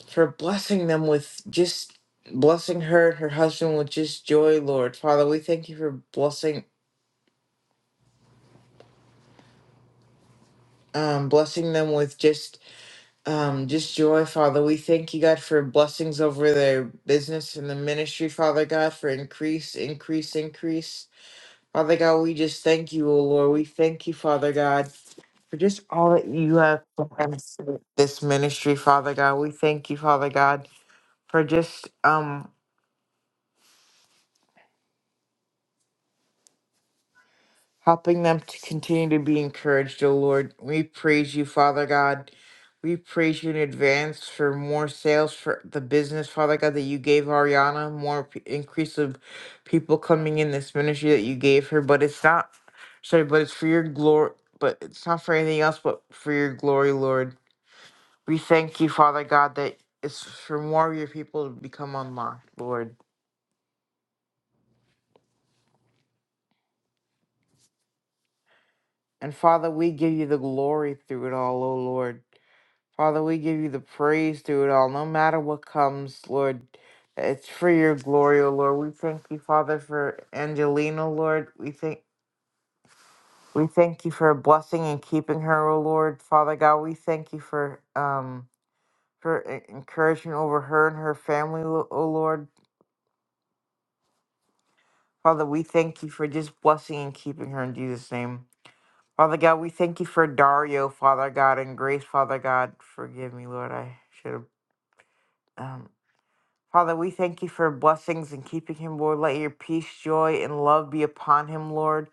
E: for blessing them with just blessing her and her husband with just joy lord father we thank you for blessing um, blessing them with just um, just joy, Father. We thank you, God, for blessings over their business and the ministry, Father God, for increase, increase, increase. Father God, we just thank you, O Lord. We thank you, Father God, for just all that you have done for this ministry, Father God. We thank you, Father God, for just um helping them to continue to be encouraged, O Lord. We praise you, Father God. We praise you in advance for more sales for the business, Father God, that you gave Ariana, more p- increase of people coming in this ministry that you gave her. But it's not, sorry, but it's for your glory, but it's not for anything else, but for your glory, Lord. We thank you, Father God, that it's for more of your people to become unlocked, Lord. And Father, we give you the glory through it all, O Lord. Father, we give you the praise through it all, no matter what comes, Lord. It's for your glory, O Lord. We thank you, Father, for Angelina, Lord. We thank we thank you for blessing and keeping her, O Lord. Father God, we thank you for um for e- encouragement over her and her family, Lo- O Lord. Father, we thank you for just blessing and keeping her in Jesus' name. Father God, we thank you for Dario, Father God, and Grace, Father God. Forgive me, Lord. I should have. um, Father, we thank you for blessings and keeping him, Lord. Let your peace, joy, and love be upon him, Lord,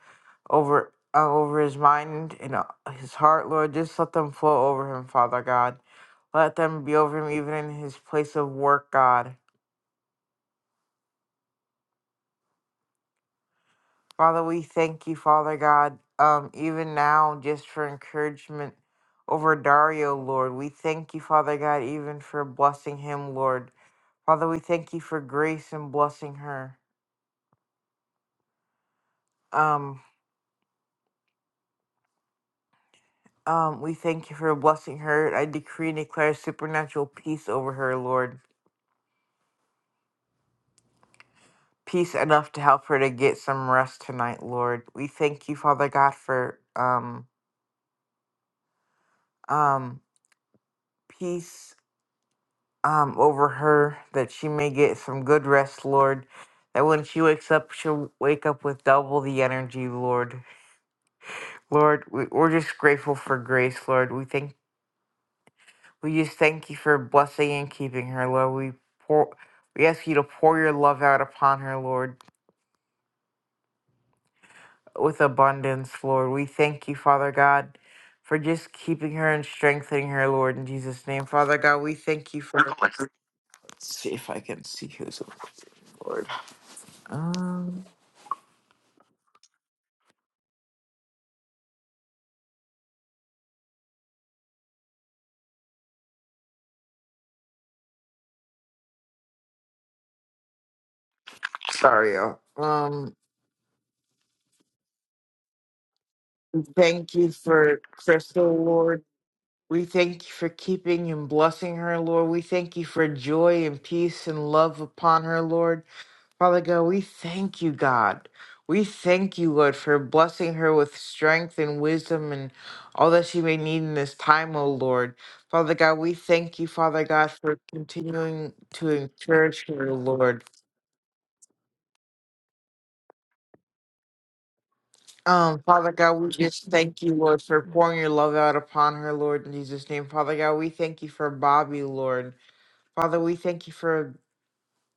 E: over uh, over his mind and uh, his heart, Lord. Just let them flow over him, Father God. Let them be over him, even in his place of work, God. Father, we thank you, Father God, um, even now, just for encouragement over Dario, Lord. We thank you, Father God, even for blessing him, Lord. Father, we thank you for grace and blessing her. um. Um, we thank you for blessing her. I decree and declare supernatural peace over her, Lord. Peace enough to help her to get some rest tonight, Lord. We thank you, Father God, for um um peace um over her that she may get some good rest, Lord. That when she wakes up, she'll wake up with double the energy, Lord. Lord, we, we're just grateful for grace, Lord. We thank we just thank you for blessing and keeping her, Lord. We pour we ask you to pour your love out upon her, Lord with abundance, Lord. We thank you, Father God, for just keeping her and strengthening her, Lord, in Jesus' name. Father God, we thank you for. Let's see if I can see who's over there, Lord. Um, sorry, y'all. Um, thank you for Crystal, Lord. We thank you for keeping and blessing her, Lord. We thank you for joy and peace and love upon her, Lord. Father God, we thank you, God. We thank you, Lord, for blessing her with strength and wisdom and all that she may need in this time, O Lord. Father God, we thank you, Father God, for continuing to encourage her, Lord. Um, Father God, we just thank you, Lord, for pouring your love out upon her, Lord, in Jesus' name. Father God, we thank you for Bobby, Lord. Father, we thank you for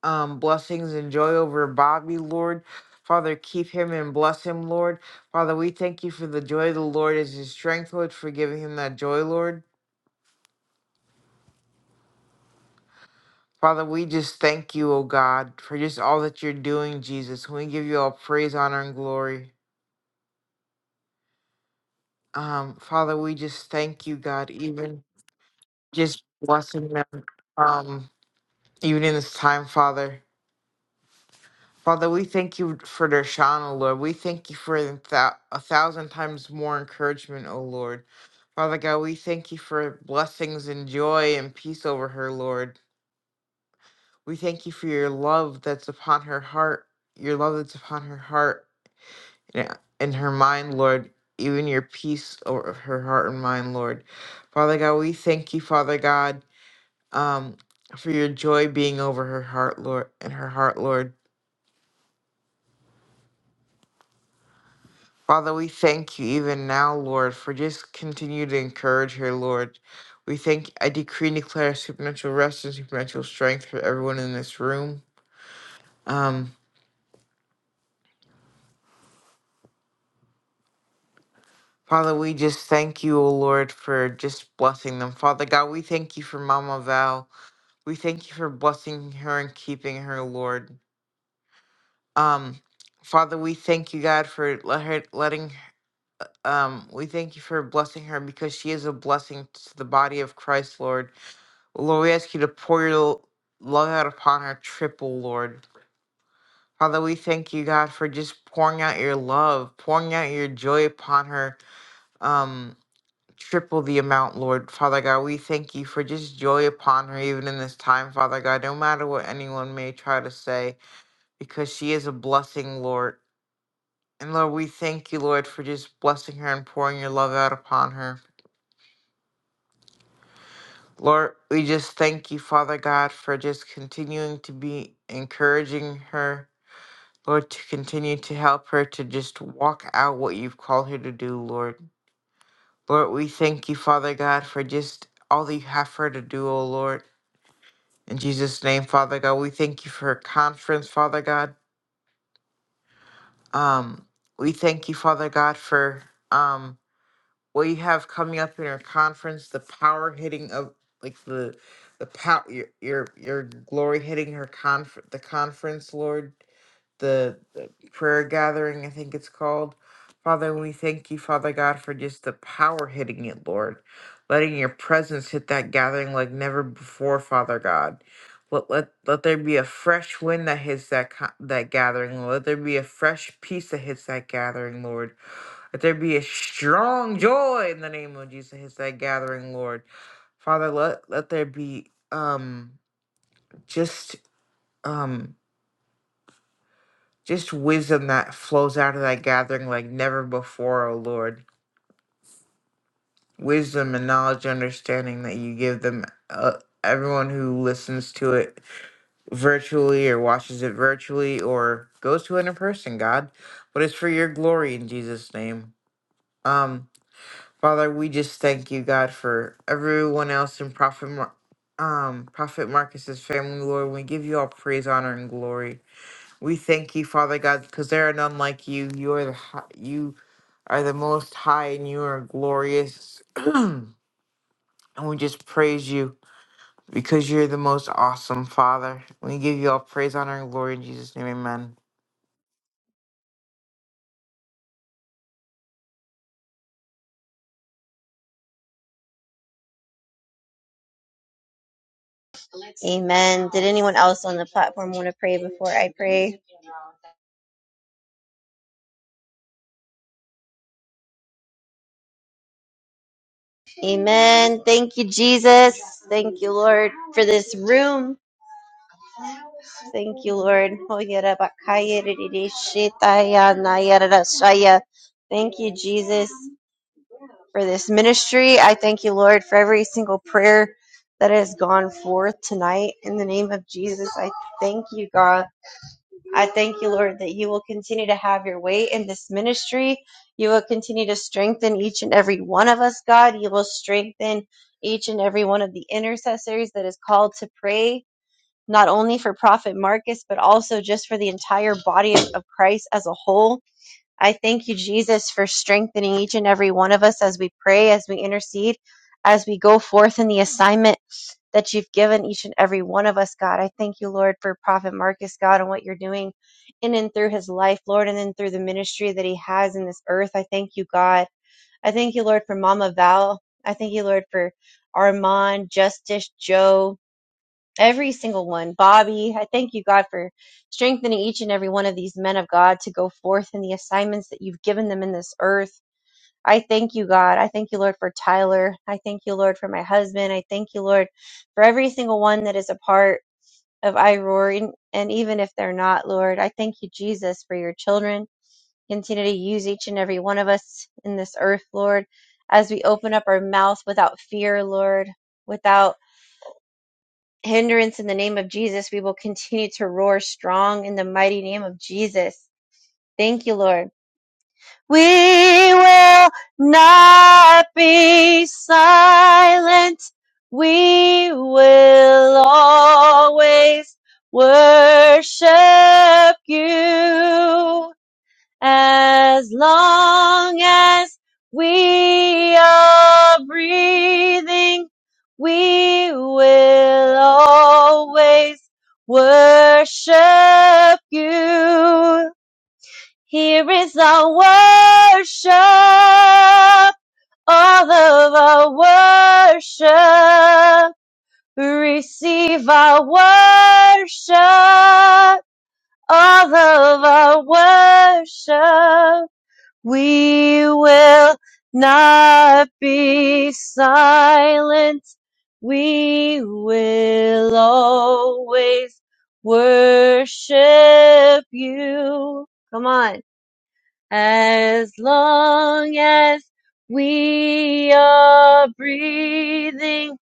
E: um, blessings and joy over Bobby, Lord. Father, keep him and bless him, Lord. Father, we thank you for the joy of the Lord is his strength, Lord, for giving him that joy, Lord. Father, we just thank you, O God, for just all that you're doing, Jesus. We give you all praise, honor, and glory. Um, Father, we just thank you, God, even just blessing them, um, even in this time, Father. Father, we thank you for Dershana, Lord. We thank you for the thou- a thousand times more encouragement, O Lord. Father God, we thank you for blessings and joy and peace over her, Lord. We thank you for your love that's upon her heart, your love that's upon her heart and and her mind, Lord. Even your peace over her heart and mind, Lord. Father God, we thank you, Father God, um, for your joy being over her heart, Lord, and her heart, Lord. Father, we thank you even now, Lord, for just continue to encourage her, Lord. We thank I decree and declare supernatural rest and supernatural strength for everyone in this room. Um, Father, we just thank you, O Lord, for just blessing them. Father God, we thank you for Mama Val. We thank you for blessing her and keeping her, Lord. Um, Father, we thank you, God, for let her letting um, we thank you for blessing her because she is a blessing to the body of Christ, Lord. Lord, we ask you to pour your love out upon her, triple, Lord. Father, we thank you, God, for just pouring out your love, pouring out your joy upon her, um, triple the amount, Lord. Father God, we thank you for just joy upon her, even in this time, Father God, no matter what anyone may try to say, because she is a blessing, Lord. And Lord, we thank you, Lord, for just blessing her and pouring your love out upon her. Lord, we just thank you, Father God, for just continuing to be encouraging her Lord, to continue to help her to just walk out what you've called her to do, Lord. Lord, we thank you, Father God, for just all that you have for her to do, oh Lord. In Jesus' name, Father God, we thank you for her conference, Father God. Um, we thank you, Father God, for um what you have coming up in her conference, the power hitting of like the the power your your your glory hitting her conf the conference, Lord. the, the prayer gathering, I think it's called. Father, we thank you, Father God, for just the power hitting it, Lord. Letting your presence hit that gathering like never before, Father God. Let, let, let there be a fresh wind that hits that co- that gathering. Let there be a fresh peace that hits that gathering, Lord. Let there be a strong joy in the name of Jesus that hits that gathering, Lord. Father, let let there be um just um Just wisdom that flows out of that gathering like never before, O Lord. Wisdom and knowledge, and understanding that you give them, uh, everyone who listens to it virtually or watches it virtually or goes to it in person, God. But it's for your glory in Jesus' name. Um, Father, we just thank you, God, for everyone else in Prophet, Mar- um, Prophet Marcus's family, Lord. We give you all praise, honor, and glory. We thank you, Father God, because there are none like you. You are the hi- you. are the most high and you are glorious. and we just praise you because you're the most awesome Father. We give you all praise, honor, and glory in Jesus' name. Amen.
B: Amen. Did anyone else on the platform want to pray before I pray? Amen. Thank you, Jesus. Thank you, Lord, for this room. Thank you, Lord. Thank you, Jesus. for this ministry. I thank you, Lord, for every single prayer that has gone forth tonight. In the name of Jesus, I thank you, God. I thank you, Lord, that you will continue to have your way in this ministry. You will continue to strengthen each and every one of us, God. You will strengthen each and every one of the intercessors that is called to pray, not only for Prophet Marcus, but also just for the entire body of Christ as a whole. I thank you, Jesus, for strengthening each and every one of us as we pray, as we intercede, as we go forth in the assignment that you've given each and every one of us, God. I thank you, Lord, for Prophet Marcus, God, and what you're doing in and through his life, Lord, and then through the ministry that he has in this earth. I thank you, God. I thank you, Lord, for Mama Val. I thank you, Lord, for Armand, Justice, Joe, Every single one. Bobby, I thank you, God, for strengthening each and every one of these men of God to go forth in the assignments that you've given them in this earth. I thank you, God. I thank you, Lord, for Tyler. I thank you, Lord, for my husband. I thank you, Lord, for every single one that is a part of iRoar. And and even if they're not, Lord, I thank you, Jesus, for your children. Continue to use each and every one of us in this earth, Lord, as we open up our mouth without fear, Lord, without hindrance in the name of Jesus. We will continue to roar strong in the mighty name of Jesus. Thank you, Lord. We will not be silent. We will always worship you as long as we are breathing, we will always worship you. Here is our worship, all of our worship. Receive our worship, all of our worship we will not be silent. We will always worship you. Come on. As long as we are breathing,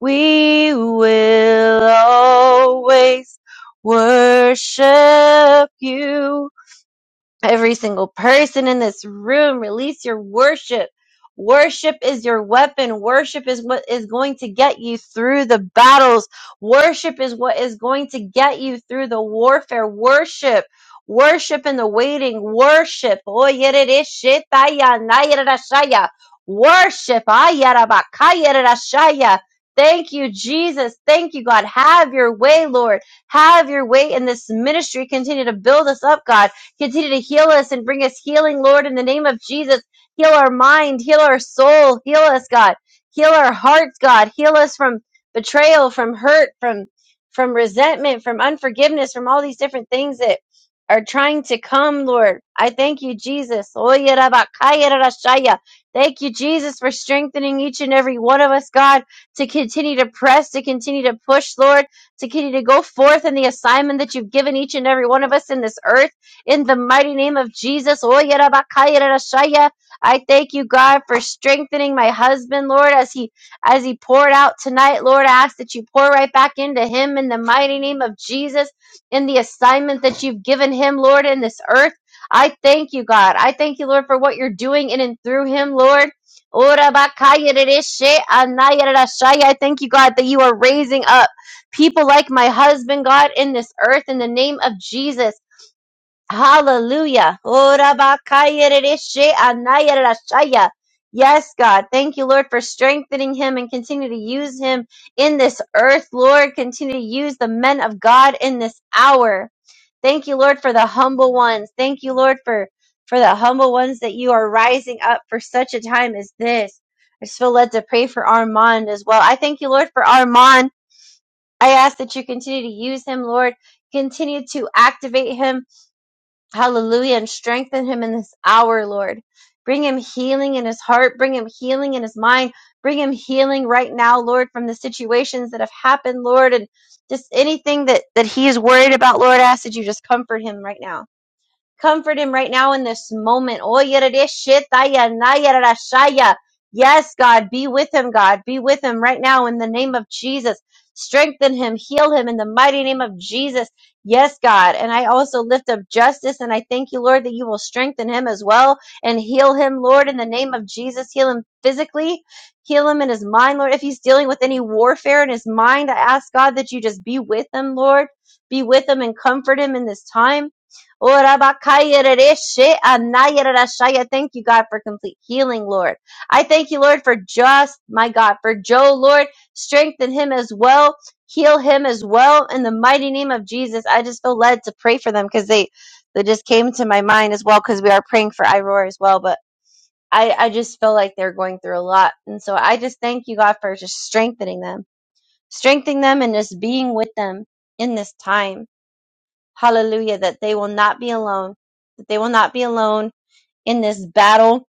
B: we will always worship you every single person in this room release your worship worship is your weapon worship is what is going to get you through the battles worship is what is going to get you through the warfare worship worship in the waiting worship Oyeredeshitayanayerashaya. worship Ayerabakayerashaya. thank you jesus thank you god have your way lord have your way in this ministry continue to build us up god Continue to heal us and bring us healing, Lord, in the name of Jesus. Heal our mind, heal our soul, heal us, God. Heal our hearts, God. Heal us from betrayal, from hurt, from from resentment, from unforgiveness, from all these different things that are trying to come, Lord. I thank you, Jesus. Oye rabakaya rarashaya. Thank you, Jesus, for strengthening each and every one of us, God, to continue to press, to continue to push, Lord, to continue to go forth in the assignment that you've given each and every one of us in this earth. In the mighty name of Jesus, Oh, yeah, I thank you, God, for strengthening my husband, Lord, as he as he poured out tonight. Lord, I ask that you pour right back into him in the mighty name of Jesus, in the assignment that you've given him, Lord, in this earth. I thank you, God. I thank you, Lord, for what you're doing in and through him, Lord. Oh, I thank you, God, that you are raising up people like my husband, God, in this earth in the name of Jesus. Hallelujah. Ora bakaya rereshe Yes, God. Thank you, Lord, for strengthening him and continue to use him in this earth, Lord. Continue to use the men of God in this hour. Thank you, Lord, for the humble ones. Thank you, Lord, for, for the humble ones that you are rising up for such a time as this. I just feel led to pray for Armand as well. I thank you, Lord, for Armand. I ask that you continue to use him, Lord. Continue to activate him Hallelujah. And strengthen him in this hour, Lord. Bring him healing in his heart. Bring him healing in his mind. Bring him healing right now, Lord, from the situations that have happened, Lord, and just anything that, that he is worried about, Lord, I ask that you just comfort him right now. Comfort him right now in this moment. Oyereshitaya-nayerashaya. Yes, God, be with him, God. Be with him right now in the name of Jesus. Strengthen him, heal him in the mighty name of Jesus. Yes, God. And I also lift up justice and I thank you, Lord, that you will strengthen him as well and heal him, Lord, in the name of Jesus. Heal him physically, heal him in his mind, Lord. If he's dealing with any warfare in his mind, I ask God that you just be with him, Lord. Be with him and comfort him in this time. Ora bakaya rereshe anaya Thank you, God, for complete healing, Lord. I thank you, Lord, for just, my God, for Joe, Lord. Strengthen him as well. Heal him as well. In the mighty name of Jesus, I just feel led to pray for them because they, they just came to my mind as well because we are praying for Iroar as well. But I, I just feel like they're going through a lot. And so I just thank you, God, for just strengthening them, strengthening them and just being with them in this time. Hallelujah. That they will not be alone. That they will not be alone in this battle.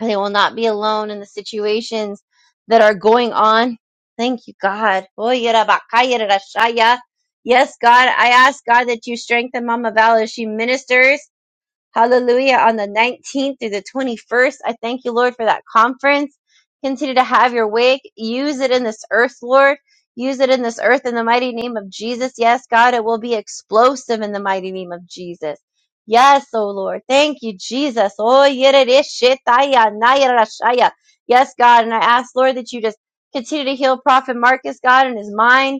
B: And they will not be alone in the situations that are going on. Thank you, God. Oy, era bakaya, era shaya. Yes, God, I ask God that you strengthen Mama Val as she ministers Hallelujah. On the 19th through the 21st, I thank you, Lord, for that conference. Continue to have your way. Use it in this earth, Lord. Use it in this earth in the mighty name of Jesus. Yes, God, it will be explosive in the mighty name of Jesus. Yes, oh Lord. Thank you, Jesus. Oh, yerereshetaya, nayarashaya. Yes, God. And I ask, Lord, that you just continue to heal Prophet Marcus, God, in his mind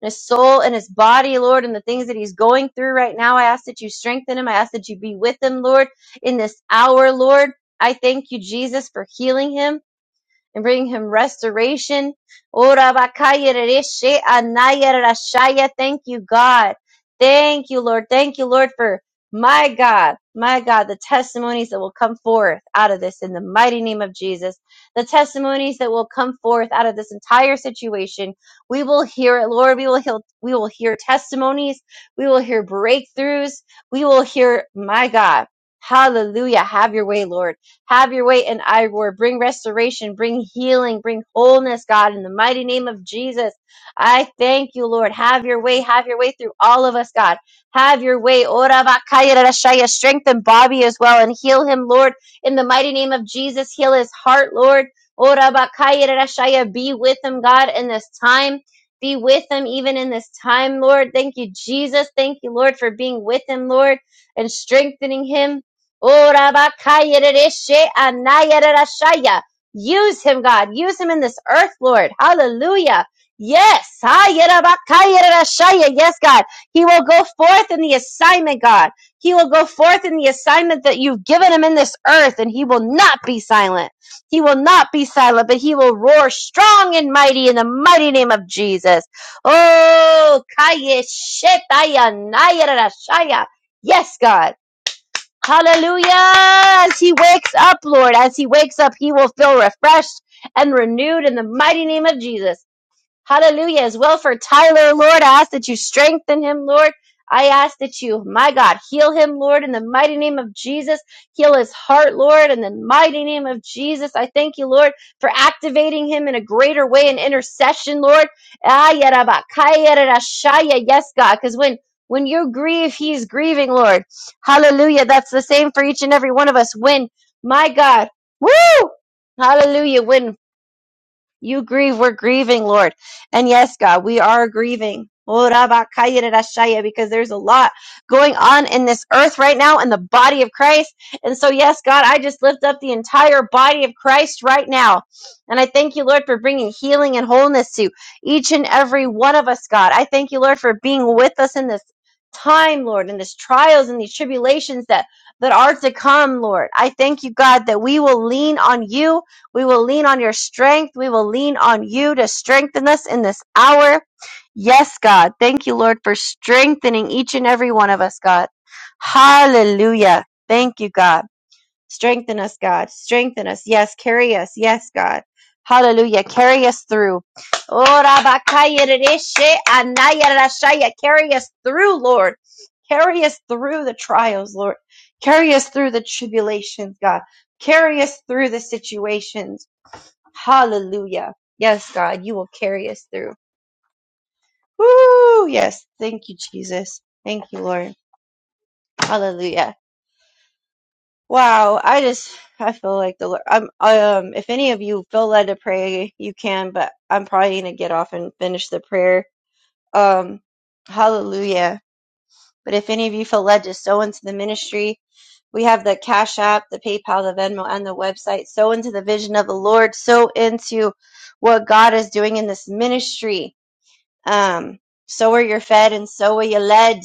B: and his soul and his body, Lord, and the things that he's going through right now. I ask that you strengthen him. I ask that you be with him, Lord, in this hour, Lord. I thank you, Jesus, for healing him and bring him restoration. Ora bakaya rereshe anaya rashaya. Thank you, God. Thank you, Lord. Thank you, Lord, for my God, my God, the testimonies that will come forth out of this in the mighty name of Jesus. The testimonies that will come forth out of this entire situation. We will hear it, Lord. We will hear, we will hear testimonies. We will hear breakthroughs. We will hear, my God. Hallelujah. Have your way, Lord. Have your way in Igor. Bring restoration, bring healing, bring wholeness, God, in the mighty name of Jesus. I thank you, Lord. Have your way. Have your way through all of us, God. Have your way. Ora bakaya rashaya. Strengthen Bobby as well and heal him, Lord, in the mighty name of Jesus. Heal his heart, Lord. Ora bakaya rashaya. Be with him, God, in this time. Be with him even in this time, Lord. Thank you, Jesus. Thank you, Lord, for being with him, Lord, and strengthening him. Orabakayerereshe anayererashaya. Use him, God. Use him in this earth, Lord. Hallelujah. Yes. Hayerabakayererashaya. Yes, God. He will go forth in the assignment, God. He will go forth in the assignment that you've given him in this earth, and he will not be silent. He will not be silent, but he will roar strong and mighty in the mighty name of Jesus. Oh, Kayeshetaya Nayerashaya. Yes, God. Hallelujah. As he wakes up, Lord, as he wakes up, he will feel refreshed and renewed in the mighty name of Jesus. Hallelujah. As well for Tyler, Lord, I ask that you strengthen him, Lord. I ask that you, my God, heal him, Lord, in the mighty name of Jesus. Heal his heart, Lord, in the mighty name of Jesus. I thank you, Lord, for activating him in a greater way in intercession, Lord. Ah, yarabakayarashaya. Yes, God, because when when you grieve, he's grieving, Lord. Hallelujah. That's the same for each and every one of us. When, my God, woo! Hallelujah. When you grieve. We're grieving, Lord. And yes, God, we are grieving. Oh, Rabba Kaya de Rashaya, Because there's a lot going on in this earth right now in the body of Christ. And so, yes, God, I just lift up the entire body of Christ right now. And I thank you, Lord, for bringing healing and wholeness to each and every one of us, God. I thank you, Lord, for being with us in this time, Lord, in these trials and these tribulations that, that are to come, Lord. I thank you, God, that we will lean on you we will lean on your strength. We will lean on you to strengthen us in this hour. Yes, God. Thank you, Lord, for strengthening each and every one of us, God. Hallelujah. Thank you, God. Strengthen us, God. Strengthen us. Yes, carry us. Yes, God. Hallelujah. Carry us through. Ora bakaya rereshe anaya rashaya. Carry us through, Lord. Carry us through the trials, Lord. Carry us through the tribulations, God. Carry us through the situations. Hallelujah. Yes, God, you will carry us through. Woo! Yes. Thank you, Jesus. Thank you, Lord. Hallelujah. Wow. I just, I feel like the Lord. I'm, um, if any of you feel led to pray, you can, but I'm probably going to get off and finish the prayer. Um, hallelujah. But if any of you feel led to sow into the ministry, we have the Cash App, the PayPal, the Venmo, and the website. Sow into the vision of the Lord. Sow into what God is doing in this ministry Um, so are you fed and so are you led.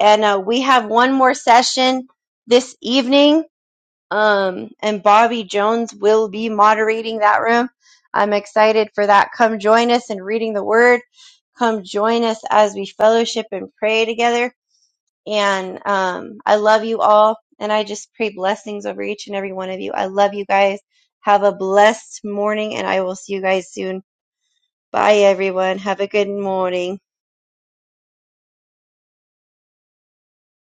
B: And uh, we have one more session this evening, um, and Bobby Jones will be moderating that room. I'm excited for that. Come join us in reading the word. Come join us as we fellowship and pray together. And um, I love you all. And I just pray blessings over each and every one of you. I love you guys. Have a blessed morning, and I will see you guys soon. Bye, everyone. Have a good morning.